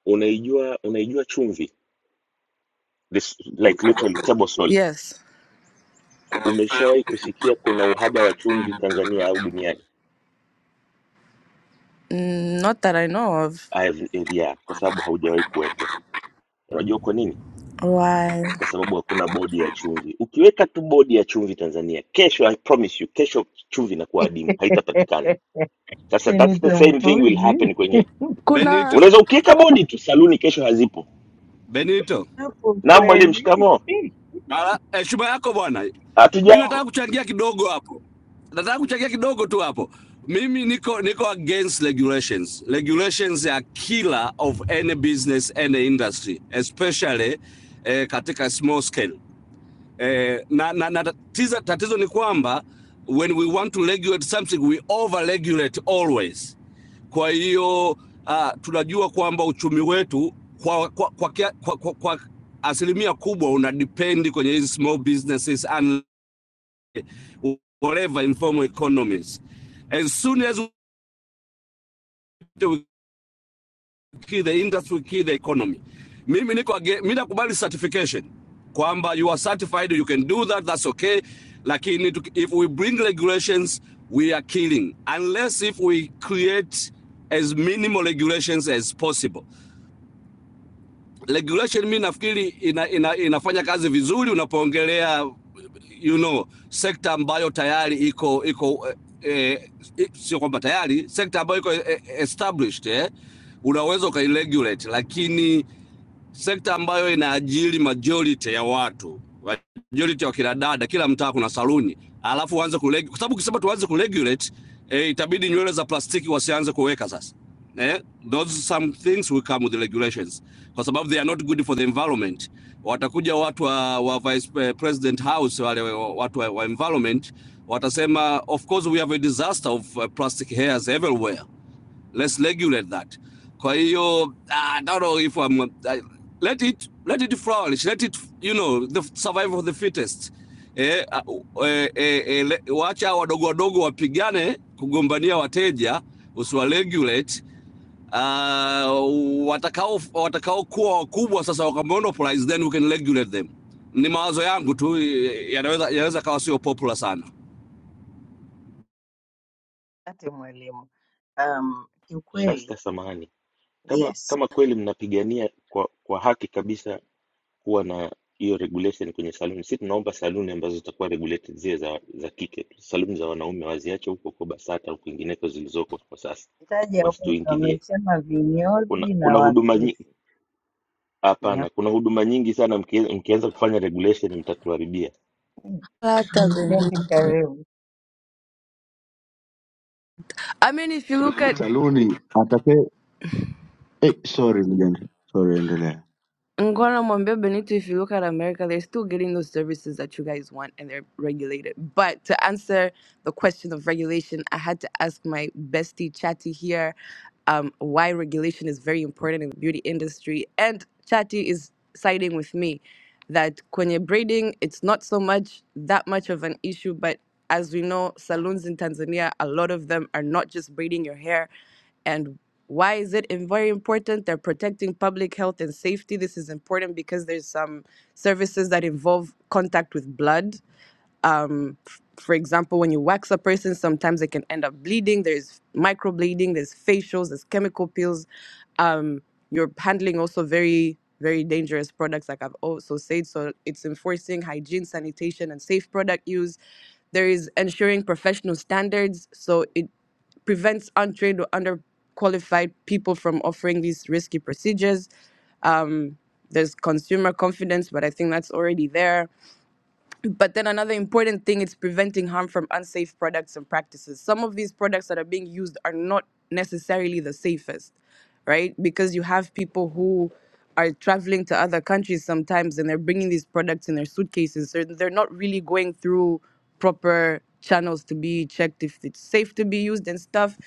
P: unaijua unaijua chumvi this like literally table salt
N: Yes.
P: umeshawahi kusikia kuna uhaba wa chumvi tanzania au duniani
N: Mm, not that I know of.
P: I have, yeah, kwa sababu haujawahi kuwepo unajua kwa nini
N: Why?
P: kwa sababu hakuna bodi ya chumvi. Ukiweka tu bodi ya chumvi Tanzania, kesho I promise you, kesho chumvi inakuwa adimu, haitapatikana.
J: [laughs]
P: Sasa
J: ni
P: that's the same thing will
J: mpuzi
P: happen kwenye,
N: Kuna.
L: Benito,
P: unaweza ukiweka bodi tu, saluni kesho hazipo.
L: Benito.
J: hapo
P: Na mwalimu,
J: kweli
P: shikamo,
J: [laughs]
L: Ala, heshima eh, yako bwana. Mi nataka
P: hatujambo.
L: kuchangia kidogo hapo, nataka kuchangia kidogo tu hapo. Mimi niko niko against regulations. Regulations are killer of any business, any industry, especially eh, katika small scale eh, na, na, na tatizo, tatizo ni kwamba when we want to regulate something we over regulate always. Kwa hiyo uh, tunajua kwamba uchumi wetu kwa, kwa, kwa, kia- kwa, kwa, kwa asilimia kubwa una depend kwenye hizi small businesses and whatever informal economies as soon as we kill the industry, kill the economy. Mimi niko age- mimi nakubali certification kwamba you are certified, you can do that, that's okay. Lakini if we bring regulations, we are killing unless if we create as minimal regulations as possible. regulation mi nafikiri ina, ina, inafanya kazi vizuri unapoongelea you know sekta ambayo tayari iko iko eh, eh, sio kwamba tayari sekta ambayo iko eh, established eh, unaweza ukairegulate, lakini sekta ambayo inaajiri majority ya watu, majority ya kina dada, kila mtaa kuna saluni, alafu uanze kuregulate, kwa sababu ukisema tuanze kuregulate eh, itabidi nywele za plastiki wasianze kuweka sasa. Eh, those some things will come with the regulations kwa sababu they are not good for the environment. Watakuja watu wa, wa Vice eh, President House wale wa- watu wa, wa environment watasema of course we have a disaster of uh, plastic hairs everywhere let's regulate that kwa hiyo ah, I don't know if I'm, I, let it let it flourish let it you know the survival of the fittest eh, ah, eh, eh, eh, le- wacha wadogo wadogo wapigane kugombania wateja usiwa regulate uh, watakao watakaokuwa wakubwa sasa wakamonopolize then we can regulate them ni mawazo yangu tu eh, yanaweza yanaweza kawa sio popular sana
J: ate mwalimu um, kiukweli
P: Shasta, samahani, kama
J: yes
P: kama kweli mnapigania kwa kwa haki kabisa kuwa na hiyo regulation kwenye saluni, si tunaomba saluni ambazo zitakuwa regulated zile za za kike tu. Saluni za wanaume waziache huko kwa BASATA au kwingineko zilizoko kwa sasa,
J: Mtaji ya umma
P: wasituingilie
J: wamesema
P: kuna
J: vinyozi na
P: kuna huduma nyingi
J: wasusi pia.
P: hapana kuna huduma nyingi sana mkie- mkianza kufanya regulation mtatuharibia
J: Ligende karibu.
N: I mean, if you look at
G: Saluni atakaye Eh, sorry mjane, sorry, endelea.
N: Guantanamo Bay, Benito, if you look at America, they're still getting those services that you guys want and they're regulated. But to answer the question of regulation, I had to ask my bestie Chatty here um, why regulation is very important in the beauty industry. And Chatty is siding with me that when you're braiding, it's not so much that much of an issue. But as we know, saloons in Tanzania, a lot of them are not just braiding your hair. And why is it im- very important? They're protecting public health and safety. This is important because there's some services that involve contact with blood. Um, f- for example, when you wax a person, sometimes they can end up bleeding. There's microbleeding, there's facials, there's chemical peels. Um, you're handling also very, very dangerous products, like I've also said. So it's enforcing hygiene, sanitation, and safe product use there is ensuring professional standards. So it prevents untrained or underqualified people from offering these risky procedures. Um, there's consumer confidence, but I think that's already there. But then another important thing is preventing harm from unsafe products and practices. Some of these products that are being used are not necessarily the safest, right? Because you have people who are traveling to other countries sometimes and they're bringing these products in their suitcases. So they're not really going through proper channels to be checked if it's safe to be used and stuff.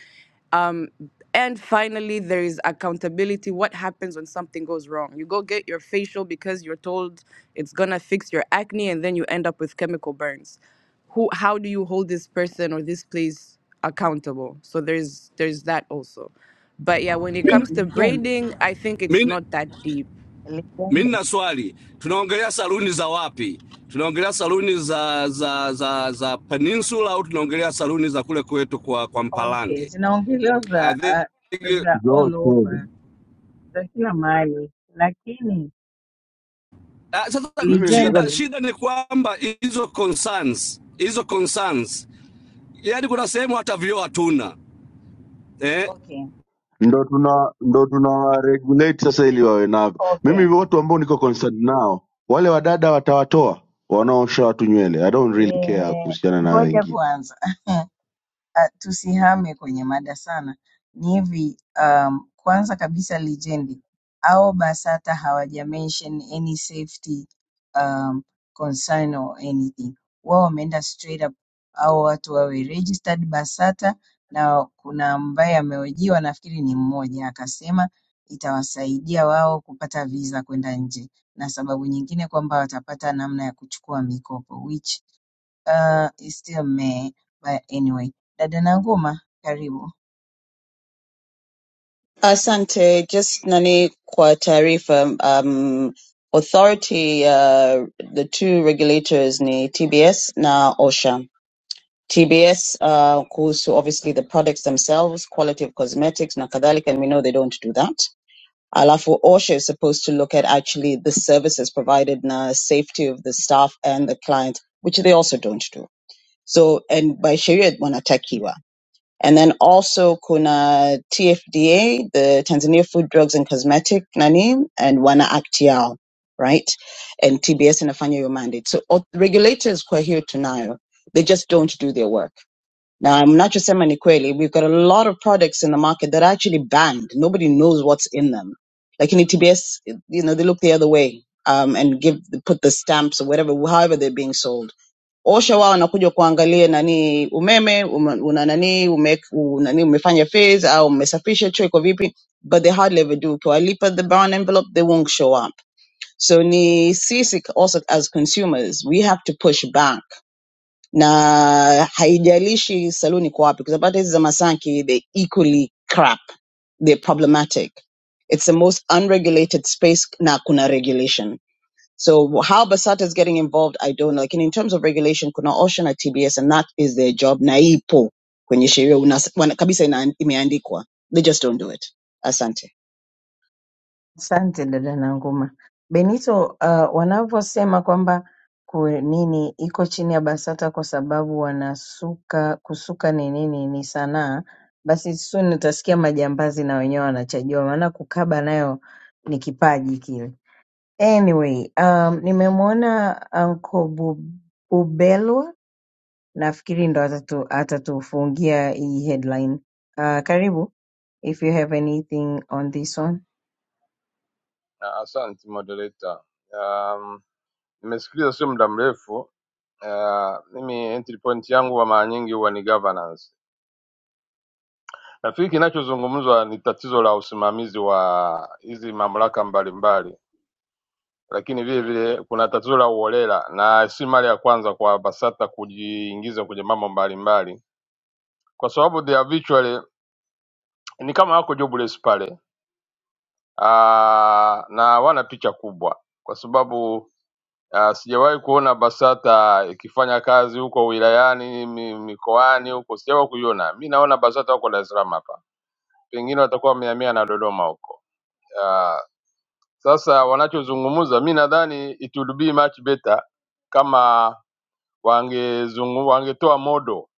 N: Um, and finally, there is accountability. What happens when something goes wrong? You go get your facial because you're told it's gonna fix your acne, and then you end up with chemical burns. Who? How do you hold this person or this place accountable? So there's there's that also. But yeah, when it
J: Okay,
N: comes to
J: ligende,
N: braiding, I think it's
L: mi
N: not that deep.
L: Mi
J: ligende.
L: nina swali, tunaongelea saluni za wapi? Tunaongelea saluni za za za, za Peninsula au tunaongelea saluni za kule kwetu kwa, kwa
J: Okay,
L: Mpalange?
J: zinaongelewa
L: I
J: za ah,
L: think,
J: za all
G: Zote
J: over, za kila mahali, lakini
L: ah, sasa
G: mimi nilitaka
L: shida
J: ligende.
L: shida ni kwamba hizo concerns hizo concerns, yaani kuna sehemu hata vyoo hatuna eh?
J: Okay,
G: ndo tuna ndo tuna regulate sasa, ili wawe navyo. Mimi
J: okay.
G: watu ambao niko concerned nao wale wadada watawatoa wanaosha watu nywele. I don't really care
J: Eh,
G: kuhusiana na hao
J: ngoja
G: wengine
J: kwanza. [laughs] Uh, tusihame kwenye mada sana, ni hivi um, kwanza kabisa lijendi au BASATA hawaja mention any safety um, concern or anything. Wao wameenda straight up au watu wawe registered BASATA, na kuna ambaye amehojiwa, nafikiri ni mmoja, akasema itawasaidia wao kupata visa kwenda nje, na sababu nyingine kwamba watapata namna ya kuchukua mikopo which Uh, it's still May, but anyway. Dada Nanguma, karibu.
D: Asante, just nani kwa taarifa, um, authority, uh, the two regulators ni TBS na OSHA. TBS uh, goes to obviously the products themselves, quality of cosmetics, na kadhalika, and we know they don't do that. Alafu OSHA is supposed to look at actually the services provided na safety of the staff and the client, which they also don't do. So, and by sheria wanatakiwa. And then also kuna TFDA, the Tanzania Food, Drugs and Cosmetic nani, and wana act yao, right? And TBS inafanya your mandate. So o- regulators kwa hiyo tunayo, they just don't do their work now, I'm not just saying ni kweli. We've got a lot of products in the market that are actually banned. Nobody knows what's in them. Like in ETBS, you know, they look the other way um, and give put the stamps or whatever, however they're being sold. Osha wao wanakuja kuangalia nani umeme ume- una nani ume, nani umefanya phase au umesafisha choo iko vipi, but they hardly ever do. Ukiwalipa the brown envelope, they won't show up. So ni sisi also as consumers, we have to push back na haijalishi saluni iko wapi kwa sababu hata hizi za masanki they equally crap they're problematic it's the most unregulated space na kuna regulation so how basata is getting involved i don't know lakini in terms of regulation kuna osha na tbs and that is their job na ipo kwenye sheria unas- wana- kabisa ina, imeandikwa they just don't do it asante
J: Asante dada Nanguma. Benito, uh, wanavyosema kwamba ku- nini iko chini ya BASATA kwa sababu wanasuka kusuka ni nini ni sanaa, basi soon utasikia majambazi na wenyewe wanachajua, maana kukaba nayo ni kipaji kile. Anyway, um, nimemwona Uncle Bu- Bubelwa Nafikiri ndo atatu, atatufungia hii headline. Uh, karibu if you have anything on this one.
R: Ah, Asante moderator. Um, nimesikiliza sio muda mrefu. Uh, mimi entry point yangu wa mara nyingi huwa ni governance. Nafikiri kinachozungumzwa ni tatizo la usimamizi wa hizi mamlaka mbalimbali, lakini vile vile kuna tatizo la uholela, na si mara ya kwanza kwa BASATA kujiingiza kwenye mambo mbalimbali, kwa sababu they are virtually ni kama wako jobless pale, uh, na wana picha kubwa kwa sababu Ah, sijawahi kuona BASATA ikifanya kazi huko wilayani mi- mikoani huko, sijawahi kuiona. Mi naona BASATA wako Dar es Salaam hapa, pengine watakuwa wamehamia na Dodoma huko. Ah, Sasa wanachozungumza, mi nadhani it would be much better kama wangezungu, wangetoa modo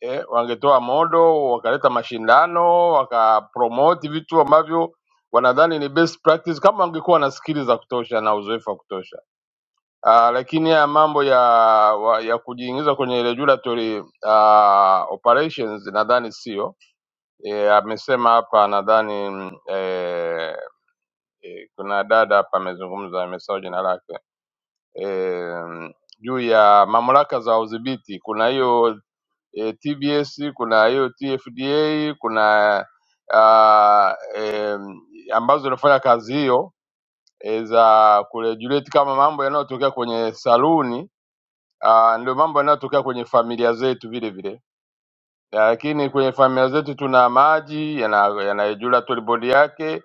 R: eh, wangetoa modo wakaleta mashindano wakapromote vitu ambavyo wanadhani ni best practice, kama wangekuwa na skili za kutosha na uzoefu wa kutosha Ah, lakini haya mambo ya wa- ya kujiingiza kwenye regulatory uh, operations nadhani sio e, amesema hapa nadhani mm, eh, eh, kuna dada hapa amezungumza, amesahau jina lake eh, juu ya mamlaka za udhibiti. Kuna hiyo eh, TBS, kuna hiyo TFDA, kuna ah, eh, ambazo zinafanya kazi hiyo eh, za kuregulate kama mambo yanayotokea kwenye saluni Ah, ndio mambo yanayotokea kwenye familia zetu vile vile lakini kwenye familia zetu tuna maji yana- yanayojula tolibodi yake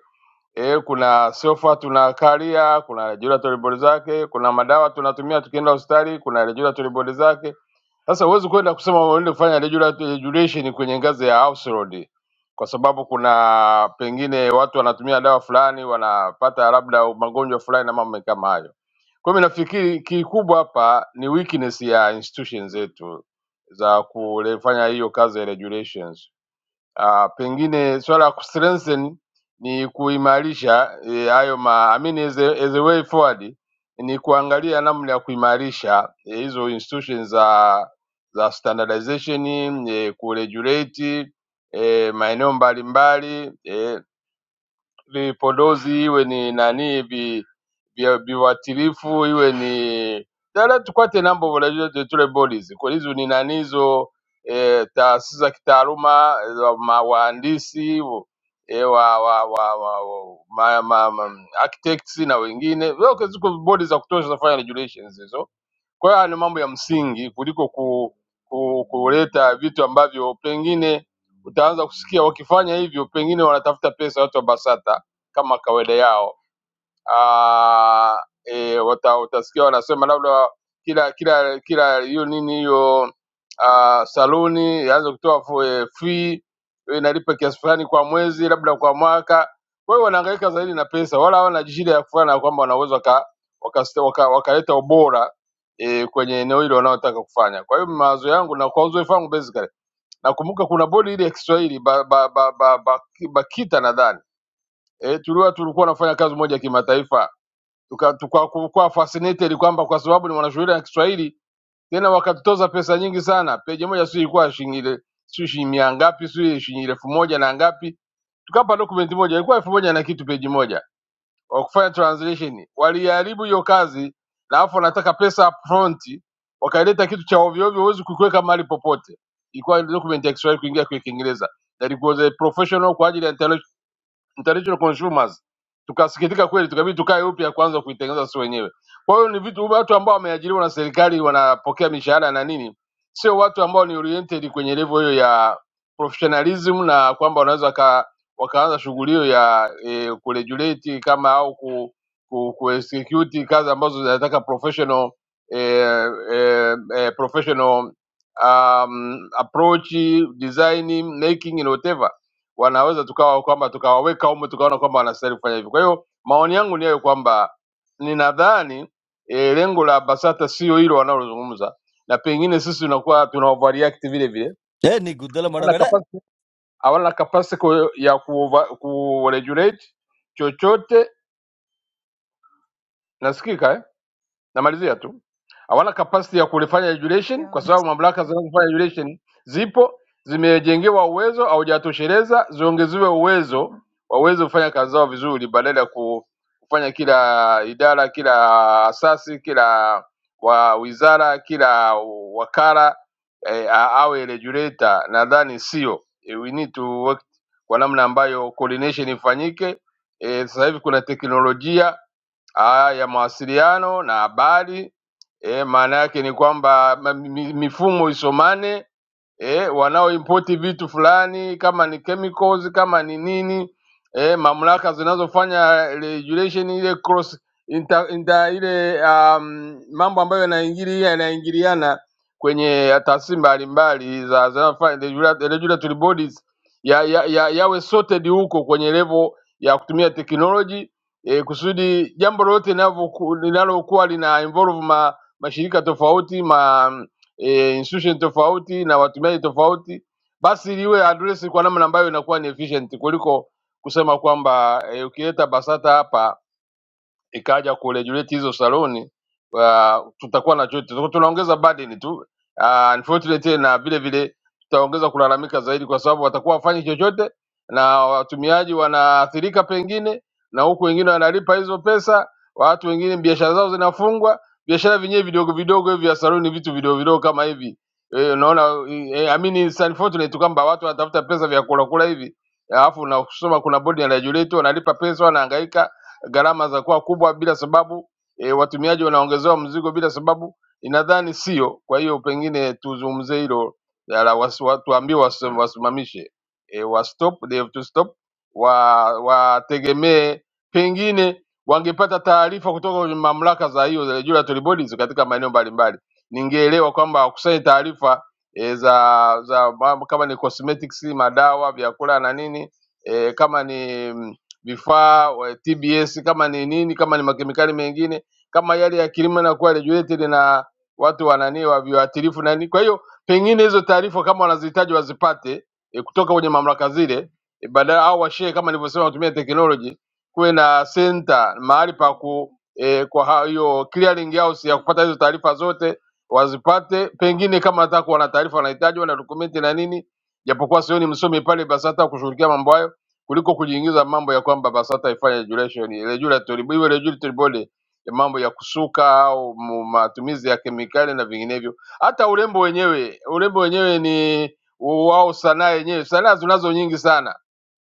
R: e, kuna sofa tunakalia, kuna regulatory tolibodi zake, kuna madawa tunatumia tukienda hospitali, kuna regulatory tolibodi zake. Sasa huwezi kwenda kusema uende kufanya regulatory regulation kwenye ngazi ya house road, kwa sababu kuna pengine watu wanatumia dawa fulani wanapata labda magonjwa fulani na mambo kama hayo. Kwa hiyo mimi nafikiri kikubwa hapa ni weakness ya institution zetu za kufanya hiyo kazi ya regulations. Ah, pengine swala la kustrengthen ni kuimarisha eh, hayo ma, I mean as a, as a way forward ni kuangalia namna ya kuimarisha eh, hizo institutions za za standardization eh, kuregulate eh, maeneo mbalimbali eh, vipodozi iwe ni nani vi, vya- viwatilifu iwe ni dala tukwate nambo volajua tetule bodies kwa hizo ni nani hizo e, taasisi za kitaaluma eh, wa ma- wahandisi e, wa, wa, wa, wa, wa ma, ma, ma, architects na wengine zote ziko bodi za kutosha za kufanya regulations hizo kwa hiyo haya ni mambo ya msingi kuliko ku, ku, kuleta vitu ambavyo pengine utaanza kusikia wakifanya hivyo, pengine wanatafuta pesa watu wa Basata kama kawaida yao. Ah, e, wata, utasikia wanasema labda kila kila kila hiyo nini hiyo ah, saluni yaanze kutoa fu- eh, fee eh, inalipa kiasi fulani kwa mwezi, labda kwa mwaka. Kwa hiyo wanahangaika zaidi na pesa, wala hawana shida ya kufanya kwamba wanaweza waka, wakaleta waka, wakaleta ubora e, kwenye eneo hilo wanaotaka kufanya. Kwa hiyo mawazo yangu na kwa uzoefu wangu basically, nakumbuka kuna bodi ile ya Kiswahili ba, ba, ba, ba, ba, BAKITA nadhani e, tuliwa tulikuwa nafanya kazi moja ya kimataifa tuka- tuka- tukakuwa fascinated kwamba kwa sababu ni wanashuhuda ya Kiswahili tena wakatutoza pesa nyingi sana. Peji moja sio ilikuwa shilingi ile sio shilingi mia ngapi sio shilingi elfu moja na ngapi, tukapa document moja ilikuwa elfu moja na kitu peji moja, wakufanya translation. Waliharibu hiyo kazi, na afu wanataka pesa upfront, wakaleta kitu cha ovyo ovyo, huwezi kukiweka mahali popote. Ilikuwa document ya Kiswahili kuingia kwa Kiingereza, that it was a professional kwa ajili ya international international consumers tukasikitika kweli, tukabidi tukae upya kwanza kuitengeneza sisi wenyewe. Kwa hiyo ni vitu watu ambao wameajiriwa na serikali wanapokea mishahara na nini, sio watu ambao ni oriented kwenye level hiyo ya professionalism na kwamba wanaweza waka, wakaanza shughuli hiyo ya e, kuregulate kama au ku, ku, ku execute kazi ambazo zinataka professional e, e, e, professional um, approach design making and whatever wanaweza tukawa kwamba tukawaweka humo tukaona kwamba wanastahili kufanya hivyo. Kwa hiyo maoni yangu ni hayo kwamba ninadhani e, lengo la BASATA sio hilo wanalozungumza, na pengine sisi tunakuwa tuna overreact vile vile,
S: Hey, you good?dala madam,
R: hawana
S: where?
R: capacity, hawana capacity ku- ya ku, ku regulate chochote. Nasikika eh? namalizia tu, hawana capacity ya kulifanya regulation,
J: Yeah,
R: kwa sababu
J: honest.
R: mamlaka zinazofanya regulation zipo, zimejengewa uwezo, haujatosheleza, ziongezewe uwezo waweze kufanya kazi zao vizuri, badala ya ku- kufanya kila idara, kila asasi, kila wa wizara, kila wakala eh, a- awe regulator. Nadhani sio eh, we need to work kwa namna ambayo coordination ifanyike. Eh, sasa hivi kuna teknolojia ah, ya mawasiliano na habari eh, maana yake ni kwamba ma- mi- mifumo isomane eh, wanaoimport vitu fulani kama ni chemicals kama ni nini eh, mamlaka zinazofanya regulation ile cross inter, inter, ile um, mambo ambayo yanaingilia yanaingiliana kwenye taasisi mbalimbali za zinazofanya regula- regulatory bodies ya, ya, ya, yawe sorted huko kwenye level ya kutumia technology e, kusudi jambo lolote linavyoku- linalokuwa lina involve ma, mashirika tofauti ma e, institution tofauti na watumiaji tofauti, basi liwe address kwa namna ambayo inakuwa ni efficient kuliko kusema kwamba e, ukileta BASATA hapa ikaja kuregulate hizo saloni uh, tutakuwa na chochote, Tutakuwa tunaongeza burden tu uh, unfortunately, na vile vile tutaongeza kulalamika zaidi, kwa sababu watakuwa wafanyi chochote na watumiaji wanaathirika pengine, na huku wengine wanalipa hizo pesa, watu wengine biashara zao zinafungwa. Biashara vyenyewe vidogo vidogo hivi vya saloni, vitu vidogo vidogo kama hivi eh, unaona eh, I mean it's unfortunate kwamba watu wanatafuta pesa vya kula kula hivi, alafu na kusoma kuna bodi ya regulator wanalipa pesa, wanahangaika gharama za kuwa kubwa bila sababu e, watumiaji wanaongezewa mzigo bila sababu, inadhani sio. Kwa hiyo pengine tuzungumzie hilo, ya la wasi- wa- tuambiwe wasi- wasimamishe e, wa stop, they have to stop, wa wategemee, pengine wangepata taarifa kutoka kwenye mamlaka za hiyo za regulatory bodies katika maeneo mbalimbali, ningeelewa kwamba wakusanye taarifa e, za za mambo kama ni cosmetics, madawa, vyakula na nini e, kama ni mm, vifaa wa TBS, kama ni nini, kama ni makemikali mengine, kama yale ya kilimo yanakuwa regulated na watu wa nani wa viuatilifu na nini. Kwa hiyo pengine hizo taarifa kama wanazihitaji wazipate e, kutoka kwenye mamlaka zile e, badala au washare kama nilivyosema, watumie technology, kuwe na center mahali pa ku e, kwa ha- hiyo clearing house ya kupata hizo taarifa zote wazipate, pengine kama hata kuwa na taarifa wanahitaji wana dokumenti na nini, japokuwa sioni msomi pale, basi hata kushughulikia mambo hayo kuliko kujiingiza mambo ya kwamba BASATA ifanye regulation regulatory iwe regulatory body ya mambo ya kusuka au mu- matumizi ya kemikali na vinginevyo. Hata urembo wenyewe, urembo wenyewe ni wao, sanaa yenyewe, sanaa tunazo nyingi sana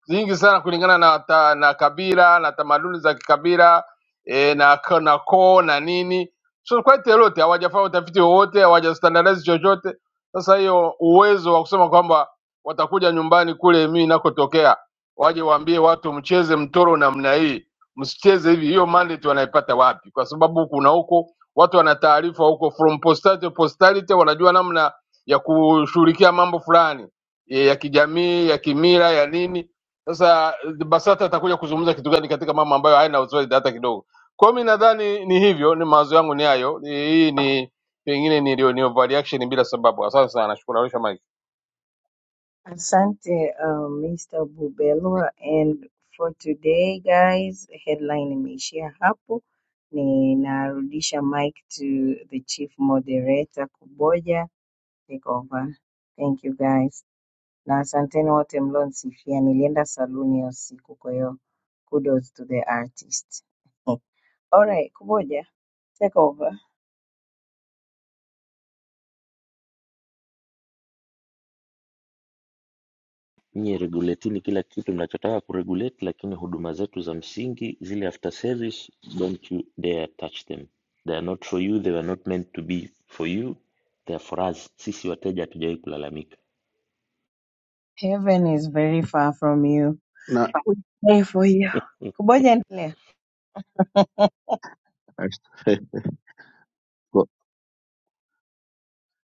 R: nyingi sana kulingana na ta, na kabila na tamaduni za kikabila e, na ko- na koo na nini, so quite a lot. Hawajafanya utafiti wowote, hawajastandardize chochote. Sasa hiyo uwezo wa kusema kwamba watakuja nyumbani kule mimi nakotokea waje waambie watu mcheze mtoro namna hii, msicheze hivi. Hiyo mandate wanaipata wapi? Kwa sababu kuna huko watu wana taarifa huko from postality to postality, wanajua namna ya kushughulikia mambo fulani eh, ya kijamii, ya kimila, ya nini. Sasa eh, BASATA atakuja kuzungumza kitu gani katika mambo ambayo haina authority hata kidogo. Kwa hiyo mimi nadhani ni hivyo, ni mawazo yangu ni hayo. Ni- Hii ni pengine ni, ndio ni overreaction bila sababu. Asante sana, nashukuru. Arusha mic.
J: Asante um, Mr. Bubelwa and for today guys, headline imeishia hapo. Ninarudisha mic to the chief moderator Kuboja, take over. Thank you guys. Na asanteni wote mlionisifia. Nilienda saluni ya usiku kwa hiyo kudos to the artist. [laughs] Alright, Kuboja. Take over.
P: nyie regulatini kila kitu mnachotaka kuregulate lakini huduma zetu za msingi zile after service don't you dare touch them they are not for you they were not meant to be for you they are for us sisi wateja hatujawahi kulalamika
J: Heaven is very far from you.
G: na
J: We pray for you. Kuboja endelea.
G: [laughs]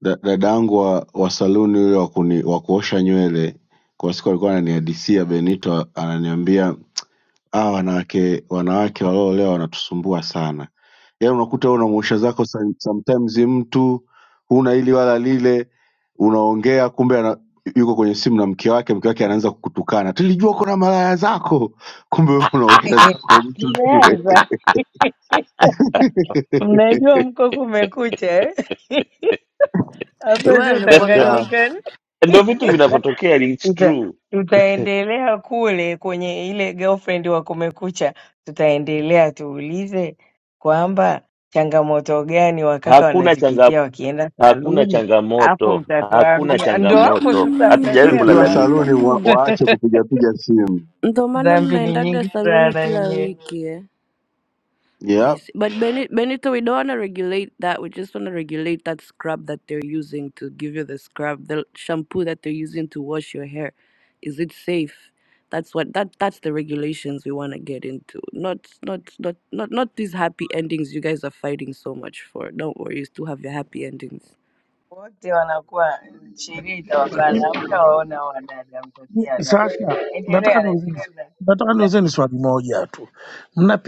G: Da- dadangu wa, wa saluni huyo wa kuni- wa kuosha nywele kwa siku alikuwa ananihadisia Benito, ananiambia Hawa wanawake wanawake walioolewa wanatusumbua sana. Yaani unakuta wewe unamuosha zako some- sometimes mtu huna hili wala lile, unaongea kumbe ana, yuko kwenye simu na mke wake, mke wake anaanza kukutukana, tulijua kuna malaya zako, kumbe wewe unaosha
J: [laughs]
G: zako mtu tu.
J: Mmeanza. [laughs] Mnajua
G: [laughs]
J: mko kumekucha eh? [laughs] Hapa
N: Well,
J: sio
P: [laughs]
N: nakwambia
G: Ah,
J: Tanganyika.
P: ndo vitu
J: [laughs]
P: vinavyotokea and it's
J: Tuta,
P: true
J: tutaendelea kule kwenye ile girlfriend wa Kumekucha, tutaendelea tuulize kwamba changamoto gani wakaka
P: hakuna changa
J: wanazipitia wakienda
P: hakuna
J: saluni, hapo
P: changamoto hakuna
J: mtatuambia. Ndo hapo
P: changamoto
J: sasa
P: hatujawahi
G: tukiwa
J: mtasema
P: kulalamika
G: saluni wa,
N: [clears throat]
G: waache
J: [laughs]
G: kupigapiga simu.
N: ndo maana
J: dhambi ni
N: mnaendaga
J: nyingi
N: saluni
J: sana
N: kila
J: yenyewe,
N: wiki eh? [clears throat] I
G: Yep.
N: see. But Benny, Benito, we don't want to regulate that. We just want to regulate that scrub that they're using to give you the scrub, the shampoo that they're using to wash your hair. Is it safe? That's what that that's the regulations we want to get into. Not not not not not these happy endings you guys are fighting so much for. Don't worry, you still have your happy endings.
J: wote wanakuwa sheria
T: Lakini
J: itawabana, hamtawaona wadada, mtatia adabu.
T: sasa nataka
J: Endelea, endelea
T: niulize,
J: na,
T: nataka
J: na
T: niulizeni
J: Steven.
T: swali moja tu.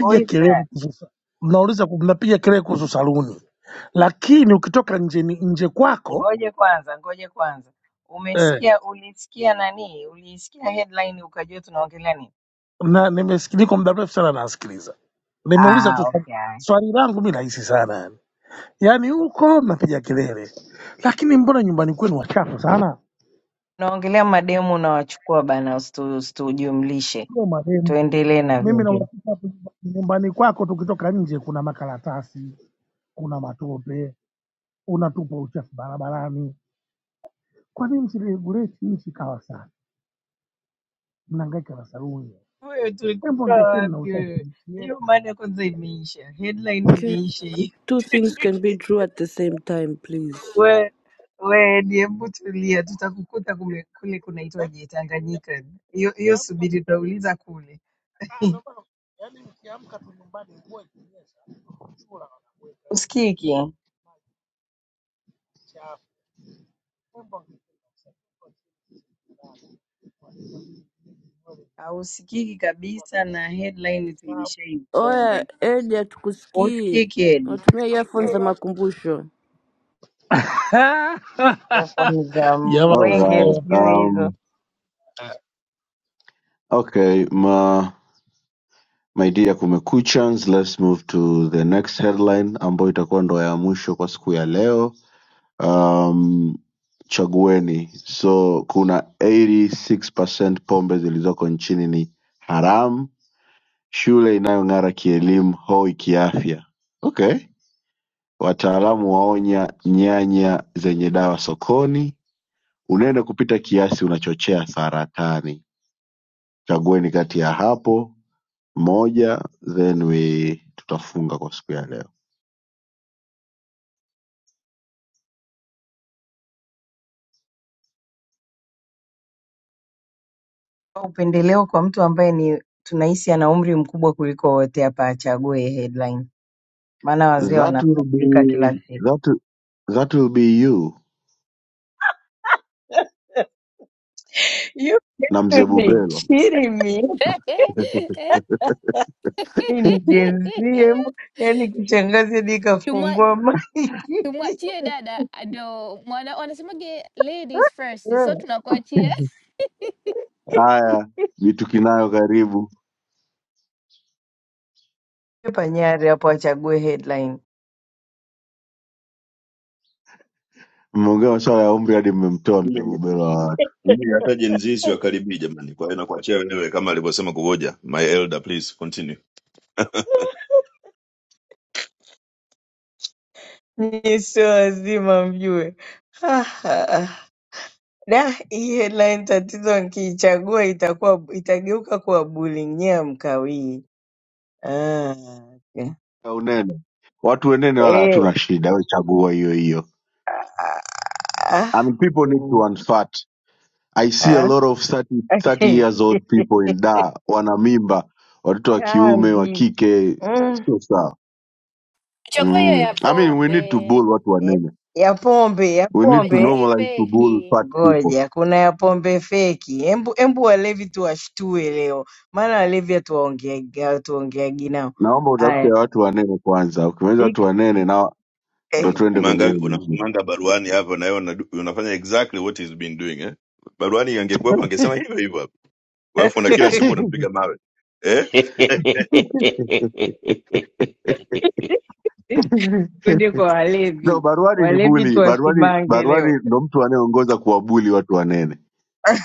J: Who is that?
T: kelele kuhusu mnauliza ku- mnapiga kelele kuhusu saluni, lakini ukitoka nje ni- nje kwako
J: Ngoje kwanza, ngoje kwanza.
T: eh,
J: Umesikia, ulisikia nani? Uliisikia headline ukajua tunaongelea nini?
T: na nimesiki- niko muda mrefu sana nasikiliza. Nimeuliza
J: Ah,
T: tu swali
J: okay.
T: swali langu mi rahisi sana yani, yaani huko mnapiga kelele, lakini mbona nyumbani kwenu wachafu sana?
J: Tunaongelea mademu unawachukua bana, usitu- usitujumlishe.
T: Sio marehemu
J: Tuendelee na
T: mimi na
J: vingine.
T: uhakika hapo nyumbani kwako, tukitoka nje kuna makaratasi, kuna matope unatupa uchafu barabarani. Kwa nini msiregulate nchi ikawa safi? Mnahangaika na saluni,
J: Wewe
T: hebu
J: tulikutoa
T: hangaikeni na
J: wapi
T: usafi
J: wewe?
T: nchi yenu.
J: Hiyo mada kwanza imeisha, headline
N: Okay.
J: imeisha hiyo.
N: Two things can be true at the same time,
J: [laughs]
N: please.
J: We we Edi, hebu tulia, tutakukuta kume, kule
T: Yaani
J: kunaitwaje Tanganyika. Hiyo hiyo
T: mkiamka-
J: subiri, tutauliza kule.
T: ah,
J: [laughs]
T: ndio maana- yaani mkiamka tu nyumbani, mvua ikinyesha, chura wanakuweka nje,
J: Usikiki.
T: maji chafu, hebu hangaikeni na usafi.
J: Hausikiki kabisa na headline
N: Oya,
J: tulishaifunga.
N: Elia, tukusikii.
J: Husikiki edi.
N: Natumia earphones za makumbusho.
T: [laughs]
J: Earphone za
G: All
T: Jamani,
J: mwenge
G: right.
T: sina
J: sijui hizo.
G: Um, okay. ma my dear kumekuchans let's move to the next headline ambayo itakuwa ndo ya mwisho kwa siku ya leo um, chagueni so kuna 86% pombe zilizoko nchini ni haramu shule inayong'ara kielimu hoi kiafya okay wataalamu waonya nyanya zenye dawa sokoni unene kupita kiasi unachochea saratani chagueni kati ya hapo moja then we tutafunga kwa siku ya leo
J: Upendeleo kwa mtu ambaye ni tunahisi ana umri mkubwa kuliko wote hapa achague headline. Maana wazee
G: That will
J: wanabadilika
G: be
J: kila siku.
G: that that will be you
J: [laughs] You
G: na mzee
J: ni
G: Bubelo.
J: kidding me.
U: [laughs]
J: Mimi ni Gen Z, hebu- yaani kishangazi hadi
U: Tumwa-
J: ikafungua mic. [laughs]
U: tumwachie dada ndo mwana, wanasemaje ladies first, so
J: Yeah.
U: tunakuachia
G: Haya, vitu kinayo karibu.
J: Panyari hapo achague headline.
G: Mmeongea maswala ya umri hadi mmemtoa mzee
Q: Mimi
G: Bubelo wa watu.
Q: mimi hata Gen Z siwakaribui jamani, kwa hiyo nakuachia wewe kama alivyosema kuvoja. My elder please continue.
J: Nyie sio wazima mjue. Ha, ha, ha. Da, hii headline tatizo nkiichagua itakuwa itageuka kuwa bullying. Nyie hamkawii. Ah, okay.
G: Ya unene. Watu wenene wala
J: Eh,
G: hatuna shida, we chagua hiyo hiyo.
J: ah, ah,
G: And people need to
J: mm,
G: unfat. I see a
J: ah,
G: lot of 30,
J: [laughs]
G: 30
J: okay.
G: years old people in da wana mimba, watoto wa kiume, wa
J: Tambi.
G: kike,
J: Mm,
G: sio sawa.
U: Chagua hiyo
G: Mm.
U: ya
G: I mean we need to
U: pombe,
G: bull watu
J: eh,
G: wanene.
J: Ya pombe, ya
G: We need
U: pombe
G: to
J: pombe.
U: nyingi
G: normalize to bull
U: feki.
G: fat people.
J: Ngoja, kuna ya pombe feki. Embu, embu walevi tuwashtue leo, maana walevi hatuwaongeagi hatuongeagi nao.
G: Naomba utafute
J: Haya,
G: watu wanene kwanza, ukimaliza
J: six,
G: watu wanene nao ndo
J: eh.
G: tuende kwenye
Q: Unamsimanga
G: hiyo nyingine.
Q: unamsimanga Baruani hapo na wewe unadu- unafanya exactly what he's been doing eh. Baruani angekuwepo angesema hivyo hivyo hapo. Alafu na kila siku unampiga mawe. Eh?
P: [laughs]
G: [laughs]
J: twende kwa
G: No,
J: walevi,
G: baruani ni
J: walevi
G: buli. Baruani,
J: tuwasimange leo.
G: baruani ndo mtu anayeongoza kuwabuli watu wanene.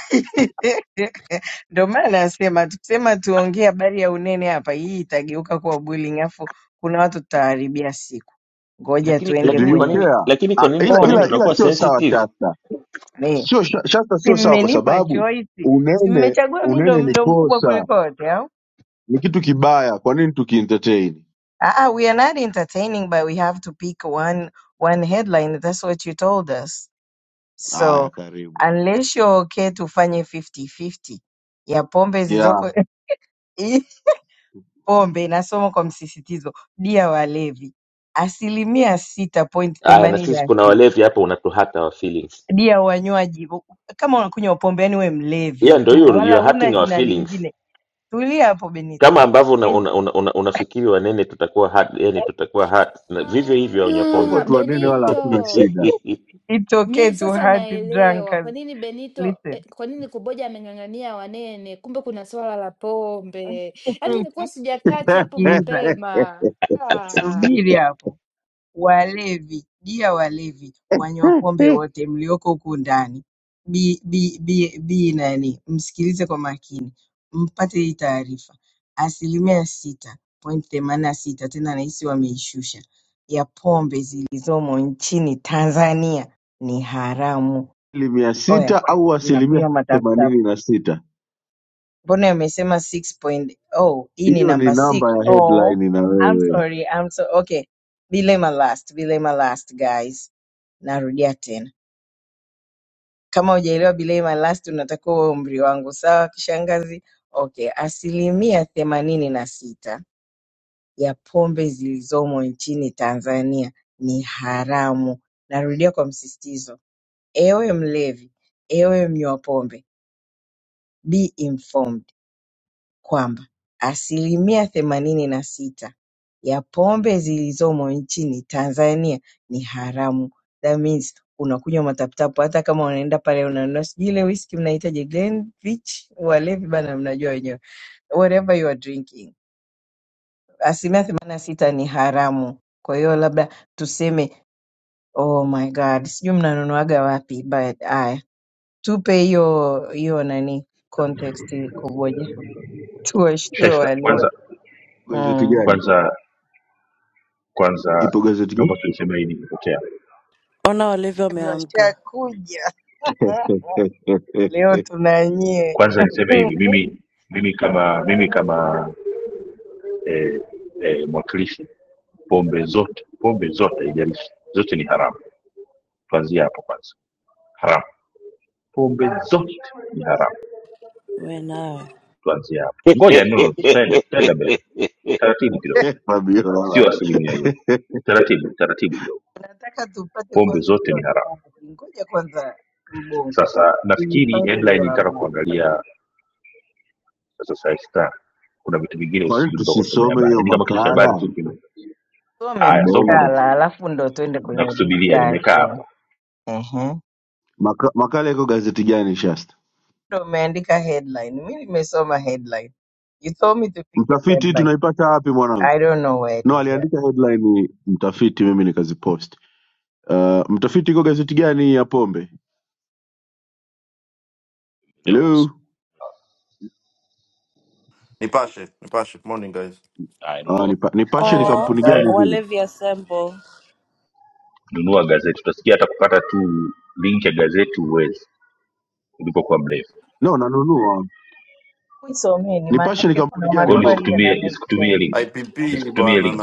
J: [laughs] Ndio maana nasema tukisema tuongee habari ya unene hapa, hii itageuka kuwa bullying, afu kuna watu tutaharibia siku. Ngoja
P: lakini
G: Eh,
J: tuende
G: Do
P: lakini
G: you
P: kwa
J: kwenye
P: nini
G: care?
P: lakini
G: Ah,
P: kwa nini
G: ila
P: kwa nini
G: ila
J: pombe.
G: ila
P: tunakuwa
G: sio sawa
P: sensitive
G: Shasta,
J: Ne,
G: sio Sha- Shasta,
J: si
G: sio sawa kwa
J: mmenipa
G: sababu
J: choice, si
G: unene
J: mmechagua mimi ndo
G: unene ni
J: ndo mkubwa
G: kosa,
J: kuliko wote au?
G: ni kitu kibaya. Kwa nini tukientertain?
J: Ah, ah, we are not entertaining but we have to pick one one headline. That's what you told us. So
G: Haya, karibu
J: unless you're okay tufanye 50-50 ya pombe
G: yeah.
J: zilizoko [laughs] hii pombe inasomwa kwa msisitizo dia walevi asilimia sita point
P: aya na
J: themanini
P: sisi
J: na
P: kuna
J: sita
P: walevi hapa unatuhata our feelings
J: dia wanywaji kama unakunywa pombe yani we
P: hiyo
J: mlevi
P: ndio hiyo
J: tu
P: you
J: wala
P: are
J: huna
P: hurting our
J: jina
P: feelings
J: lingine tulia hapo benito
P: kama ambavyo una,
J: Eh,
P: una, una, una, unafikiri wanene tutakuwa hurt yani tutakuwa hurt na vivyo hivyo wanywa
J: [laughs]
G: Alafu
P: pombe
U: Ah,
G: watu wanene wala hatuna
U: Benito,
G: shida
P: [laughs]
J: it's okay
U: mi
J: to
U: sasa
J: hurt
U: naelewa kwa
J: drunkards
U: nini Benito
J: listen
U: eh, kwa nini Kuboja ameng'ang'ania Wanene, kumbe kuna swala la pombe. Yaani nilikuwa
J: [laughs]
U: sijakati hapo
J: sikiliza
G: [laughs]
U: mapema. Ah.
J: subiri hapo Walevi, dia walevi, wanywa pombe wote mlioko huku ndani, bi bi bi bi nani, msikilize kwa makini, mpate hii taarifa. Asilimia sita point themanini na sita tena nahisi wameishusha ya pombe zilizomo nchini Tanzania ni haramu.
G: asilimia
J: Oya,
G: sita au asilimia
J: mnakunywa matafuta
G: themanini na sita
J: Mbona imesema 6.0? Hii ni
G: hiyo ni
J: namba 6.
G: namba ya
J: Oh,
G: headline na
J: I'm
G: wewe
J: sorry, I'm so okay. Belay my last, belay my last guys. Narudia tena. Kama hujaelewa belay my last unatakiwa uwe umri wangu, sawa kishangazi? Okay, asilimia themanini na sita ya pombe zilizomo nchini Tanzania ni haramu. Narudia kwa msisitizo. Ewe mlevi, ewe mnywa pombe, be informed. kwamba asilimia themanini na sita ya pombe zilizomo nchini Tanzania ni haramu. That means unakunywa mataputapu hata kama unaenda pale unanunua sijui ile whisky mnahitaji Glenfiddich, walevi bana, mnajua wenyewe, whatever you are drinking, asilimia themanini na sita ni haramu. Kwa hiyo labda tuseme oh my god, sijui mnanunuaga wapi, but aya, tupe hiyo hiyo nani context ikoje, tuwashtue [laughs]
A: shasta
J: walevi
A: kwanza
G: gazeti
J: mm.
G: gani
A: kwanza kwanza
G: ipo gazeti gani
A: naomba tulisema hii nimepotea
N: Ona walevi
J: hivyo
N: wameamka.
J: Washakuja [laughs] leo
G: [laughs]
J: tunanyie,
A: kwanza niseme
J: Mm.
A: hivi mimi mimi kama mimi kama eh, eh, mwakilishi pombe zote pombe zote haijalishi zote ni haramu tuanzie hapo kwanza haramu pombe zote ni haramu
N: We're now.
A: tuanzie hapo ngoja no, no, tutaenda tutaenda mbele taratibu
J: [laughs]
A: kidogo
G: Fabiola
A: sio
G: bana.
A: asilimia hiyo
G: [laughs]
A: taratibu taratibu kidogo
J: tunataka tupate
A: pombe
J: kwanza
A: zote
J: hiyo
A: ni haramu.
J: habari. Ngoja kwanza mbongo
A: Sasa nafikiri
J: tuipate
A: headline
J: hiyo
A: ilitaka
J: habari,
A: kuangalia sasa Saifi Star, kuna vitu vingine
G: kwa nini
A: usisubiri mpaka usome
G: tusisome
A: habari,
G: hiyo
A: yaani kama kichwa cha habari
G: makala
A: tu kime
J: some
A: haya, soma
G: mbongo
A: basi,
J: makala alafu ndo tuende kwenye
A: nakusubiria, nimekaa
J: discussion.
A: hapa.
J: Ehe,
G: Maka, makala iko gazeti gani shasta
J: ndo umeandika headline, mi nimesoma headline. You told me to pick a
G: mtafiti
J: headline.
G: tunaipata wapi
J: I
G: mwanangu
J: don't know where it
G: no
J: is. at.
G: aliandika headline mtafiti mimi nikazipost uh, mtafiti iko gazeti gani ya pombe
A: Elewa.
G: hello
A: Haya,
G: Ah,
A: nunua
G: nipa, nipashe ni
J: Kwani,
N: Or
G: kampuni
A: Eh,
G: gani
J: eh,
G: vile
N: Walevi assemble.
A: Nunua gazeti, utasikia hata kupata tu link ya gazeti huwezi ulipokuwa mrefu.
G: no nanunua
J: Isomeni
G: Nipashe ni
J: maanake
G: kampuni
J: kuna
G: gani
A: Kwa hiyo
G: Mbongo?
J: maswali
A: nisikutumie,
J: yana make
A: nisikutumie
J: sense
A: link,
J: huko.
A: nisikutumie link,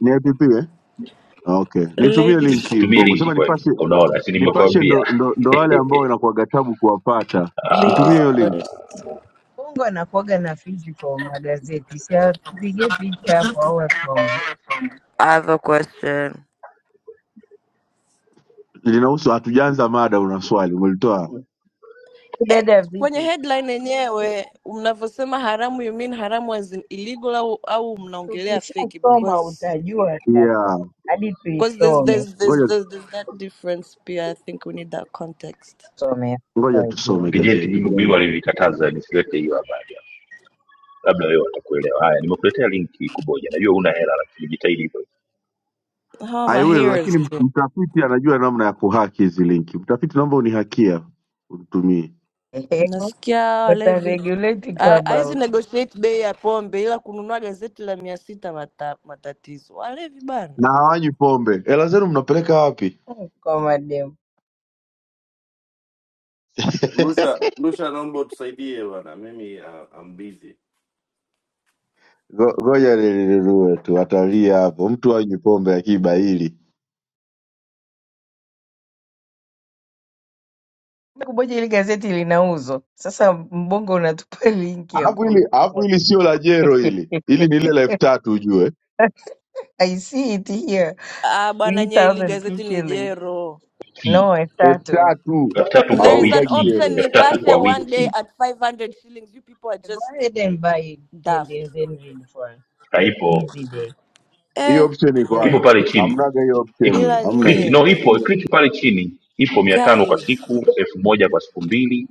G: Ni app eh? Okay, nitumie link
N: Ladies
G: hii
A: nisikutumie
G: Mbongo,
A: link
G: sema
A: kweli,
G: Nipashe.
A: unaona, si
G: Nipashe
A: nimekuambia
G: ndo, ndo, ndo wale
A: [laughs]
G: ambao inakuwaga tabu kuwapata.
A: Ah,
G: Nitumie
N: ladies
G: hiyo link,
N: first.
J: Bongo anakuwaga na physical magazeti, si atupige picha hapo au asome
N: I have a question.
G: linahusu. Hatujaanza mada, una swali umelitoa?
N: Eh,
J: kudada
N: kwenye
J: vitu.
N: headline yenyewe mnavyosema haramu you mean haramu as in illegal au, au mnaongelea fake
J: Tukishasoma
N: because
J: utajua sasa,
G: Yeah,
J: hadi
N: because there's,
J: tuisome
N: there's, there's,
G: ngoja
N: there's, there's that difference pia I think we need that context.
J: some
G: ngoja
J: utajua.
G: tusome
A: vijenti
G: gazeti
A: mimi mimi
G: jamani.
A: walivikataza nisilete hiyo habari. labda wewe watakuelewa haya nimekuletea linki kuboja najua una hela lakini jitahidi hivyo
N: How am
G: I
N: I
G: will,
N: hearers
G: lakini
N: do?
G: mtafiti anajua namna ya kuhaki hizi linki. Mtafiti, naomba unihakia unitumie.
J: Ehe,
N: Nasikia Walevi
J: wataregulate
N: Ha- hawezi
J: Clubhouse
N: negotiate bei ya pombe ila kununua gazeti la mia sita mata, matatizo. Walevi bana.
G: Na hawanywi pombe, hela zenu mnapeleka wapi?
J: Mm, kwa madem.
G: [laughs] Ngo- Ngoja nilinunue tu, watalia hapo. Mtu hanywi pombe akiba hili
J: Kumoja ile gazeti linauzwa sasa, mbongo unatupa [laughs] linki ya
G: Alafu hili alafu
J: kununua
G: hili sio la jero hili, hili
J: [laughs]
G: ni lile la elfu tatu ujue,
J: I see it here.
N: Ah, bwana nye ili
J: 3000
N: gazeti ni
J: shillings.
N: jero.
A: Ki,
J: No, elfu
G: elfu
J: tatu.
G: tatu
A: elfu tatu kwa
N: There is an
G: hawauzaji
A: wiki
N: option
G: jero.
A: elfu tatu
N: nipashe
A: kwa
N: one day
A: wiki
N: at 500 shillings. You people are
J: Go
N: just
J: ahead and buy it, then
N: daft.
J: then then read for us.
A: haipo
J: Easy day.
G: Hiyo
N: Eh,
G: option iko wapi?
A: ipo
N: ila
A: pale chini
G: Hamnaga hiyo
A: iko
G: option,
N: ila
G: hamna. hiyo.
A: click
N: nyie
A: no ipo click pale chini ipo mia tano kwa
N: guys.
A: siku elfu moja kwa siku mbili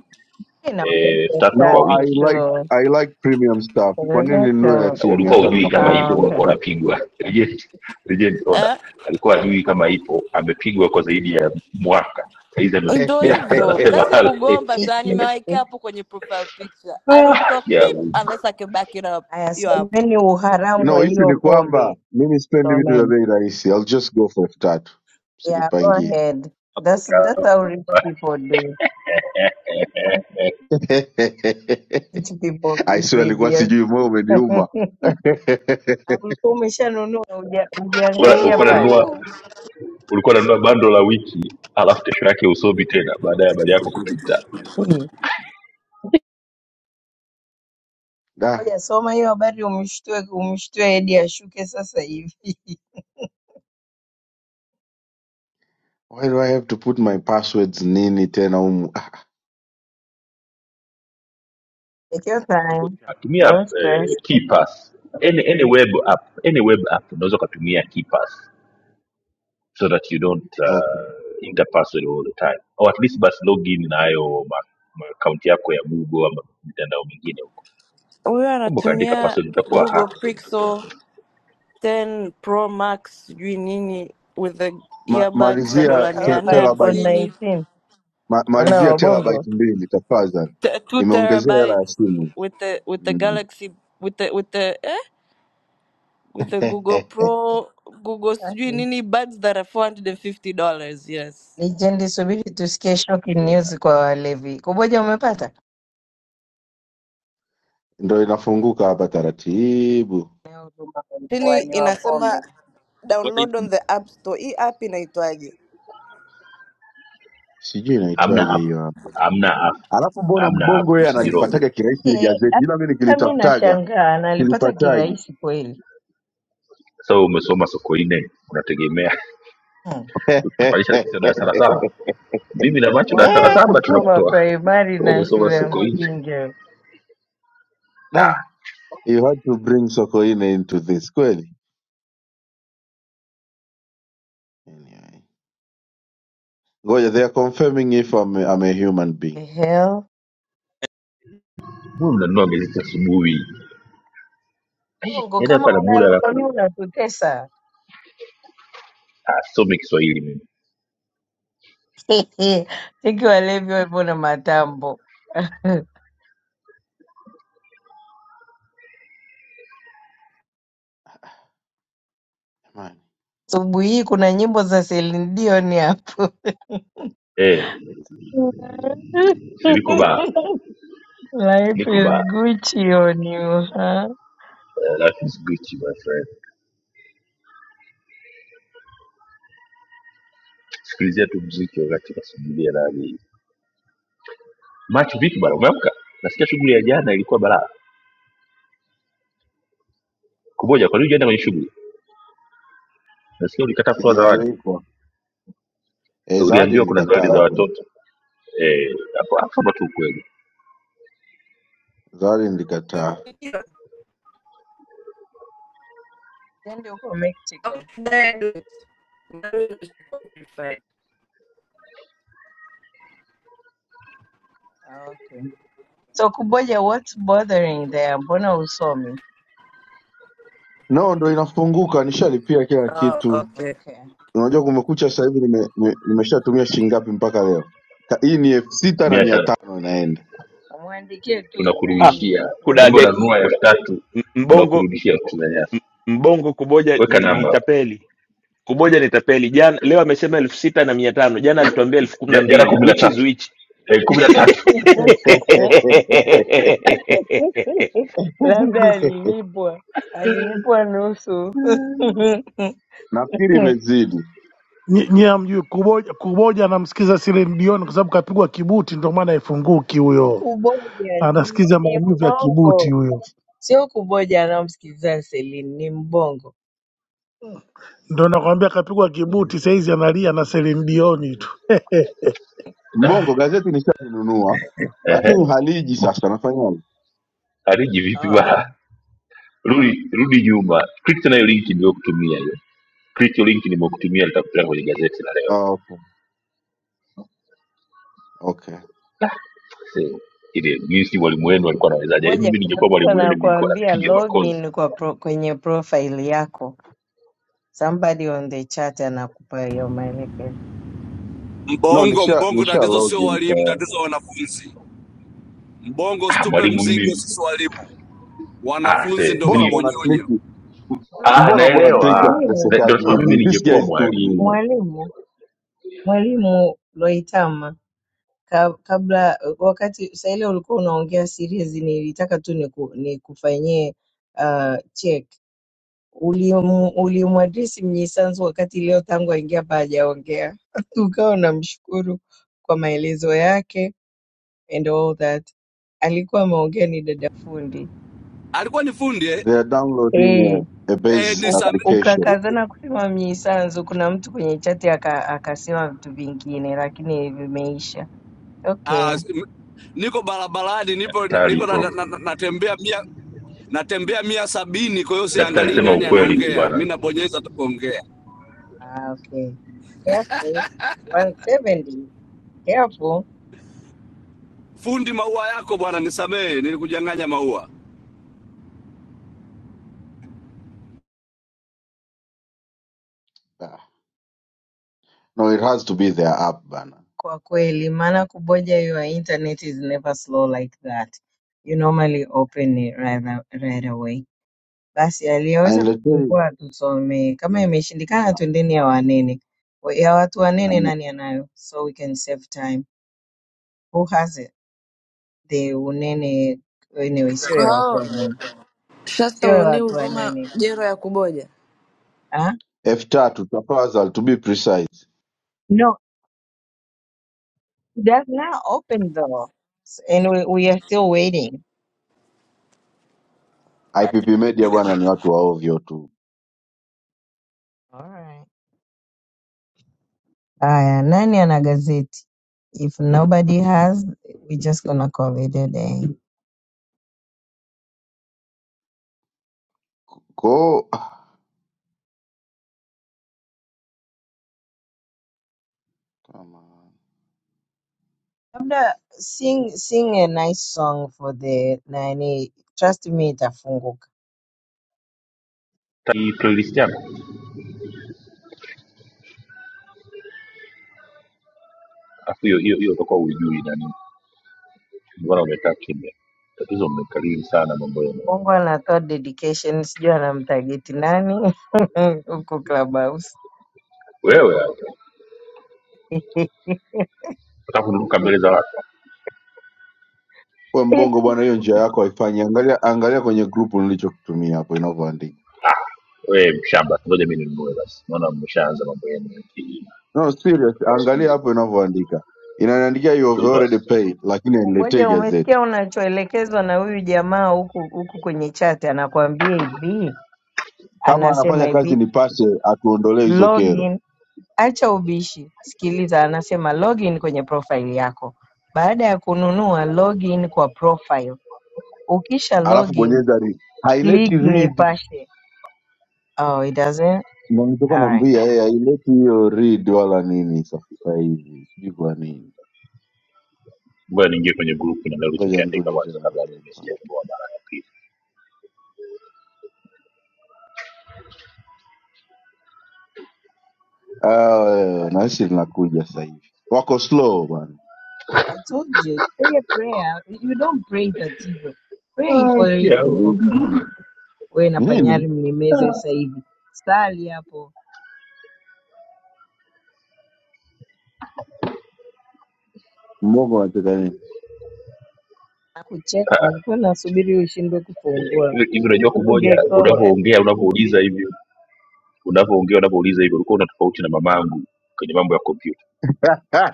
J: You know,
A: eh,
J: that's
A: elfu
J: a
A: tatu kwa
G: No, I
J: taco
A: wiki
G: like
J: too.
G: I like premium stuff. Kwa nini ninunue
J: Rebecca.
G: elfu ya mia
A: ulikuwa
G: tano
A: hujui
G: na kuna
A: kama
J: Ah,
A: ipo
G: option ya elfu
J: okay.
A: ulikuwa
G: tatu? [laughs]
A: unapigwa [laughs] reject reject order
N: Eh?
A: alikuwa hajui kama ipo amepigwa kwa zaidi ya mwaka saizi
N: Ndo
A: ameshtukia [laughs]
N: hivyo
A: anasema [laughs]
N: kazi
A: "Ala,
N: kugomba
J: [laughs]
N: tu, yani nimewawekea hapo kwenye profile picture. I don't talk
A: ya
N: beep
A: Mungu."
N: unless I can back it up.
J: Aya,
N: Hiyo hapo.
J: semeni uharamu wa
G: No, issue
J: hiyo
G: ni kwamba
J: pombe.
G: mimi sipendi vitu vya
J: Someni.
G: bei rahisi. I'll just go for elfu tatu,
J: Yeah, go
G: usinipangie.
J: ahead. That's that's how rich people do.
A: [laughs]
G: [laughs]
J: Rich people
G: I swear, alikuwa
J: behaviors.
G: sijui, moyo umeniuma.
J: [laughs]
G: [laughs]
J: Ulikuwa umeshanunua huja-
A: Bora
J: hujaangalia
A: ulikuwa
J: pale.
A: unanunua
N: Ooh.
A: ulikuwa unanunua bando la wiki alafu kesho yake usomi tena baada ya habari yako kupita
J: [laughs] Hii.
G: Da.
J: Ngoja soma hiyo habari umshtue umshtue hadi ashuke sasa hivi. [laughs]
G: Why do I have to put my passwords nini tena humu? Ah,
J: Take your time.
A: tumia
J: Don't
A: eh,
J: stress.
A: KeyPass. any, any web app any web app unaweza ukatumia KeyPass so that you don't uh,
G: okay.
A: enter password all the time or at least basi login nayo ma- akaunti yako ya google ama mitandao mingine huko
N: Huyo
A: kumbe ukaandika
N: anatumia
A: password utakuwa
N: Google
A: hacked
N: Pixel 10 Pro Max sijui nini with the
G: Ma,
N: earbuds za
G: malizia
N: dola
G: te,
N: mia
J: Aupa
N: nne
J: iPhone
G: terabyte
N: hamsini
J: 19
G: ma,
J: wana
G: malizia
J: wabongo.
G: terabyte mbili tafadhali.
N: T- two
G: Imeongezea hela ya
N: terabytes
G: simu.
N: with the with the
G: Mm.
N: Galaxy with the with the eh? with the Google
G: [laughs]
N: Pro Google sijui nini buds that are four hundred and fifty dollars. Yes,
J: Lijendi, subiri tusikie shocking
G: Yeah.
J: news kwa walevi. Kuboja, umepata
G: Ndo inafunguka hapa taratibu.
J: Na huduma kwa
N: lakini
J: wanywa
N: inasema
J: pombe?
N: download on the app store. Hii app inaitwaje?
G: Sijui
A: hamna
G: inaitwaje
A: app
G: hiyo hapa.
A: hamna app
G: Alafu mbona
A: hamna app
G: mbongo yeye
A: usijirogo
G: analipataga kirahisi ile
J: Eh,
G: gazeti ila mimi
J: hata mi
G: nikilitafutaga
J: nashangaa nalipata
G: silipatagi.
J: kirahisi kweli.
A: sasa so, umesoma sokoine unategemea
J: Hmm.
A: tufanyisha sisi darasa la saba mimi na macho darasa
J: Mambo
A: la
J: ya
A: saba
G: [laughs]
J: kusoma
A: tunakutoa
J: primary
A: Wewe
J: na
A: umesoma
J: shule ya
A: siku nne
J: msingi. hayo.
G: Nah, you had to bring Sokoine into this kweli. Anyway. Ngoja, they are confirming if I'm, I'm a human
J: The
G: being.
J: hell?
A: huyu mnanunua gazeti asubuhi
J: Bongo
A: yaani
J: kama
A: hapa na muda
J: unalo kwa nini
A: alafu
J: unatutesa?
A: asome kiswahili mimi
J: [laughs] Tiki walevi wapo na matambo. [laughs]
G: Jamani,
J: Asubuhi hii kuna nyimbo za Celine Dion hapo.
A: eh si niko
J: [laughs]
A: ba
J: Life
A: niko
J: is
A: ba
J: Gucci on you, huh?
A: Eh, life is bitch my friend sikilizia tu mziki wakati nasubiria nani macho vipi bana umeamka nasikia shughuli ya jana ilikuwa balaa kumoja kwa nini hujaenda kwenye shughuli nasikia ulikataa kutoa zawadi
G: Sijaalikwa. Eh, zawadi
A: uliambiwa kuna zawadi
G: nilikataa
A: za
G: kwa kweli.
A: watoto eh hapo hapo ndo tu kweli
G: Zawadi nilikataa.
N: Ndio,
J: Then uko
N: How
J: Mexico.
N: should I do it? Maybe it's Spotify.
J: Ah, Okay. So kuboja, what's bothering there? Mbona usomi?
G: No, ndo inafunguka, nishalipia kila
N: Oh,
G: kitu.
N: okay.
J: Okay.
G: Unajua kumekucha sasa hivi nime, nime, nimeshatumia shilingi ngapi mpaka leo? Ka- Hii ni elfu sita na
A: Mimi
G: mia
A: acha
G: tano inaenda.
J: Mwandikie tu
P: ah,
A: tunakurudishia.
J: nani
P: kuna
A: Kumbe
P: deki
J: invoice.
A: unanunua elfu tatu
P: M- mbongo
A: tunakurudishia elfu tisini na nyasi.
P: mbongo kuboja
A: Weka
P: ni, ni
A: namba hapo.
P: tapeli kumoja nitapeli jana leo amesema elfu sita na mia tano jana alituambia elfu kumi na
A: Ja- Jana
P: mbili
A: kumi na
P: which is
A: tatu
P: which
A: Eh,
P: [laughs]
A: kumi na tatu
J: [laughs]
G: [laughs]
J: Labda alilipwa. Alilipwa nusu. [laughs]
G: Nafikiri imezidi.
T: nyie hamjui kuboja. Kuboja anamsikiza Celine Dion kwa sababu kapigwa kibuti, ndio maana haifunguki huyo,
J: Kuboja ni
T: anasikiza
J: ni
T: maumivu ya kibuti
J: mbongo.
T: huyo.
J: Sio kuboja anayomsikiliza Celine ni mbongo.
T: Ndo nakwambia kapigwa kibuti saizi analia na Celine Dion tu. [laughs]
A: [laughs]
G: Mbongo gazeti nishalinunua lakini
A: Ehe.
G: haliji sasa, nafanyaje?
A: Ariji vipi
J: Oh, oh.
A: bana? Rudi rudi nyuma. Click nayo link niliyokutumia hiyo. Click hiyo link nimekutumia nitakupeleka kwenye gazeti la leo.
G: Oh, okay. Okay.
A: Ah, see, ile jinsi
G: There's
A: mwalimu
G: no
A: wenu alikuwa
G: loading and
A: anawezaje? Yaani
G: there
J: Moja
A: Mimi
G: is a
J: kuna
G: way.
A: ningekuwa
J: mtu
A: mwalimu wenu ningekuwa
J: anakuambia
A: napiga makozi.
J: login kwa pro, kwenye profile yako. Somebody on the chat anakupa hiyo maelekezo.
G: No,
L: Mbongo
G: nisha
L: Mbongo,
G: nisha
L: tatizo sio
G: login
L: walimu,
G: tayari.
L: tatizo wanafunzi. Mbongo
A: Ah,
L: usitupe
A: mwalimu
L: mzigo
A: mimi
L: sisi walimu,
A: ah,
L: wanafunzi
A: see,
L: ndo
G: Mbona
A: mimi
L: mabonyonyo.
G: mwanakliki,
J: Alafu
A: ah,
G: mbona mwanakliki
A: naelewa. Na-
J: mwalimu
A: Ndio
G: atutesekaji
A: nasema mimi
G: hivi? These
A: ningekuwa
G: guys do need
A: mwalimu,
J: mwalimu mwalimu Loitama ka, kabla wakati saa ile ulikuwa unaongea series, nilitaka tu niku, nikufanyie uh, check Ulimu- ulimwadresi Mnyisanzu wakati leo tangu aingia hapa hajaongea. [laughs] Ukawa unamshukuru kwa maelezo yake and all that. Alikuwa ameongea ni dada fundi.
L: Alikuwa ni fundi eh?
G: they are downloading a,
J: Eh,
G: a
L: Eh,
G: base
J: uka-
L: ni
G: application.
J: ukakazana kusema Mnyisanzu, kuna mtu kwenye chati aka, akasema vitu vingine lakini vimeisha.
L: Ah,
J: Okay.
L: s- m- niko barabarani, nipo
A: daktari,
L: niko na, na,
A: prof
L: na, natembea mia natembea mia sabini, kwa hiyo
A: Daktari,
L: siangalii
A: sema
L: nani
A: ukweli tu
L: anaongea,
A: bwana.
L: mi nabonyeza tu kuongea.
J: Ah, okay. Careful. 170. Careful.
L: Fundi maua yako bwana, nisamehe, nilikujanganya maua.
G: Ah, No, it has to be their app bana.
J: Kwa kweli, maana kuboja your internet is never slow like that. You normally open it right, right away. Basi aliyeweza
G: Hailetei
J: kufungua tusomee. Kama imeshindikana twendeni ya wanene. Wa- Ya watu wanene
G: amna.
J: nani anayo? So we can save time. Who has it? The unene anyway, sio
N: Kwa
J: ya watu
N: hao
J: wanene.
N: Shasta
J: Sio ya
N: huonei
J: watu
N: huruma
J: wanene.
N: jero ya kuboja.
J: Ah?
G: F3 tafadhali to be precise.
J: No, that's not open though. S- And we, we are still waiting.
G: IPP Media bwana ni watu wa ovyo tu.
J: All right. Aya, nani ana gazeti? If nobody has, we just gonna call it a day.
G: Ko ah, kama
J: Labda sing sing a nice song for the nani. Trust me itafunguka.
A: Ta- hii Playlist yako afu hiyo hiyo hiyo utakuwa ujui nani, mbona umekaa kimya? Tatizo mmekariri sana mambo yenu
J: Mbongo anatoa dedication, sijui anamtageti nani [laughs] huko Clubhouse.
A: wewe. Hapa nataka kunuka mbele za watu,
G: we
J: [laughs]
G: mbongo bwana, hiyo njia yako haifanyi. Angalia angalia kwenye grupu nilichokutumia hapo inavyoandika.
A: wewe mshamba. Ngoja mimi ninunue basi, naona mmeshaanza mambo yenu ya ki-
G: No, serious.
A: kwa siku
G: Angalia
A: hizi
G: hapo
A: bwana.
G: inavyoandika. Inaniandikia you have
A: Tu-
G: already
A: basi.
G: paid lakini aniletee
J: Kuboja, umesikia
G: gazeti.
J: unachoelekezwa na huyu jamaa huku huku kwenye chati, anakuambia hivi,
G: Kama
J: anasema
G: anafanya kazi
J: hivi
G: nipashe atuondolee hizo kero.
J: login, acha ubishi, sikiliza, anasema login kwenye profile yako. Baada ya kununua login kwa profile, ukisha
G: Alafu
J: login
G: bonyeza read. Haileti
J: click
G: read.
J: nipashe. Oh, it doesn't.
G: Ndio nilichokuwa
J: All right.
G: naambia yeye haileti hiyo read wala nini sasa hivi. Sijui kwa nini.
A: Ngoja niingie kwenye grupu na
G: Ngoja
A: ulichokiandika
G: nirudi
A: kwanza,
G: tena
A: kabla
G: kwenye
A: mimi
G: nipashe.
A: sijakuboa mara ya pili.
G: Ah, na sisi linakuja sasa hivi. Wako slow bwana.
J: I told you, say a prayer. You don't pray tatizo. Pray for
A: Haki
J: it
A: ya
J: to open.
A: Mungu.
J: Wewe na
G: Ni Nini?
J: panyari mlimeze sasa hivi. Sali hapo
G: Mbongo anataka nini?
J: Hakucheka alikuwa anasubiri ushindwe kufungua.
A: Hivi hivi unajua kuboja,
J: Ungekoma leo.
A: unavyoongea unavyouliza hivyo, unavyoongea unavyouliza hivyo, ulikuwa una tofauti na mamangu kwenye mambo ya kompyuta.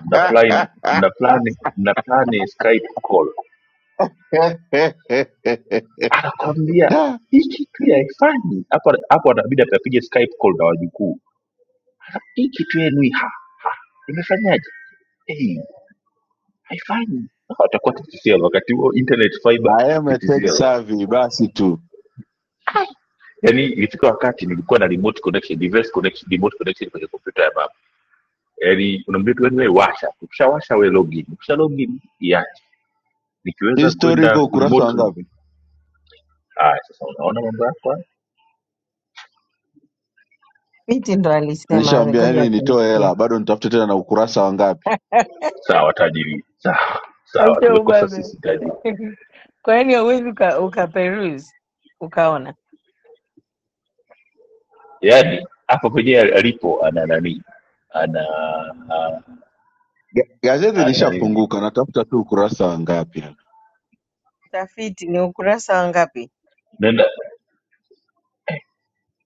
A: mnaplani mnaplani mnaplani skype call anakwambia
G: Da.
A: hii kitu ya haifanyi hapo hapo anabidi atapiga skype call na wajukuu hii kitu yenu hii ha imefanyaje hey, haifanyi Hawa watakuwa TTCL wakati huo internet fiber
G: I am a tech
A: TTCL
G: savvy basi tu.
A: yani ilifika wakati nilikuwa na remote connection device connection remote connection kwenye kompyuta ya baba yani unaambia tu "Yaani wewe washa ukishawasha wewe login ukisha login iache
G: Hii
A: nikiweza
G: story
A: kwenda
G: iko ukurasa wa
A: remotely
G: ngapi?
A: haya sasa unaona mambo yako
J: Fiti ndo alisema,
G: Nishawambia
J: ngoja
G: yani nitoe
J: tumsikie.
G: hela bado nitafute tena na ukurasa wa ngapi.
J: [laughs]
A: sawa tajiri sawa sawa
J: Acha
A: tumekosa
J: ubabe.
A: sisi tajiri
J: [laughs] Kwani hauwezi uka, ukaperuse ukaona?
A: yaani hapa kwenyewe alipo ana nani ana a-
G: Ga- Gazeti
A: ana nini
G: lishafunguka natafuta tu ukurasa wa ngapi hapa.
J: Utafiti ni ukurasa wa ngapi?
A: nenda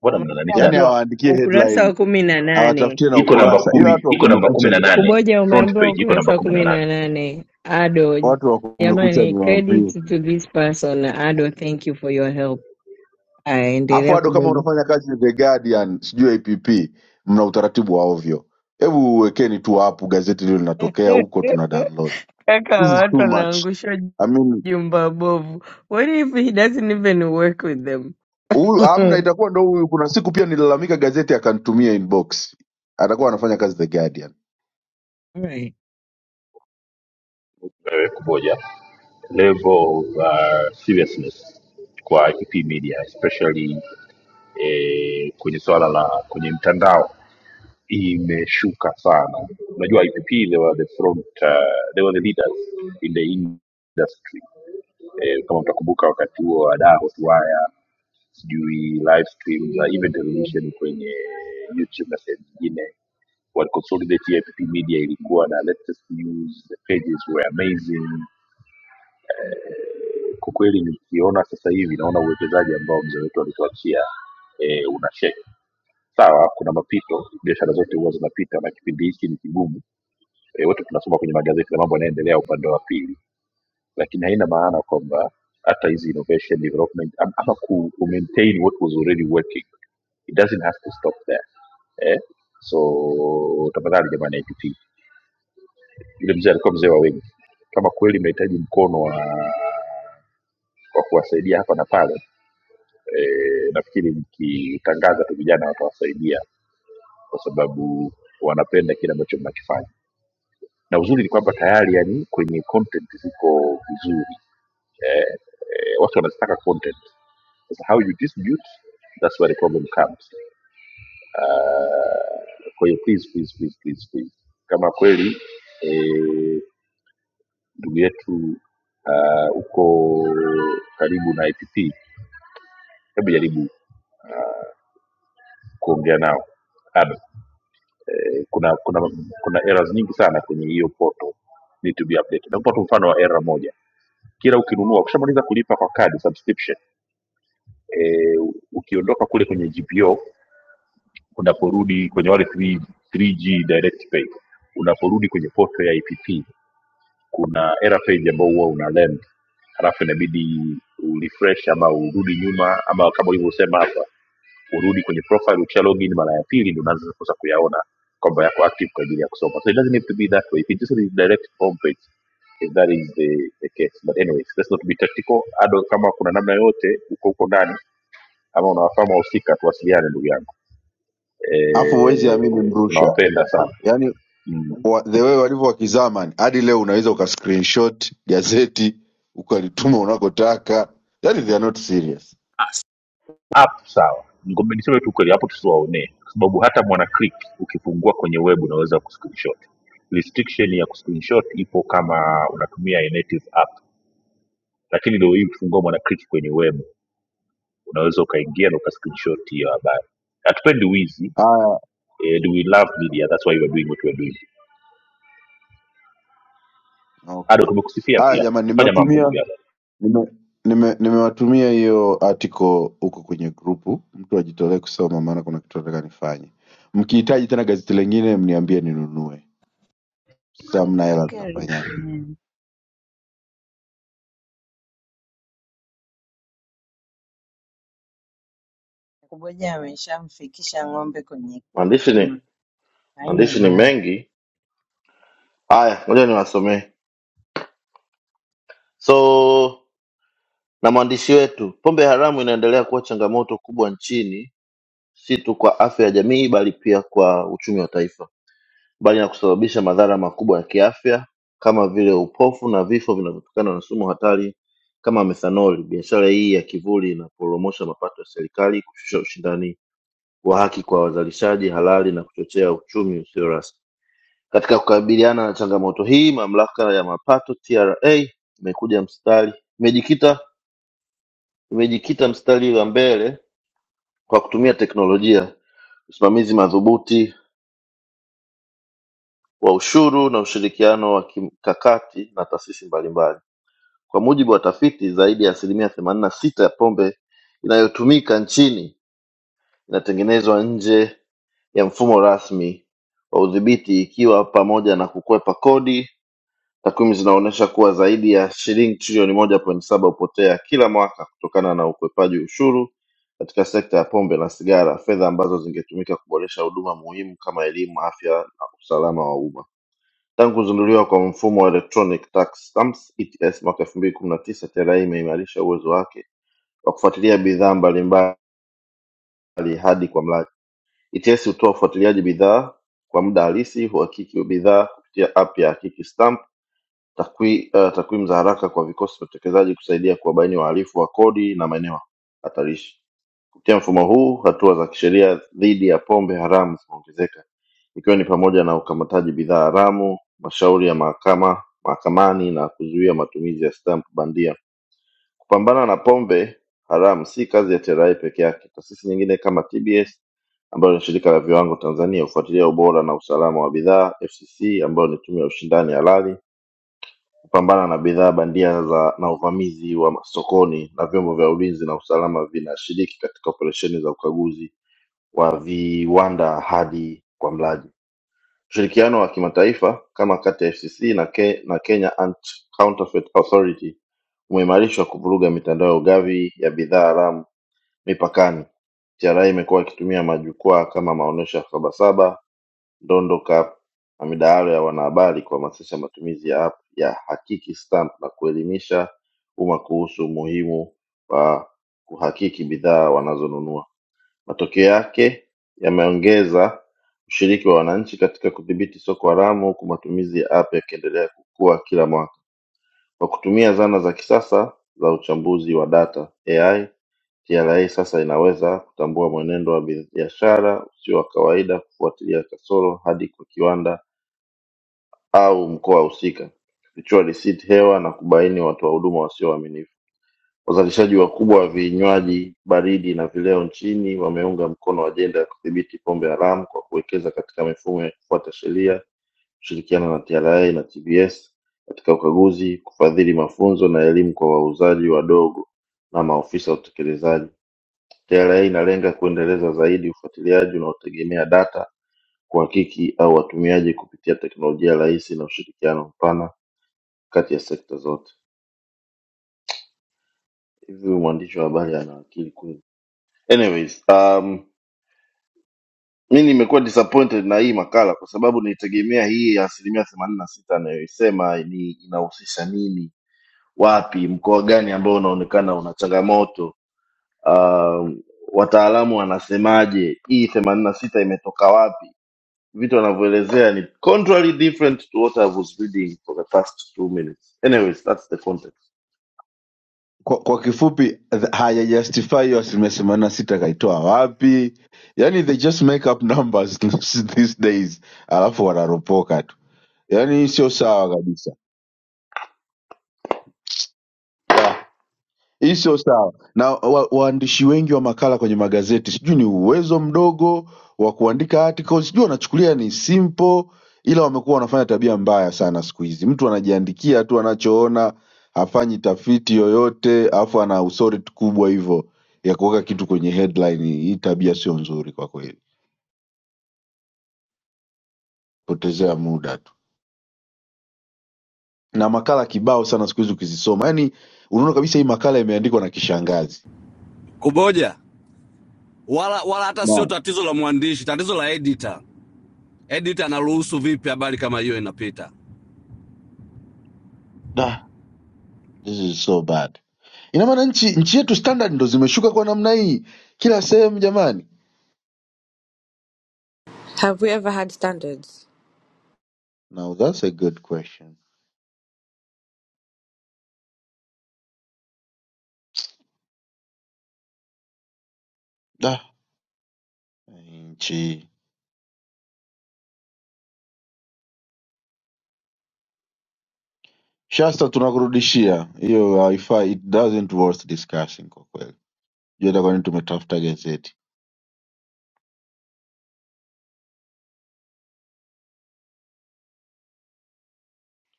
A: mbona mna nani
G: Yaani
A: sana
J: Umeshaambiwa
G: hawaandikie
J: ukurasa
G: headline,
J: wa kumi na nane.
G: hawatafutie na
A: iko namba
G: ukurasa ila
A: kumi
G: watu wa
A: iko namba
G: kumekucha
A: kumi na nane
J: Kuboja
A: front
J: umeambiwa
A: page iko namba
J: ukurasa wa
A: kumi na
J: kumi
A: nane
J: na nane. Ado,
G: watu wa kumekucha
J: jamani,
G: ni
J: credit
G: wavivu.
J: to this person. Ado, thank you for your help.
G: Alafu
J: Aendelea
G: bado kama
J: kuboja.
G: unafanya kazi The Guardian, sijui APP, mna utaratibu wa ovyo. Hebu wekeni tu hapo gazeti lilo linatokea huko tuna
J: [laughs]
G: download.
J: Kaka, wa
G: This is
J: watu
G: too much.
J: wanaangusha
G: I mean
J: jumba bovu. What if he doesn't even work with them?
G: huyu amna
J: [laughs]
G: itakuwa ndo huyu kuna siku pia nilalamika gazeti akanitumia inbox atakuwa anafanya kazi the guardian
J: Right.
A: eh, kumoja level of uh, seriousness kwa ip media especially eh, kwenye swala la kwenye mtandao imeshuka sana unajua ipp they were the front uh, they were the leaders in the industry eh, kama mtakumbuka wakati huo wadaa hotuwaya sijui live stream za even television kwenye youtube na sehemu nyingine What Consolidated APP Media ilikuwa na latest news, the pages were amazing. Eh, Kwa kweli nikiona sasa hivi naona uwekezaji ambao mzee wetu alituachia eh, una shake. Sawa, kuna mapito, biashara zote huwa zinapita na kipindi hiki ni kigumu. Eh, Wote tunasoma kwenye magazeti na mambo yanaendelea upande wa pili, lakini haina maana kwamba hata hizi innovation development am- ama ku ku maintain what was already working it doesn't have to stop there eh? so tafadhali jamani IPT yule mzee alikuwa mzee wa wengi kama kweli mnahitaji mkono wa wa kuwasaidia hapa na pale eh, nafikiri mkitangaza tu vijana watawasaidia kwa sababu wanapenda kile ambacho mnakifanya na uzuri ni kwamba tayari yani kwenye content ziko vizuri eh, eh, watu wanazitaka content sasa how you distribute that's where the problem comes uh, kwa hiyo please, please, please, please, please. kama kweli eh, ndugu eh, yetu uh, uko karibu na app hebu jaribu uh, kuongea nao Adam, eh, kuna kuna kuna errors nyingi sana kwenye hiyo portal need to be updated. Nakupa tu mfano wa error moja, kila ukinunua, ukishamaliza kulipa kwa kadi subscription eh, ukiondoka kule kwenye GPO unaporudi kwenye wale 3, 3G direct pay unaporudi kwenye portal ya IPP kuna error page ambao huwa una land halafu inabidi urefresh ama urudi nyuma ama kama ulivyosema hapa urudi kwenye profile ukisha login mara ya pili ndo unaanza sasa kuyaona kwamba yako active kwa ajili ya kusoma so it doesn't have to be that way if it just redirect home page if that is the, the case but anyways let's not be tactical ado kama kuna namna yote uko huko ndani ama unawafahamu wahusika tuwasiliane ndugu yangu
G: alafu huwezi amini
A: Eh,
G: mrusha
A: tunawapenda sana
G: yaani
A: Mm.
G: wa, the way walivyo wakizamani hadi leo unaweza uka screenshot gazeti ukalituma unakotaka yaani they are not serious
A: app sawa Ngombe niseme tu kweli hapo tusiwaonee kwa sababu hata mwana click ukifungua kwenye web unaweza kuscreenshot restriction ya kuscreenshot ipo kama unatumia a native app lakini leo hii ukifungua mwana click kwenye web unaweza ukaingia na ukascreenshot hiyo habari hatupendi wizi
G: haya
A: and we love media that's why we are doing what we are doing ado
G: okay
A: tumekusifia
G: haya
A: pia
G: jamani
A: fanya mambo ndugu
G: nimewatumia
A: yako
G: nime nime- nimewatumia hiyo article huko kwenye grupu mtu ajitolee kusoma maana kuna kitu nataka nifanye mkihitaji tena gazeti lengine mniambie ninunue Sasa hamna hela
J: Walker
G: mtafanyaje?
J: Richard Ngoja ameshamfikisha ng'ombe kwenye
V: Maandishi ni
J: kisima, anywe
V: maandishi ni
J: maji.
V: mengi. Haya, ngoja niwasomee. So na mwandishi wetu, pombe haramu inaendelea kuwa changamoto kubwa nchini, si tu kwa afya ya jamii, bali pia kwa uchumi wa taifa, mbali na kusababisha madhara makubwa ya kiafya kama vile upofu na vifo vinavyotokana na sumu hatari kama methanoli. Biashara hii ya kivuli inaporomosha mapato ya serikali, kushusha ushindani wa haki kwa wazalishaji halali na kuchochea uchumi usio rasmi. Katika kukabiliana na changamoto hii, mamlaka ya mapato TRA imekuja mstari imejikita imejikita mstari wa mbele kwa kutumia teknolojia, usimamizi madhubuti wa ushuru na ushirikiano wa kimkakati na taasisi mbalimbali. Kwa mujibu wa tafiti, zaidi ya asilimia themanini na sita ya pombe inayotumika nchini inatengenezwa nje ya mfumo rasmi wa udhibiti, ikiwa pamoja na kukwepa kodi Takwimu zinaonyesha kuwa zaidi ya shilingi trilioni moja pointi saba hupotea kila mwaka kutokana na ukwepaji ushuru katika sekta ya pombe na sigara, fedha ambazo zingetumika kuboresha huduma muhimu kama elimu, afya na usalama wa umma. Tangu kuzinduliwa kwa mfumo wa electronic tax stamps ETS mwaka elfu mbili kumi na tisa, TRA imeimarisha uwezo wake wa kufuatilia bidhaa mbalimbali hadi kwa mlaji. ETS hutoa ufuatiliaji bidhaa kwa muda halisi, huhakiki bidhaa kupitia app ya Hakiki Stamp Takwi- eh, Takwimu za haraka kwa vikosi vya utekelezaji kusaidia kuwabaini wahalifu wa kodi na maeneo hatarishi. Kupitia mfumo huu, hatua za kisheria dhidi ya pombe haramu zimeongezeka, ikiwa ni pamoja na ukamataji bidhaa haramu, mashauri ya mahakama mahakamani na kuzuia matumizi ya stamp bandia. Kupambana na pombe haramu si kazi ya TRA peke yake. Taasisi nyingine kama TBS ambayo ni shirika la viwango Tanzania hufuatilia ubora na usalama wa bidhaa, FCC ambayo ni tume ya ushindani halali kupambana na bidhaa bandia za na uvamizi wa sokoni na vyombo vya ulinzi na usalama vinashiriki katika operesheni za ukaguzi wa viwanda hadi kwa mlaji. Ushirikiano wa kimataifa kama kati ya FCC na, Ke, na Kenya Anti-Counterfeit Authority umeimarishwa kuvuruga mitandao ya ugavi ya bidhaa haramu mipakani. TRA imekuwa ikitumia majukwaa kama maonyesho ya Sabasaba Ndondo Cup na midahalo ya wanahabari kuhamasisha matumizi ya app ya Hakiki Stamp na kuelimisha umma kuhusu umuhimu wa kuhakiki bidhaa wanazonunua. Matokeo yake yameongeza ushiriki wa wananchi katika kudhibiti soko haramu huku matumizi ya app yakiendelea kukua kila mwaka. Kwa kutumia zana za kisasa za uchambuzi wa data (AI), TRA sasa inaweza kutambua mwenendo wa biashara usio wa kawaida, kufuatilia kasoro hadi kwa kiwanda au mkoa husika, kufichua risiti hewa na kubaini watoa huduma wasio waaminifu. Wazalishaji wakubwa wa vinywaji baridi na vileo nchini wameunga mkono ajenda ya kudhibiti pombe haramu kwa kuwekeza katika mifumo ya kufuata sheria kushirikiana na TRA na TBS katika ukaguzi, kufadhili mafunzo na elimu kwa wauzaji wadogo na maofisa wa utekelezaji. TRA inalenga kuendeleza zaidi ufuatiliaji unaotegemea data, kuhakiki au watumiaji kupitia teknolojia rahisi na ushirikiano mpana kati ya sekta zote. Hivi huyu mwandishi wa habari ana akili kweli? Anyways, um, mi nimekuwa disappointed na hii makala kwa sababu nilitegemea hii ya asilimia themanini na sita anayoisema ni inahusisha nini wapi mkoa gani ambao unaonekana una changamoto uh, wataalamu wanasemaje hii themanini na sita imetoka wapi vitu wanavyoelezea ni contrary different to what I was reading for the past two minutes anyways that's the context
G: Kwa, kwa kifupi th- hajajustify hiyo asilimia themanini na sita kaitoa wapi? Yani they just make up numbers [laughs] these days, alafu wanaropoka tu. Yani sio sawa kabisa. Da. Hii sio sawa na wa, waandishi wengi wa makala kwenye magazeti, sijui ni uwezo mdogo wa kuandika articles, sijui wanachukulia ni simple, ila wamekuwa wanafanya tabia mbaya sana siku hizi. Mtu anajiandikia tu anachoona, hafanyi tafiti yoyote, alafu ana authority kubwa hivyo ya kuweka kitu kwenye headline. Hii tabia sio nzuri kwa kweli, potezea muda tu, na makala kibao sana siku hizi ukizisoma, yani unaona kabisa hii makala imeandikwa na kishangazi.
L: Kuboja wala wala hata sio
G: Naam.
L: tatizo la mwandishi, tatizo la editor. Editor anaruhusu vipi habari kama hiyo inapita?
G: Da, This is so bad. Ina maana nchi nchi yetu standard ndo zimeshuka kwa namna hii kila sehemu jamani?
N: Have we ever had standards?
G: Now that's a good question. Da, nchi Shasta, tunakurudishia hiyo haifai, it doesn't worth discussing kwa kweli. Jua itakuwa ni tumetafuta gazeti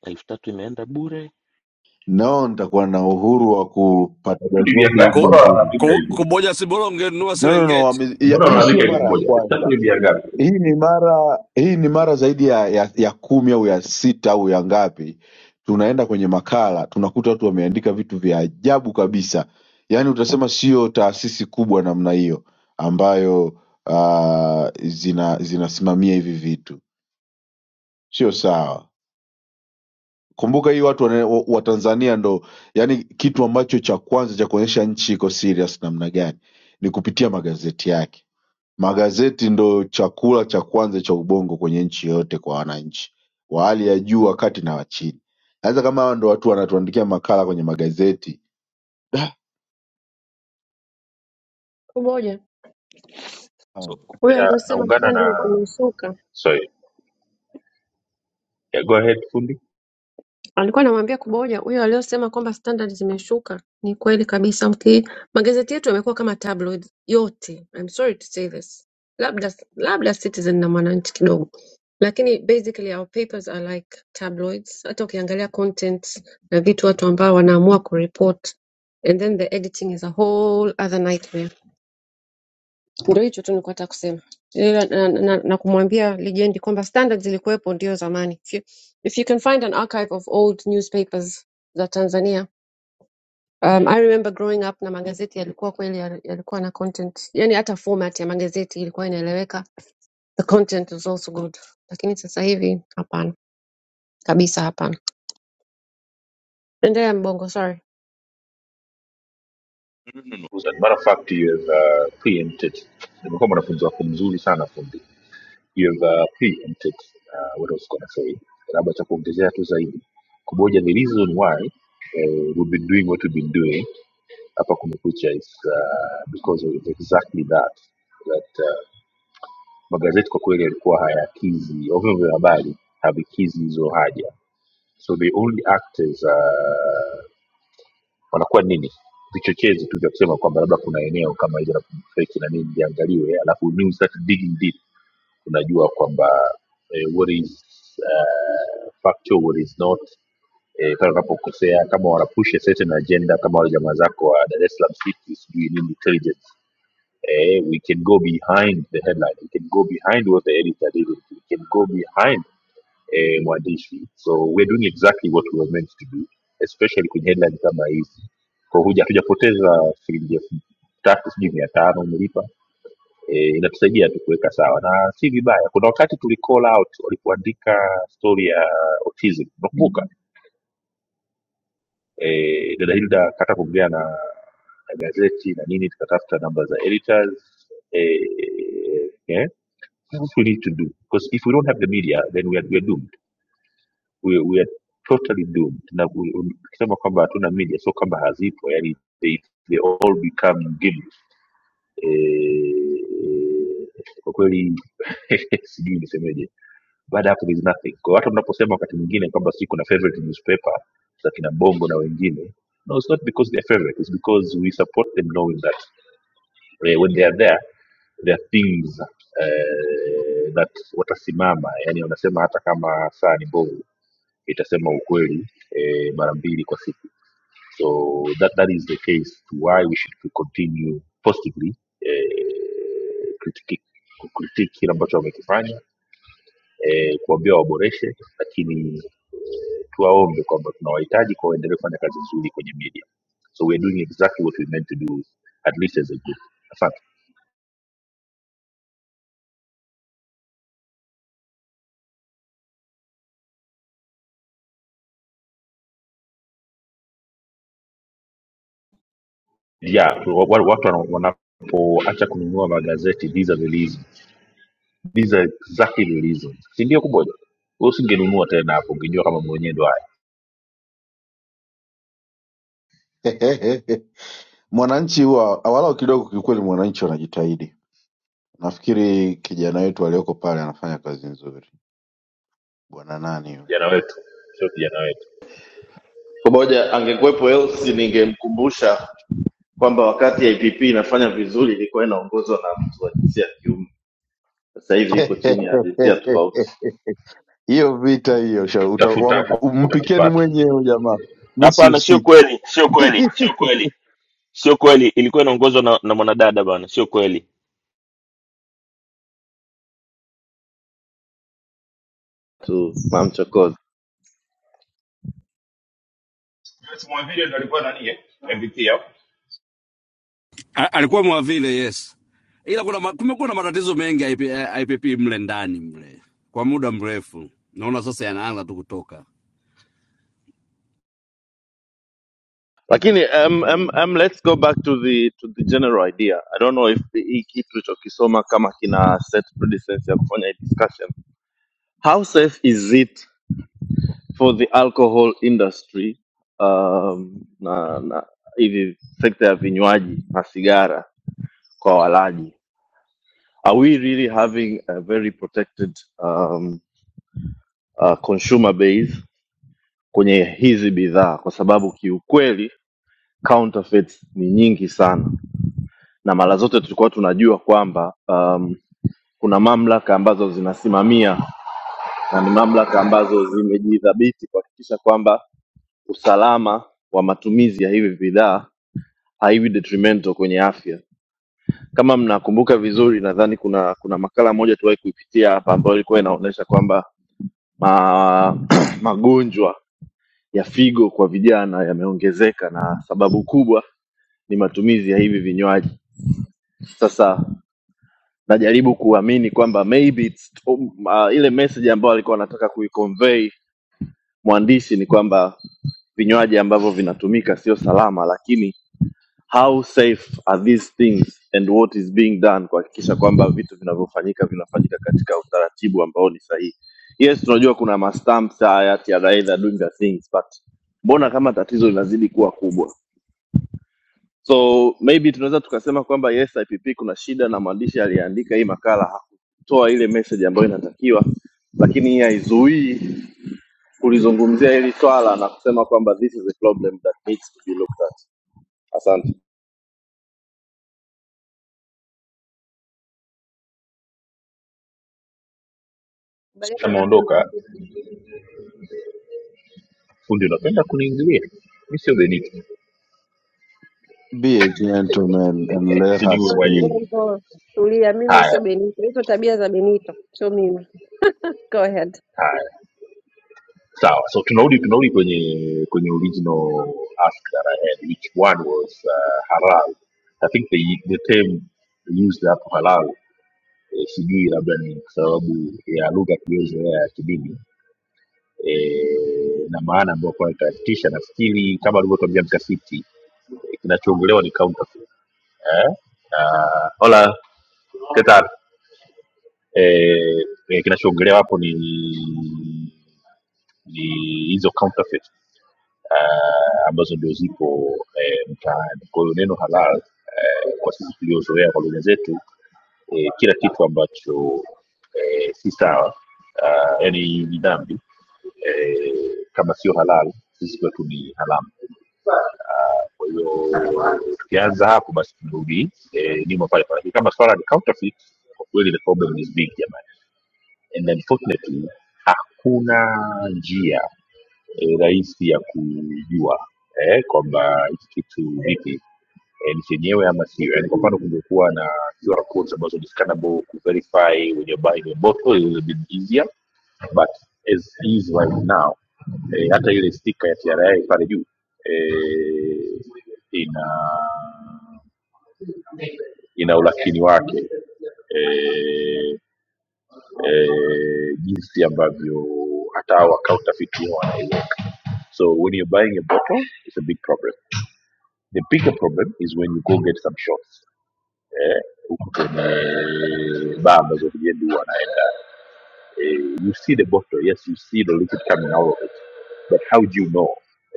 P: elfu tatu imeenda bure
G: nao, nitakuwa na uhuru wa kupata
A: Vitu Ni bia
G: gazeti
A: ngapi?
G: wiki
L: Ku,
A: Mbona
G: nzima.
A: wanaandika
L: ku,
A: hivi?
L: kuboja sibola ungenunua
G: No, no, no,
L: Serengeti.
G: wame- ya-
A: Mbona
G: hii sio
A: wanaandika hivi
G: mara ya
A: kumoja?
G: kwanza.
A: Sasa ni bia ngapi?
G: hii ni mara hii ni mara zaidi ya, ya, ya kumi au ya sita au ya ngapi tunaenda kwenye makala tunakuta watu wameandika vitu vya ajabu kabisa yaani utasema sio taasisi kubwa namna hiyo ambayo uh, zina zinasimamia hivi vitu sio sawa kumbuka hii watu wana- wa- watanzania ndo yaani kitu ambacho cha kwanza cha kuonyesha nchi iko serious namna gani ni kupitia magazeti yake Magazeti ndo chakula cha kwanza cha ubongo kwenye nchi yoyote kwa wananchi wa hali ya juu, wa kati na wa chini. Sasa kama hawa ndo watu wanatuandikia makala kwenye magazeti
K: kuboja
G: um,
K: huyo
A: Ya,
K: aliyosema
A: naungana na
K: sandal zimesuka
A: sorry yeah, go ahead fundi
K: alikuwa anamwambia Kuboja huyo aliyosema kwamba standard zimeshuka ni kweli kabisa mki magazeti yetu yamekuwa kama tabloids yote I'm sorry to say this labda labda Citizen na Mwananchi kidogo lakini basically our papers are like tabloids hata ukiangalia content na vitu watu ambao wanaamua kureport and then the editing is a whole other nightmare ndio hicho tu nilikuwa nataka kusema Eh, na, na, na kumwambia lijendi kwamba standards zilikuwepo ndio zamani. If you, if you can find an archive of old newspapers za Tanzania um, I remember growing up na magazeti yalikuwa kweli yal- yalikuwa na content, yani hata format ya magazeti ilikuwa inaeleweka, the content was also good, lakini sasa hivi hapana kabisa, hapana. Endelea Mbongo, sorry.
A: As a matter of fact, you've uh, preempted. Nimekuwa mwanafunzi wako mzuri sana fundi. You've uh, preempted uh, what I was going to say. Labda cha kuongezea tu zaidi. Kumoja the reason why uh, we've been doing what we've been doing hapa kumekucha is uh, because of exactly that that uh, magazeti kwa kweli yalikuwa hayakizi au vyombo vya habari havikizi hizo haja so they only act as uh, wanakuwa nini vichochezi tu vya kusema kwamba labda kuna eneo kama hilo la feki na nini liangaliwe alafu when you start digging deep unajua kwamba eh, what is uh, factual what is not eh, pale unapokosea kama wanapush a certain agenda kama wale jamaa zako wa dar es salaam city sijui nini intelligence eh, we can go behind the headline we can go behind what the editor did we can go behind eh, mwandishi so we're doing exactly what we were meant to do especially kwenye headline kama hizi kwa huja hatujapoteza shilingi elfu tatu sijui mia tano umelipa e, inatusaidia tu kuweka sawa na si vibaya kuna wakati tuli call out walipoandika story ya autism unakumbuka e, dada hilda kata kuongea na na gazeti na nini tukatafuta namba za editors eh, eh, that's what we need to do because if we don't have the media then we are, we are doomed we, we are totally doomed na we- we- tukisema kwamba hatuna media sio kwamba hazipo yani they, they all become gimmicks eh, kwa kweli [laughs] sijui nisemeje baada ya hapo there is nothing kwa hata mnaposema wakati mwingine kwamba si kuna favorite newspaper za kina bongo na wengine no it's not because they are favorite it's because we support them knowing that eh, when they are there there are things eh, that watasimama yani wanasema hata kama saa ni mbovu itasema ukweli eh, mara mbili kwa siku so that, that is the case to why we should to continue positively eh, critique critique kile ambacho wamekifanya eh, kuambia waboreshe lakini eh, tuwaombe kwamba tunawahitaji kwa waendelee kufanya kazi nzuri kwenye media so we are doing exactly what we meant to do at least as a group asante yeah wa- wa- watu wana- wanapoacha kununua magazeti these are the reasons. These are exactly the reasons. si ndio kuboja Wewe usingenunua tena hapo ungejua kama mwenyewe ndo haya
G: [laughs] mwananchi huwa walau kidogo, kiukweli mwananchi wanajitahidi. Nafikiri kijana wetu aliyoko pale anafanya kazi nzuri, bwana nani yule
A: vijana wetu sio vijana wetu
V: pamoja angekuwepo elsi ningemkumbusha kwamba wakati ipp inafanya vizuri ilikuwa inaongozwa na mtu wa jinsia ya kiume sasa hivi iko
G: [laughs]
V: chini ya jinsia tofauti
G: hiyo vita hiyo, sha- uta-
A: tafuta
G: wam-
A: hapo
G: umpikeni
A: utakipata
G: mwenyewe jamaa, mi
P: hapana sio
G: sihusiki.
P: kweli sio kweli
G: [laughs]
P: sio kweli sio kweli ilikuwa inaongozwa na, na mwanadada bana sio kweli
V: tu mamchokozi
W: Sema vile ndo alikuwa nani MVP yao.
L: A- alikuwa mwavile yes ila kuna ma- kumekuwa na matatizo mengi ya IP- ya IPP mle ndani mle kwa muda mrefu naona sasa yanaanza tu kutoka
V: lakini um, um, um, let's go back to the to the general idea i don't know if hii kitu ulichokisoma kama kina set precedence ya kufanya hii discussion how safe is it for the alcohol industry um, na na hivi sekta ya vinywaji na sigara kwa walaji are we really having a very protected um, uh, consumer base kwenye hizi bidhaa kwa sababu kiukweli counterfeits ni nyingi sana, na mara zote tulikuwa tunajua kwamba um, kuna mamlaka ambazo zinasimamia na ni mamlaka ambazo zimejidhabiti kuhakikisha kwamba usalama wa matumizi ya hivi bidhaa haiwi detrimental kwenye afya. Kama mnakumbuka vizuri, nadhani kuna kuna makala moja tuwahi kuipitia hapa ambayo ilikuwa inaonyesha kwamba ma, [clears throat] magonjwa ya figo kwa vijana yameongezeka na sababu kubwa ni matumizi ya hivi vinywaji. Sasa najaribu kuamini kwamba maybe it's, um, uh, ile message ambayo alikuwa anataka kuiconvey mwandishi ni kwamba vinywaji ambavyo vinatumika sio salama lakini how safe are these things and what is being done kuhakikisha kwamba vitu vinavyofanyika vinafanyika katika utaratibu ambao ni sahihi yes tunajua kuna mastamps haya TRA, they are doing the things but mbona kama tatizo linazidi kuwa kubwa so maybe tunaweza tukasema kwamba yes ipp kuna shida na mwandishi aliyeandika hii makala hakutoa ile message ambayo inatakiwa lakini hii haizuii kulizungumzia hili swala na kusema kwamba this is a problem that needs to be looked at asante
K: Kubaliana
A: kama
K: na mimi
A: ondoka fundi unapenda kuniingilia mi sio beniki
G: Be a gentleman and let her
A: siniwe
K: Sorry,
G: speak.
A: mwaibu
K: Mbongo, tulia. Mimi sio
A: haya
K: Benito, hizo tabia za Benito sio mimi. Go ahead.
A: haya sawa so tunarudi tunarudi kwenye kwenye original ask that I had which one was uh, halal I think the, the term used hapo halal e, sijui labda ni kwa sababu ya lugha tuliyozoea ya kidini e, na maana ambayo kwa ikatisha nafikiri kama alivyotuambia mtafiti e, kinachoongelewa ni counterfeit eh? Uh, hola ¿qué tal? eh, eh, kinachoongelewa hapo ni ni hizo counterfeit uh, ambazo ndio zipo eh, mtaani kwa hiyo neno halal eh, kwa sisi tuliozoea kwa lugha zetu eh, kila kitu ambacho eh, si sawa uh, yani ni dhambi eh, kama sio halal sisi kwetu ni haramu kwa hiyo tukianza hapo, basi tunarudi eh, nyuma pale pale. Kama swala ni counterfeit, kwa kweli the problem is big jamani, and unfortunately hakuna njia eh, rahisi ya kujua eh, kwamba hiki kitu vipi eh, ni chenyewe ama sio. Yani kwa mfano kungekuwa na QR codes ambazo ni scannable ku verify when you're buying a bottle it would have been easier but as is right now eh, hata ile stika ya TRA pale juu eh, ina ina ulakini wake eh, eh, jinsi ambavyo hata hao watafiti wanaiweka so when you're buying a bottle it's a big problem the bigger problem is when you go get some shots eh, huku kwenye baa ambazo vijendi huwa wanaenda Eh, you see the bottle, yes, you see the liquid coming out of it, but how do you know,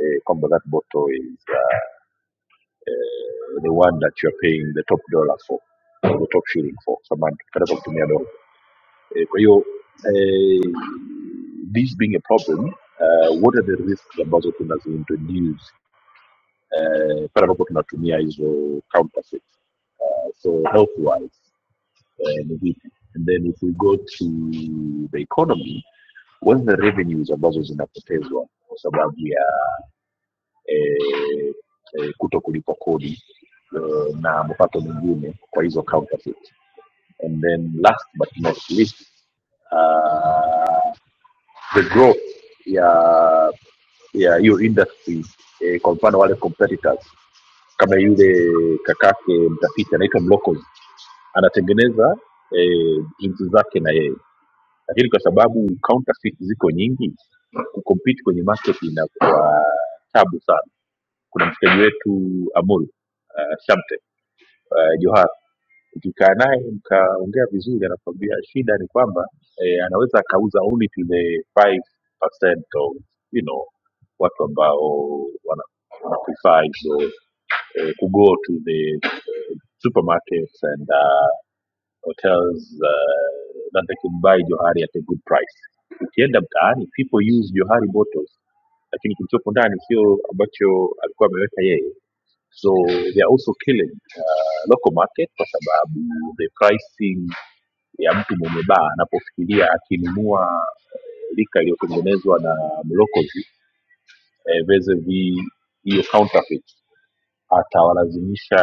A: uh, Combo, that bottle is uh, uh, the one that you're paying the top dollar for, or the top shilling for? Someone anataka kutumia dola. Eh, Kwa hiyo eh, this being a problem, uh, what are the risks ambazo tunaziintroduce eh, pale ambapo tunatumia hizo counterfeit? eh, So health wise, uh, and then if we go to the economy, Huwa zina revenues ambazo zinapotezwa kwa sababu ya eh, eh, kuto kulipa kodi eh, na mapato mengine kwa hizo counterfeit. And then last but not least uh, the growth ya ya hiyo industry eh, kwa mfano wale competitors kama yule kakake mtafiti anaitwa Mlokozi anatengeneza eh, jinsi zake na yeye lakini kwa sababu counterfeit ziko nyingi kucompete kwenye market inakuwa tabu sana kuna mshikaji wetu amuri uh, Shamte uh, johar ukikaa naye mkaongea vizuri anakwambia shida ni kwamba eh, anaweza akauza unit ile 5% of you know watu ambao wana, wana prefer hizo eh, to go to the supermarkets and uh, hotels uh, that they could buy johari at a good price ukienda mtaani people use johari bottles lakini kilichopo ndani sio ambacho alikuwa ameweka yeye so they are also killing uh, local market kwa sababu the pricing ya mtu mwenye baa anapofikiria akinunua lika iliyotengenezwa na mlokozi eh, versus the- hiyo counterfeit atawalazimisha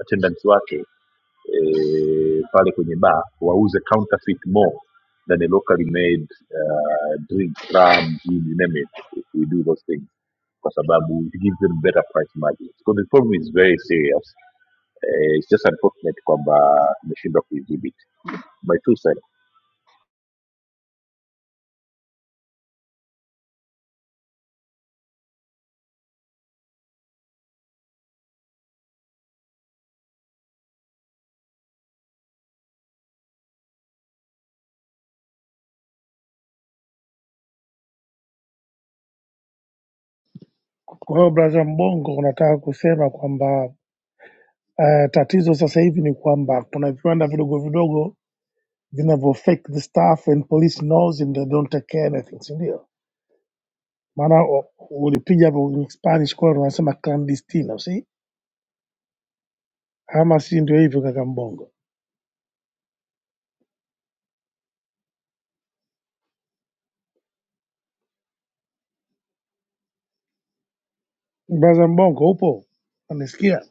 A: attendants wake eh, pale kwenye bar wauze counterfeit more than a locally made uh, drink rum gin you name it if we do those things kwa sababu it gives them better price margins because the problem is very serious eh, it's just unfortunate kwamba tumeshindwa kuidhibiti my two cents
T: Kwa hiyo braza Mbongo, unataka kusema kwamba uh, tatizo sasa hivi ni kwamba kuna viwanda vidogo vidogo vinavyo fake the stuff and police knows and they don't take care anything, si ndio? Maana u- ulipiga hapo in Spanish kwa wanasema clandestino, si ama si ndio hivyo? Kaka Mbongo, braza Mbongo, upo unanisikia?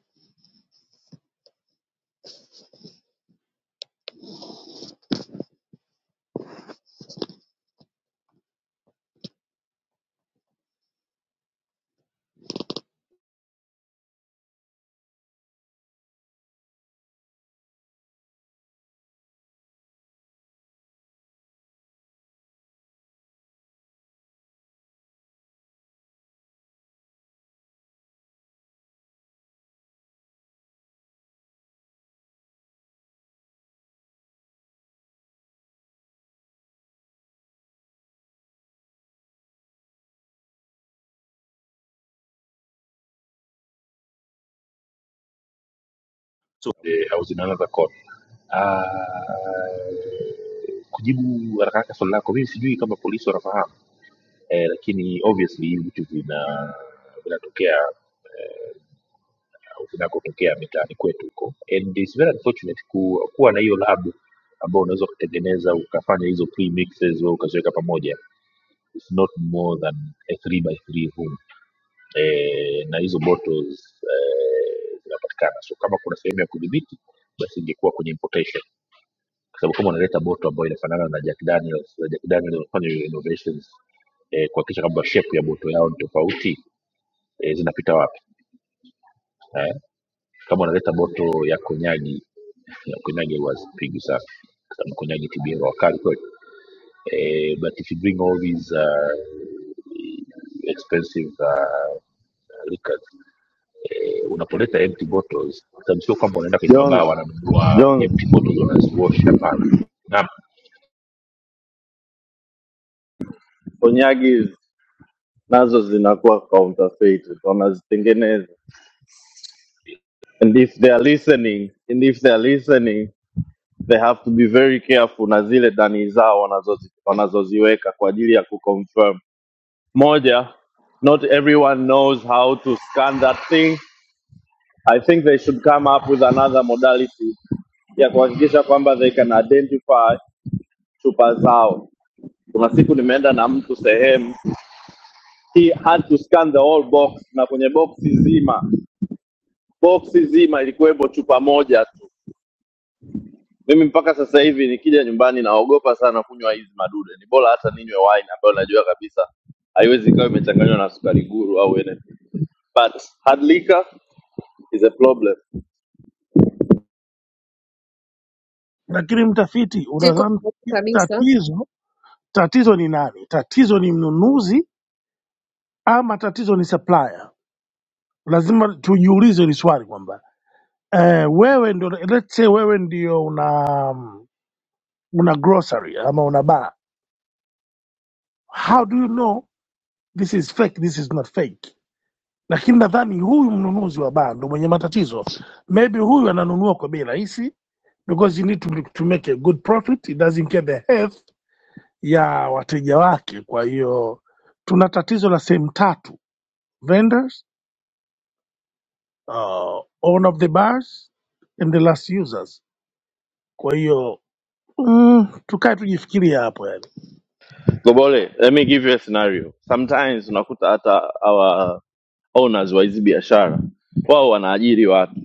A: zote au zinaanza za kona. Uh, kujibu haraka haraka swali lako, mimi sijui kama polisi wanafahamu eh, lakini obviously hivi vitu vina vinatokea eh, au vinakotokea mitaani kwetu huko and it's very unfortunate ku, kuwa na hiyo lab ambao unaweza ukatengeneza ukafanya hizo pre mixes wewe ukaziweka pamoja it's not more than a 3 by 3 room eh, na hizo bottles eh, zinapatikana so kama kuna sehemu ya kudhibiti basi ingekuwa kwenye importation kwa sababu kama unaleta boto ambayo inafanana na jack daniels na jack daniels wanafanya hiyo innovations eh, kuhakikisha kwamba shape ya boto yao ni tofauti eh, zinapita wapi eh, kama unaleta boto ya konyagi [laughs] ya konyagi wazipigi sana kama konyagi tibia wakali kweli eh, but if you bring all these uh, expensive uh, liquors eh, unapoleta empty bottles sababu sio kwamba unaenda kwenye mabaa
V: jones
A: wananunua
V: jones
A: empty bottles wanaziwash hapana Naam,
V: onyagi nazo zinakuwa counterfeit wanazitengeneza and if they are listening and if they are listening they have to be very careful na zile dani zao wanazozi- wanazoziweka kwa ajili ya kuconfirm Moja, not everyone knows how to scan that thing. I think they should come up with another modality ya kuhakikisha kwamba they can identify chupa zao. Kuna siku nimeenda na mtu sehemu, he had to scan the whole box, na kwenye boksi zima, boksi zima ilikuwepo chupa moja tu. Mimi mpaka sasa hivi nikija nyumbani naogopa sana kunywa hizi madude. Ni bora hata ninywe wine ambayo najua kabisa haiwezi ikawa imechanganywa na sukari guru au anything. But hard liquor is a problem.
T: Lakini mtafiti,
K: Siko
T: unadhani
K: kabisa
T: tatizo tatizo ni nani? Tatizo ni mnunuzi ama tatizo ni supplier. Lazima tujiulize hili swali kwamba eh, wewe ndio let's say wewe ndio una um, una grocery ama una bar, how do you know this is fake, this is not fake? Lakini nadhani huyu mnunuzi wa baa ndo mwenye matatizo, maybe huyu ananunua kwa bei rahisi because you need to, to make a good profit, it doesn't care the health ya wateja wake. Kwa hiyo tuna tatizo la sehemu tatu vendors uh, owner of the bars and the last users. Kwa hiyo mm, tukae tujifikirie hapo yani.
V: Gobole, let me give you a scenario. Sometimes unakuta hata our owners wa hizi biashara wao wanaajiri watu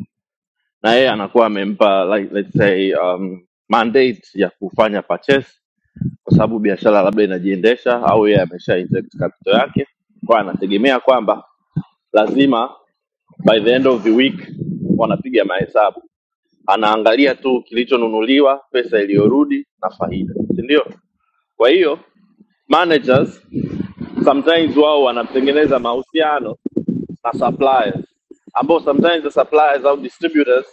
V: na yeye anakuwa amempa like, let's say um, mandate ya kufanya purchase kwa sababu biashara labda inajiendesha au yeye amesha inject capital yake, kwa anategemea kwamba lazima by the end of the week wanapiga mahesabu, anaangalia tu kilichonunuliwa, pesa iliyorudi na faida, si ndio? Kwa hiyo managers sometimes wao wanatengeneza mahusiano na suppliers ambao sometimes the suppliers au distributors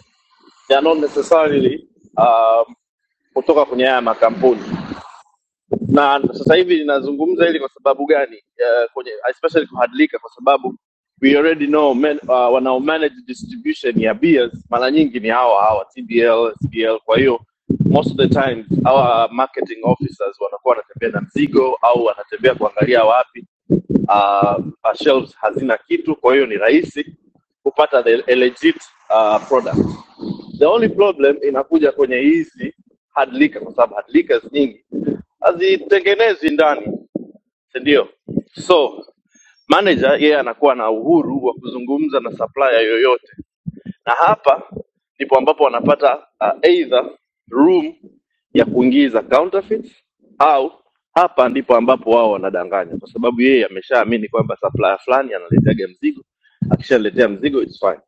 V: they are not necessarily um, kutoka kwenye haya makampuni na sasa hivi ninazungumza hili kwa sababu gani uh, kwenye especially kuhadlika kwa sababu we already know man, uh, wanao manage distribution ya beers mara nyingi ni hawa hawa tbl sbl kwa hiyo most of the times hawa marketing officers wanakuwa wanatembea na mzigo au wanatembea kuangalia wapi uh, uh, shelves hazina kitu kwa hiyo ni rahisi kupata the a legit uh, product The only problem inakuja kwenye hizi hadlika, kwa sababu hadlika nyingi hazitengenezi ndani, si ndio? So manager yeye anakuwa na uhuru wa kuzungumza na supplier yoyote na hapa ndipo ambapo wanapata uh, either room ya kuingiza counterfeits au hapa ndipo ambapo wao wanadanganya, kwa sababu yeye ameshaamini kwamba supplier fulani analeteaga mzigo, akishaletea mzigo it's fine.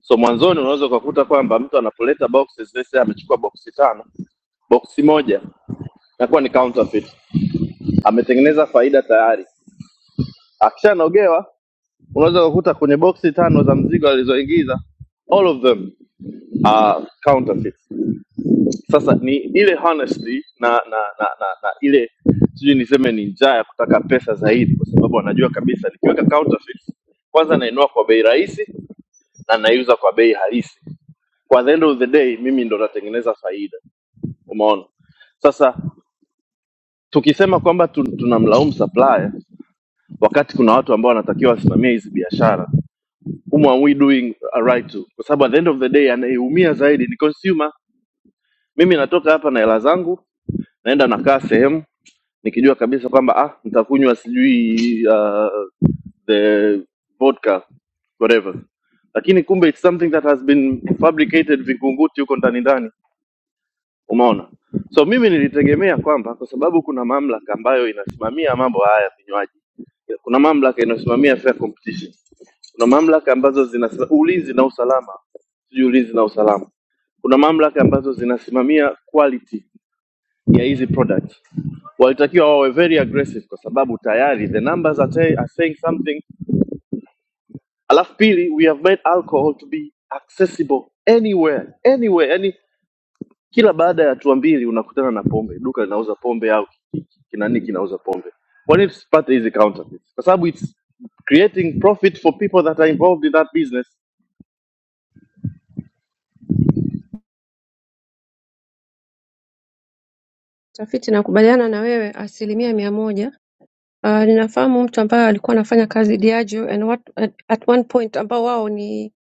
V: So mwanzoni unaweza ukakuta kwamba mtu anapoleta boxes, let's say amechukua boxi tano, boxi moja inakuwa ni counterfeit, ametengeneza faida tayari. Akishanogewa unaweza ukakuta kwenye boxi tano za mzigo alizoingiza all of them are counterfeit. Sasa ni ile honestly na na na, na, na ile sijui niseme ni njaa ya kutaka pesa zaidi, kwa sababu wanajua kabisa nikiweka counterfeit, kwanza nainua kwa bei rahisi na naiuza kwa bei halisi. Kwa the end of the day, mimi ndo natengeneza faida. Umeona? Sasa tukisema kwamba tu- tunamlaumu supplier wakati kuna watu ambao wanatakiwa wasimamie hizi biashara, whom are we doing a right to? Kwa sababu at the end of the day anayeumia zaidi ni consumer. Mimi natoka hapa na hela zangu, naenda nakaa sehemu nikijua kabisa kwamba ah, nitakunywa sijui uh, the vodka whatever, lakini kumbe it's something that has been fabricated vingunguti huko ndani ndani, umeona? So mimi nilitegemea kwamba kwa sababu kuna mamlaka ambayo inasimamia mambo haya ya vinywaji, kuna mamlaka inayosimamia fair competition, kuna mamlaka ambazo zina ulinzi na usalama, sijui ulinzi na usalama, kuna mamlaka ambazo zinasimamia quality ya hizi products walitakiwa wawe very aggressive kwa sababu tayari the numbers are, tay- are saying something alafu pili we have made alcohol to be accessible anywhere anywhere yani kila baada ya hatua mbili unakutana na pombe duka linauza pombe au ki- ki- kinani kinauza pombe kwa nini tusipate hizi counterfeits kwa sababu its creating profit for people that are involved in that business
K: Mtafiti nakubaliana na wewe asilimia mia moja uh, ninafahamu mtu ambaye alikuwa anafanya kazi Diageo and what, at, at one point ambao wao ni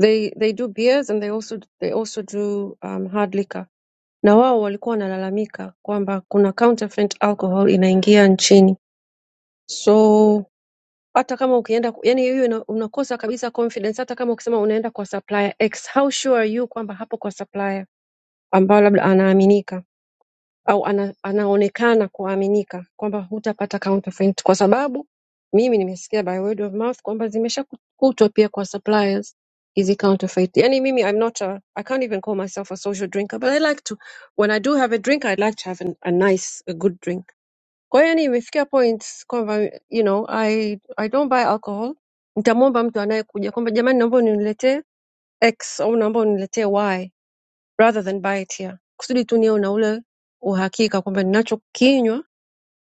K: they, they do beers and they also, they also do um, hard liquor na wao walikuwa wanalalamika kwamba kuna counterfeit alcohol inaingia nchini so hata kama ukienda ku- yani hiyo ina- unakosa kabisa confidence hata kama ukisema unaenda kwa supplier X how sure are you kwamba hapo kwa supplier ambao labda anaaminika au ana, anaonekana kuaminika kwamba hutapata counterfeit kwa sababu mimi nimesikia by word of mouth kwamba zimeshakutwa pia kwa suppliers hizi counterfeit. Yani mimi I'm not a, I can't even call myself a social drinker but I like to when I do have a drink I like to have an, a nice a good drink. Kwa hiyo yani imefikia point kwamba you know I I don't buy alcohol. Nitamwomba mtu anayekuja kwamba jamani naomba uniletee X au naomba uniletee Y rather than buy it here kusudi tu niwe na ule uhakika kwamba ninachokinywa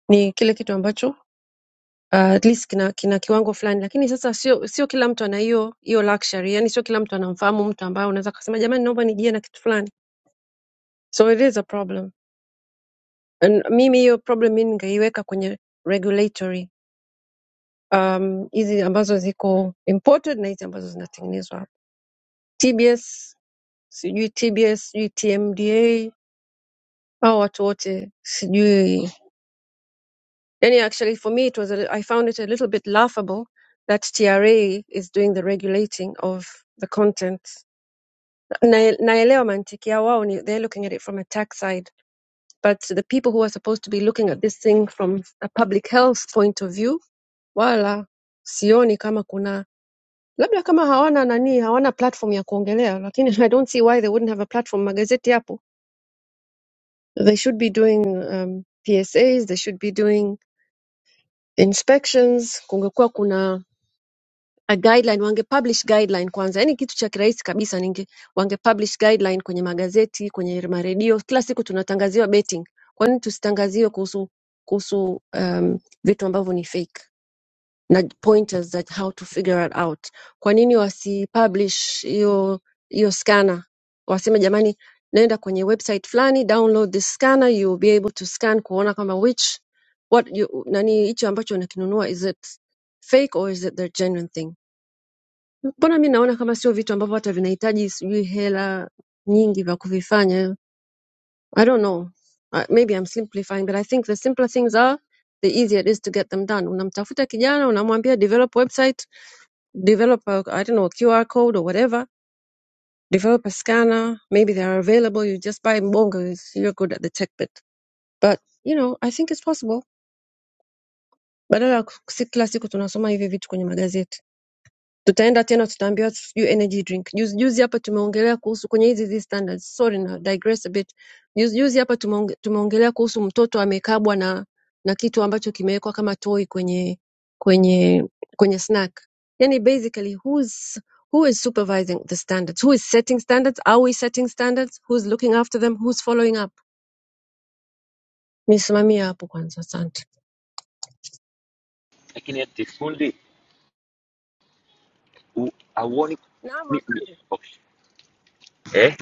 K: ni kile kitu ambacho uh, at least kina, kina kiwango fulani lakini sasa sio sio kila mtu ana hiyo hiyo luxury yani sio kila mtu anamfahamu mtu ambaye unaweza kusema jamani naomba nijie na kitu fulani so it is a problem and mimi hiyo problem mimi ningeiweka kwenye regulatory um, hizi ambazo ziko imported na hizi ambazo zinatengenezwa hapa tbs sijui tbs sijui tmda hao watu wote sijui And yeah, actually, for me, it was a I found it a little bit laughable that TRA is doing the regulating of the content. Na- Naelewa mantiki ya wao ni they're looking at it from a tax side, but the people who are supposed to be looking at this thing from a public health point of view, wala sioni kama kuna labda kama hawana nani, hawana platform ya kuongelea, lakini [laughs] I don't see why they wouldn't have a platform. Magazeti yapo. They should be doing um, PSAs, they should be doing inspections. Kungekuwa kuna a guideline wangepublish guideline kwanza yani kitu cha kirahisi kabisa ninge wangepublish guideline kwenye magazeti kwenye maredio kila siku tunatangaziwa betting kwa nini tusitangaziwe kuhusu kuhusu um, vitu ambavyo ni fake na pointers that how to figure it out kwa nini wasipublish hiyo hiyo scanner waseme jamani naenda kwenye website fulani download this scanner you will be able to scan kuona kama which what you, nani hicho ambacho unakinunua is it fake or is it the genuine thing Mbona mi naona kama sio vitu ambavyo hata vinahitaji sijui hela nyingi vya kuvifanya. I don't know. Uh, maybe I'm simplifying but I think the simpler things are the easier it is to get them done. Unamtafuta kijana, unamwambia develop website, develop a, I don't know, a QR code or whatever, develop a scanner, maybe they are available, you just buy mbongo, you're good at the tech bit. But, you know, I think it's possible. Badala ya kus- kila siku tunasoma hivi vitu kwenye magazeti. tutaenda tena tutaambiwa sijui energy drink. Juzi juzi hapa tumeongelea kuhusu kwenye hizi hizi standards. Sorry na digress a bit. Juzi juzi hapa tumeonge- tumeongelea kuhusu mtoto amekabwa na na kitu ambacho kimewekwa kama toy kwenye kwenye kwenye snack. Yani basically who's who is supervising the standards? Who is setting standards? Are we setting standards? Who's looking after them? Who's following up? Nisimamia hapo kwanza, asante.
P: lakini ati fundi u- auoni
K: Naam
P: mi, mi,
K: afande.
P: okay. eh?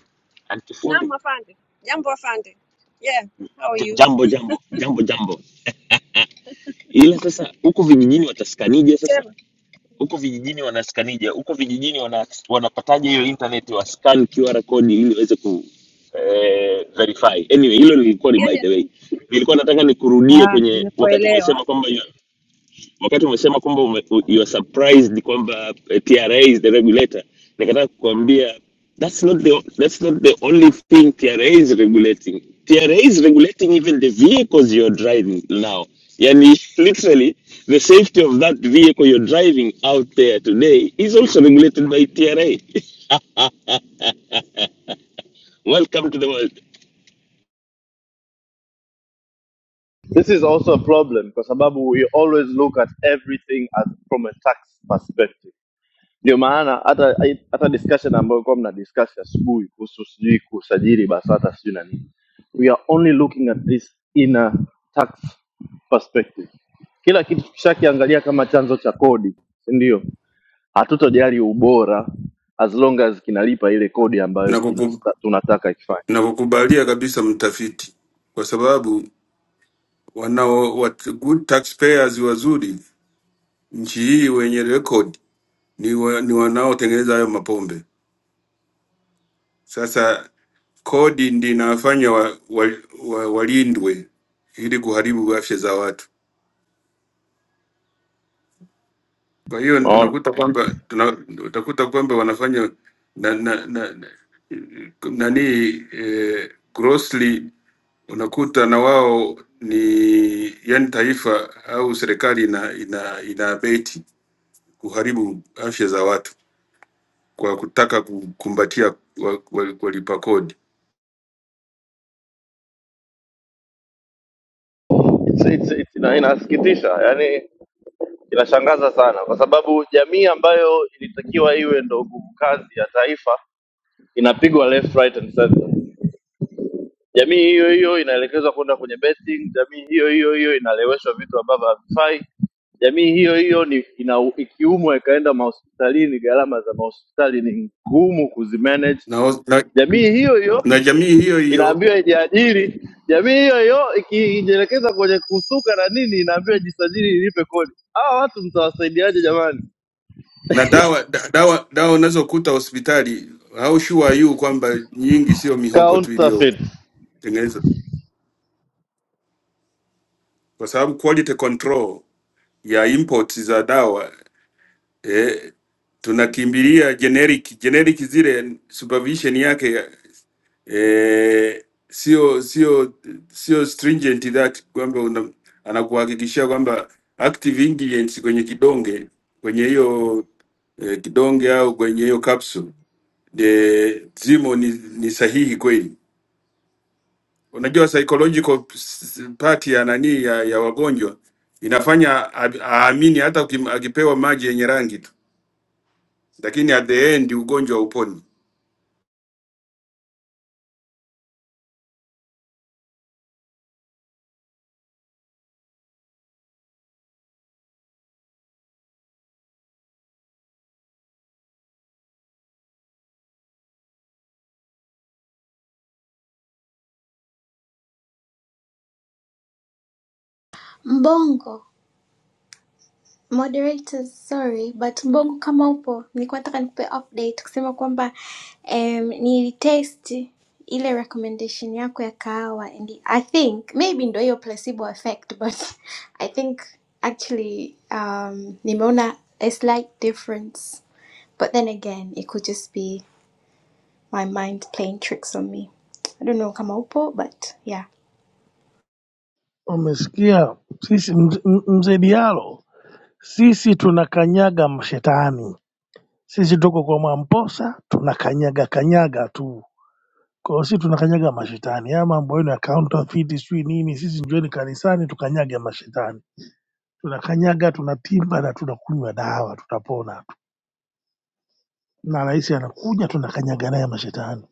P: anti fundi
K: Naam afande. Jambo afande. Yeah, how are
P: J-
K: you?
P: Jambo jambo jambo jambo, ila sasa huku vijijini watasakanije sasa?
K: Sema.
P: huko vijijini wanaskanija huko vijijini wana, wanapataje hiyo internet wa scan QR code ili waweze ku eh, verify anyway hilo lilikuwa ni by the
K: Yani
P: way nilikuwa nataka nikurudie
K: Ah,
P: kwenye wakati
K: nimekuelewa.
P: umesema kwamba wakati umesema kwamba ume, u- you are surprised kwamba eh, TRA is the regulator, nikataka kukuambia that's not the that's not the only thing TRA is regulating. TRA is regulating even the vehicles you're driving now. Yani literally the safety of that vehicle you're driving out there today is also regulated by TRA. [laughs] Welcome to the world.
V: this is also a problem kwa sababu we always look at everything as from a tax perspective Ndio maana hata hata discussion ambayo ilikuwa mna discuss asubuhi kuhusu sijui kusajili BASATA sijui na nini, we are only looking at this in a tax perspective. Kila kitu tukishakiangalia kama chanzo cha kodi, si ndio? Hatutojali ubora as long as kinalipa ile kodi ambayo
X: Nakuku-
V: inasta, tunataka ikifanye.
X: Nakukubalia kabisa mtafiti, kwa sababu wanao wat, good taxpayers wazuri nchi hii wenye rekodi ni, wa, ni wanaotengeneza hayo mapombe. Sasa kodi ndi inawafanya wa, wa, wa, walindwe ili kuharibu afya za watu. Kwa hiyo
V: Unaona,
X: unakuta kwamba tuna, utakuta kwamba wanafanya na, na, na, na, nani eh, grossly unakuta na wao ni yani, taifa au serikali ina ina inaabeti kuharibu afya za watu kwa kutaka kukumbatia wa- wa- walipa kodi
V: It's- it's- it's- ina- inasikitisha, yani inashangaza sana, kwa sababu jamii ambayo ilitakiwa iwe ndo nguvu kazi ya taifa inapigwa left right and center. Jamii hiyo hiyo inaelekezwa kwenda kwenye betting, jamii hiyo hiyo hiyo inaleweshwa vitu ambavyo havifai, jamii hiyo hiyo ni ina, ikiumwa ikaenda mahospitalini, gharama za mahospitali ni ngumu kuzimanage.
X: na, hos- na,
V: Jamii hiyo hiyo
X: na jamii hiyo hiyo
V: inaambiwa ijiajiri, jamii hiyo hiyo ikijielekeza kwenye kusuka na nini, inaambiwa jisajili ilipe kodi. Hawa watu mtawasaidiaje jamani?
X: na dawa da- dawa dawa unazokuta hospitali au sure are you kwamba nyingi sio mihogo tu
V: Counterfeit
X: iliyotengenezwa, kwa sababu quality control ya imports za dawa eh, tunakimbilia generic generic zile supervision yake eh, sio sio sio stringent that kwamba una- anakuhakikishia kwamba active ingredients kwenye kidonge kwenye hiyo eh, kidonge au kwenye hiyo capsule de, zimo ni, ni sahihi kweli. Unajua psychological s- part ya nani ya, ya wagonjwa inafanya a- aamini hata ukim- akipewa maji yenye rangi tu, lakini at the end ugonjwa hauponi.
O: mbongo Moderators, sorry but Mbongo kama upo, nilikuwa nataka nikupe update kusema kwamba um, nilitest ile recommendation yako ya kahawa and I think maybe ndo hiyo placebo effect but [laughs] I think actually um, nimeona a slight difference but then again it could just be my mind playing tricks on me. I don't know kama upo but yeah.
T: Umesikia sisi mz- m- mzee Diallo, sisi tunakanyaga mashetani, sisi tuko kwa Mwamposa tunakanyaga kanyaga tu. Kwa hiyo sisi tunakanyaga mashetani, haya mambo yenu ya counterfeit sijui nini, sisi njoeni kanisani tukanyage mashetani, tunakanyaga tunatimba na tunakunywa dawa, tutapona tu. Na rais anakuja tunakanyaga naye mashetani.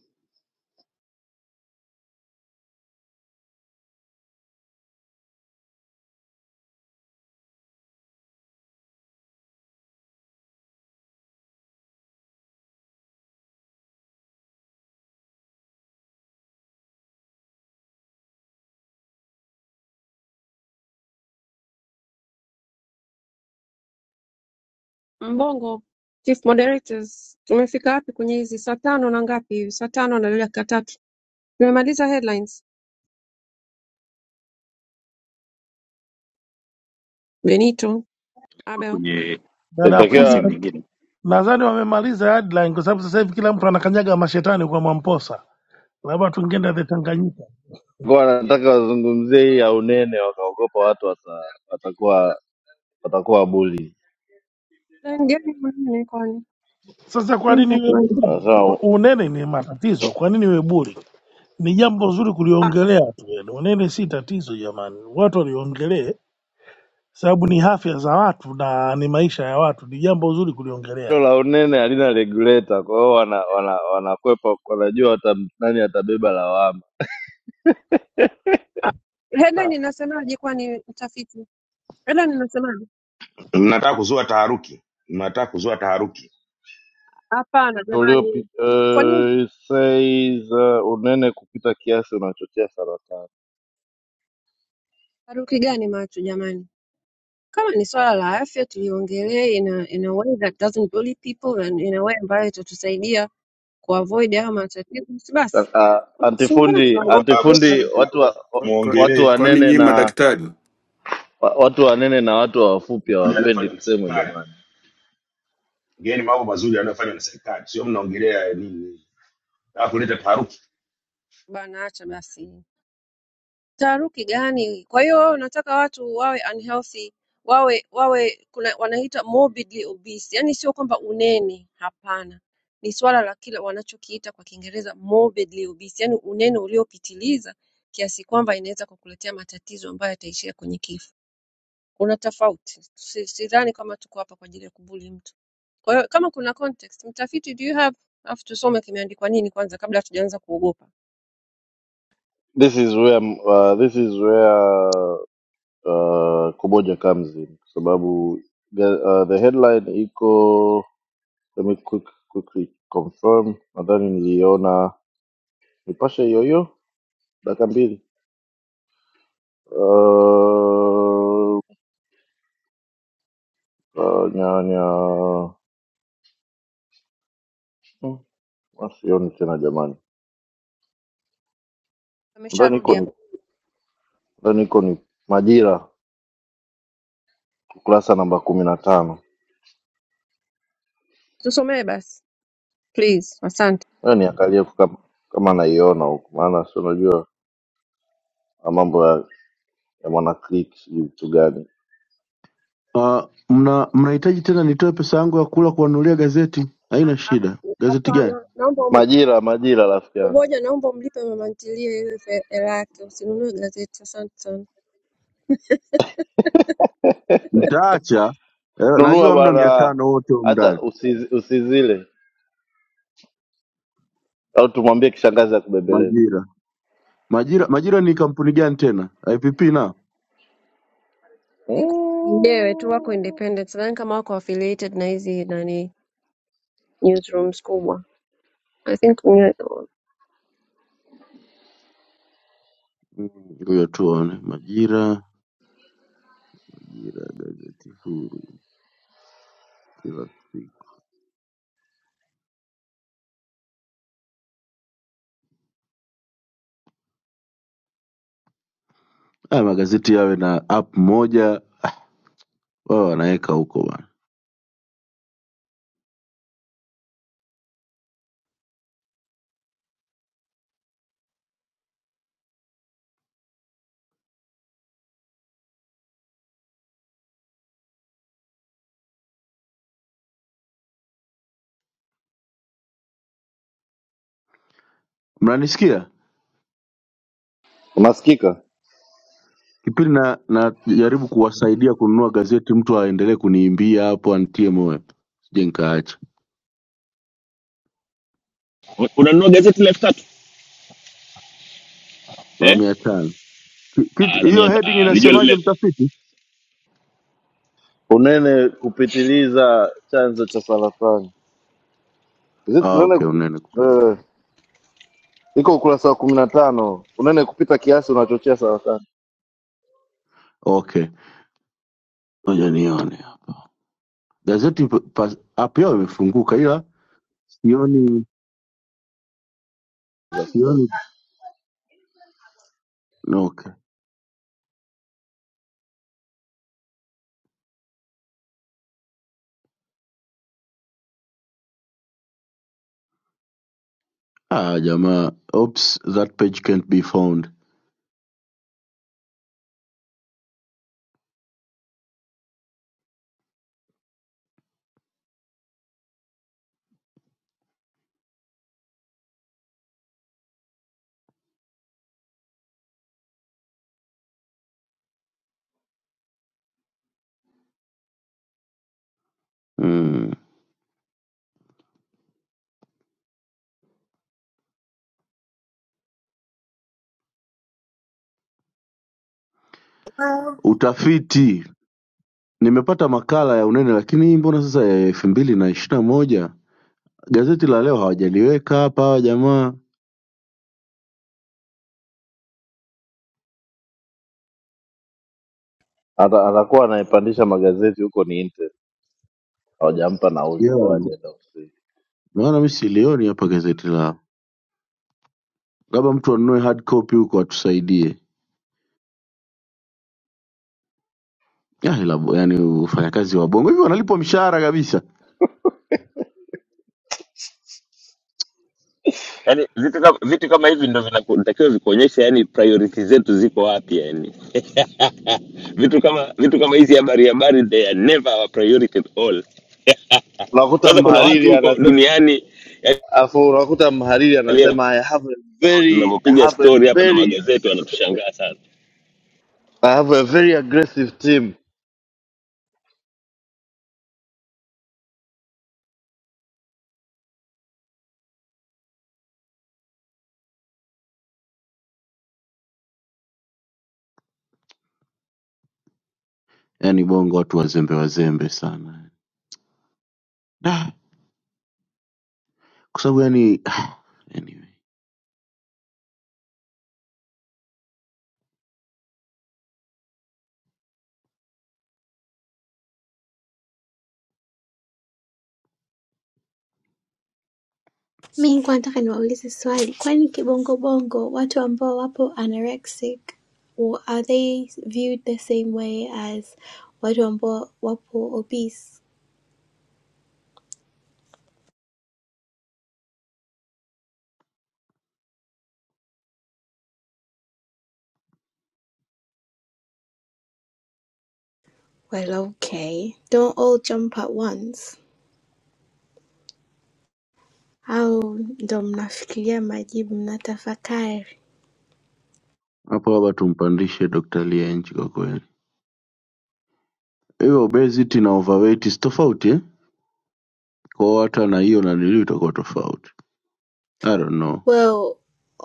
K: Mbongo, chief moderators, tumefika wapi kwenye hizi saa tano na ngapi hivi? Saa tano na dakika tatu. Tumemaliza headlines. Benito, Abel.
T: Dada fundi
V: inatakiwa
T: Nadhani wamemaliza headline kwa sababu sasa hivi kila mtu anakanyaga mashetani kwa Mwamposa, labda tungeenda the Tanganyika.
V: Walikuwa wanataka wazungumzie hii ya unene, wakaogopa watu wata, watakuwa watakuwa buli.
K: Headline gani mwenyewe kwani?
T: Sasa kwa
K: Mimi
T: nini iwe
K: nitasimama.
T: buri?
V: Sasa
T: Kwa- Unene ni matatizo, kwa nini iwe buri? Ni jambo zuri
K: Ah,
T: kuliongelea tu, yani unene si tatizo jamani, watu waliongelee, sababu ni afya za watu na ni maisha ya watu, ni jambo zuri
V: hilo
T: kuliongelea.
V: la unene halina regulator, kwa hiyo wana, wana, wanakwepa, wanajua wata, nani atabeba lawama.
K: ah. Headline inasemaje kwani mtafiti? Headline inasemaje?
W: mnataka kuzua taharuki mnataka kuzua taharuki
K: Hapana
V: Uliopi,
K: jamani. Kwa nini
V: uh, it says, uh, unene kupita kiasi unachochea saratani.
K: taharuki gani macho jamani? Kama ni swala la afya tuliongelee in a, in a way that doesn't bully people and in a way ambayo itatusaidia kuavoid hayo matatizo, si basi
V: Sasa
K: si mbona
V: antifundi
W: Jua
K: tunaogopa ogopa
V: antifundi,
W: msizue
V: watu wa,
W: taharuki
V: wa-
X: Kwa- kwa-
V: watu
X: kwa-
W: mwongelee
X: Kwani
V: wanene
X: nyinyi
V: na
X: madaktari
V: wa- watu wanene na watu wafupi hawapendi
W: yanayofanywa na
V: kusemwa
W: serikali
V: jamani.
W: ngeni mambo mazuri yanayofanywa na serikali sio mnaongelea nini Nataka kuleta taharuki
K: bana, acha basi, taharuki gani? Kwa hiyo wewe unataka watu wawe unhealthy, wawe wawe kuna wanaita morbidly obese, yani sio kwamba unene, hapana, ni swala la kile wanachokiita kwa Kiingereza morbidly obese, yani unene uliopitiliza kiasi kwamba inaweza kukuletea matatizo ambayo yataishia kwenye kifo. kuna tofauti. Si- Sidhani kama tuko hapa kwa ajili ya kubuli mtu. Kwa hiyo kama kuna context, mtafiti do you have? Alafu tusome kimeandikwa nini kwanza kabla hatujaanza kuogopa.
V: This is where, uh, this is where uh, kuboja comes in kwa sababu ga- uh, the headline iko let me quick, quickly confirm nadhani niliona nipashe hiyohiyo dakika mbili uh, uh, nyanya hmm, ah, sioni tena jamani nadhani
K: Amesharudi
V: iko ni
K: hapa,
V: nadhani iko ni majira ukurasa namba kumi na tano
K: tusomee basi please, asante.
V: ayo niangalie tu kama, kama naiona huku maana si unajua ah, mambo ya, ya mwanaclik sijui vitu gani
G: Uh, mna mnahitaji tena nitoe pesa yangu ya kula kuwanunulia gazeti
K: Ah,
G: haina
K: ah,
G: shida gazeti gani
K: Hapana, naomba um-
V: majira majira rafiki yangu
K: kumoja, naomba umlipe mama ntilie ile fe- hela yake, usinunue gazeti. Asante sana.
G: mtaacha Eh, najua
V: nunua
G: hamna mia
V: bwana,
G: tano wote humu
V: hata
G: ndani
V: usizi- usizile au tumwambie kishangazi akubembeleze.
G: majira majira majira ni kampuni gani tena ipp na
K: Mwenyewe tu wako
V: Mm.
K: independent, sidhani kama wako affiliated na hizi nani newsrooms kubwa. I think
G: Mm, ngoja tuone majira majira gazeti huru kila siku haya magazeti yawe na app moja wao wanaweka huko bana mnanisikia
V: Unasikika
G: kipindi na najaribu kuwasaidia kununua gazeti mtu aendelee kuniimbia hapo antie moyo sije nikaacha
P: U- Unanunua gazeti la elfu tatu
G: wa
P: eh?
G: mia tano Ki- kitu-
P: Ah, la
G: hiyo
P: mia ta-
G: heading
P: ah, lijua
G: inasemaje
P: lile
G: mtafiti?
V: unene kupitiliza chanzo cha saratani. Zito
G: Ah,
V: unene
G: okay,
V: kupi-
G: unene kupita.
V: eh, iko ukurasa wa kumi na tano. Unene kupita kiasi unachochea saratani.
G: Okay, ngoja nione hapa. gazeti pa- pa- app yao imefunguka ila sioni
V: That's all.
G: sioni. Okay. Ah, jamaa, oops, that page can't be found. Mm. Utafiti, nimepata makala ya unene lakini hii mbona sasa ya elfu mbili na ishirini na moja gazeti la leo hawajaliweka hapa hawa jamaa
V: Ata- Atakuwa anaipandisha magazeti huko, ni Intel hawajampa nauli kwa
G: yeah.
V: ajenda ofisi.
G: Naona mi silioni hapa gazeti lao, labda mtu anunue hard copy huko atusaidie. Ya, ila bo- yani wafanyakazi wa bongo hivi wanalipwa mshahara kabisa
P: yani vitu kama, vitu kama hivi ndo vinatakiwa vikuonyesha yani priority zetu ziko wapi yani [laughs] vitu kama vitu kama hizi habari habari they are never our priority at all [laughs]
V: Unakuta
P: kwanza kuna watu
V: mhariri
P: huko
V: anasema,
P: duniani
V: afu unakuta mhariri
P: yani,
V: anasema I have a
P: kama
V: very I
P: tunavyopiga
V: have a
P: story hapa na
V: very
P: magazeti wanatushangaa sana
V: I have a very aggressive team.
G: yani bongo watu wazembe wazembe sana Da, kwa sababu yani ah, anyway
O: mi nataka niwaulize swali kwani kibongo bongo watu ambao wapo anorexic w- are they viewed the same way as watu ambao wapo obese well okay don't all jump at once au ndo mnafikiria majibu mnatafakari
G: hapo baba tumpandishe Dr. Lia nchi kwa kweli hiyo obesity na overweight si tofauti eh? kwa hiyo hata na hiyo naniliu itakuwa tofauti I don't know
O: Well,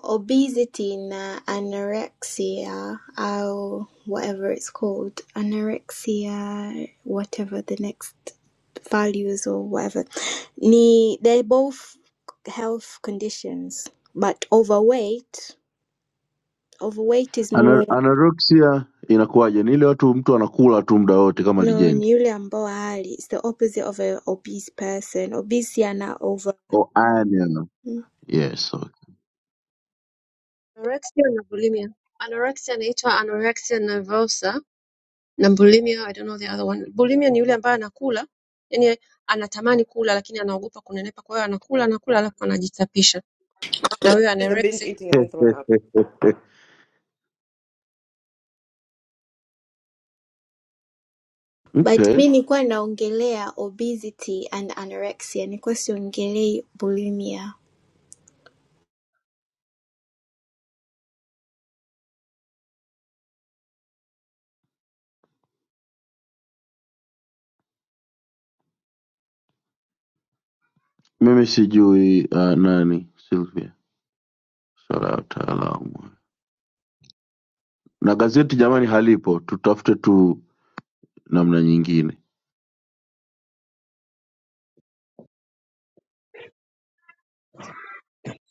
O: obesity na anorexia, or whatever it's called, anorexia, whatever the next values or whatever, ni they're both health conditions. But overweight, overweight is
G: Ana,
O: more
G: anorexia inakuwaje ni ile watu mtu anakula tu muda wote kama
O: no ni
G: lijendi
O: yule ambao hali. It's the opposite of a obese person. Obese ana over
G: oh, anemia. yes
K: Anorexia na bulimia. Anorexia inaitwa anorexia nervosa na bulimia I don't know the other one. Bulimia ni yule ambaye anakula, yani anatamani kula lakini anaogopa kunenepa kwa hiyo anakula anakula alafu anajichapisha. Na huyo
N: It's the binge
K: anorexia
N: eating and then throwing up.
G: okay. [laughs]
O: But
G: okay
O: mi nilikuwa naongelea obesity and anorexia, nilikuwa siongelei bulimia.
G: mimi sijui uh, nani Sylvia swala ya wataalamu na gazeti jamani halipo tutafute tu namna nyingine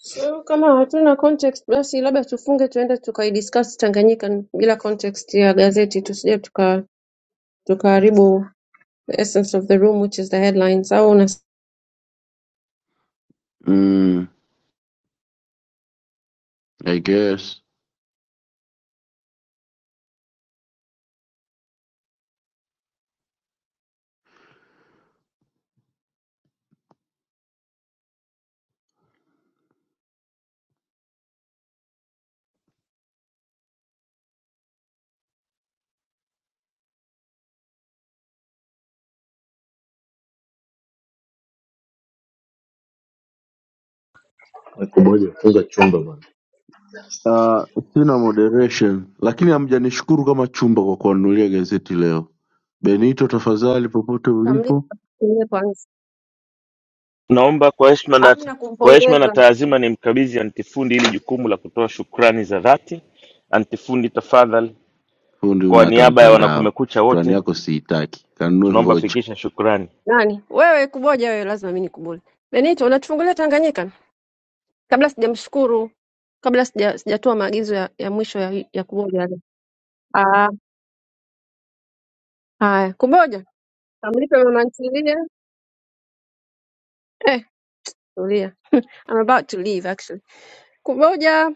K: So, kama hatuna context basi labda tufunge tuende tukaidiscuss Tanganyika bila context ya gazeti tusije tuka tukaharibu the essence of the room which is the headlines au
G: mm, I guess. Uh, sina moderation lakini hamjanishukuru kama chumba kwa kuanunulia gazeti leo benito tafadhali popote ulipo
K: unakamlipa kwanza.
P: Naomba kwa heshima na
K: Hamna
P: kwa heshima na
K: kumpongeza
P: taazima nimkabidhi antifundi hili jukumu la kutoa shukrani za dhati. Antifundi, tafadhali,
G: fundi una
P: kwa
G: hata
P: niaba ya
G: mtandao
P: wanakumekucha
G: shukrani
P: wote,
G: yako siitaki kanunue
P: tunaomba
G: vocha
P: fikisha shukrani.
K: Nani? Wewe kuboja wewe lazima mimi nikuboja. Benito, unatufungulia Tanganyika? Kabla sijamshukuru, kabla sija sijatoa maagizo ya, ya mwisho ya, ya kuboja. yale. Ah, haya. Kuboja. Kamlipe mama ntilie. Eh, tulia. I'm about to leave actually. Kuboja,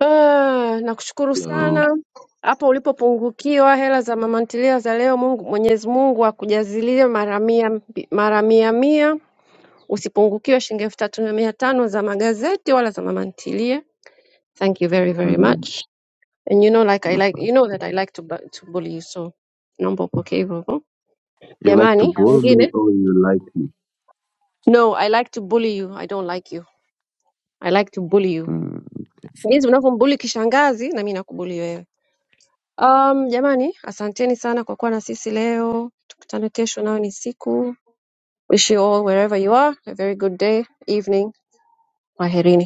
K: ah, nakushukuru
G: Hello.
K: sana. Hapo ulipopungukiwa hela za mama ntilia za leo, Mungu Mwenyezi Mungu akujazilie mara mia mara mia mia. Usipungukiwe shilingi elfu tatu na mia tano za magazeti wala za mama ntilie Thank you very, very
G: Mm,
K: much. And you know, like I like,
G: asante.
K: you know that I like to bu- to bully you, so naomba upokee hivyo hivyo.
G: you like to
K: Jamani,
G: bore me
K: wengine.
G: or you like me
K: No, I like to bully you. I don't like you. I like to bully you.
G: Mm.
K: Jinsi unavyombully kishangazi na mimi nakubully wewe. Um, jamani, asanteni sana kwa kuwa na sisi leo. Tukutane kesho nayo ni siku. Wish you all wherever you are a very good day, evening. Kwaherini.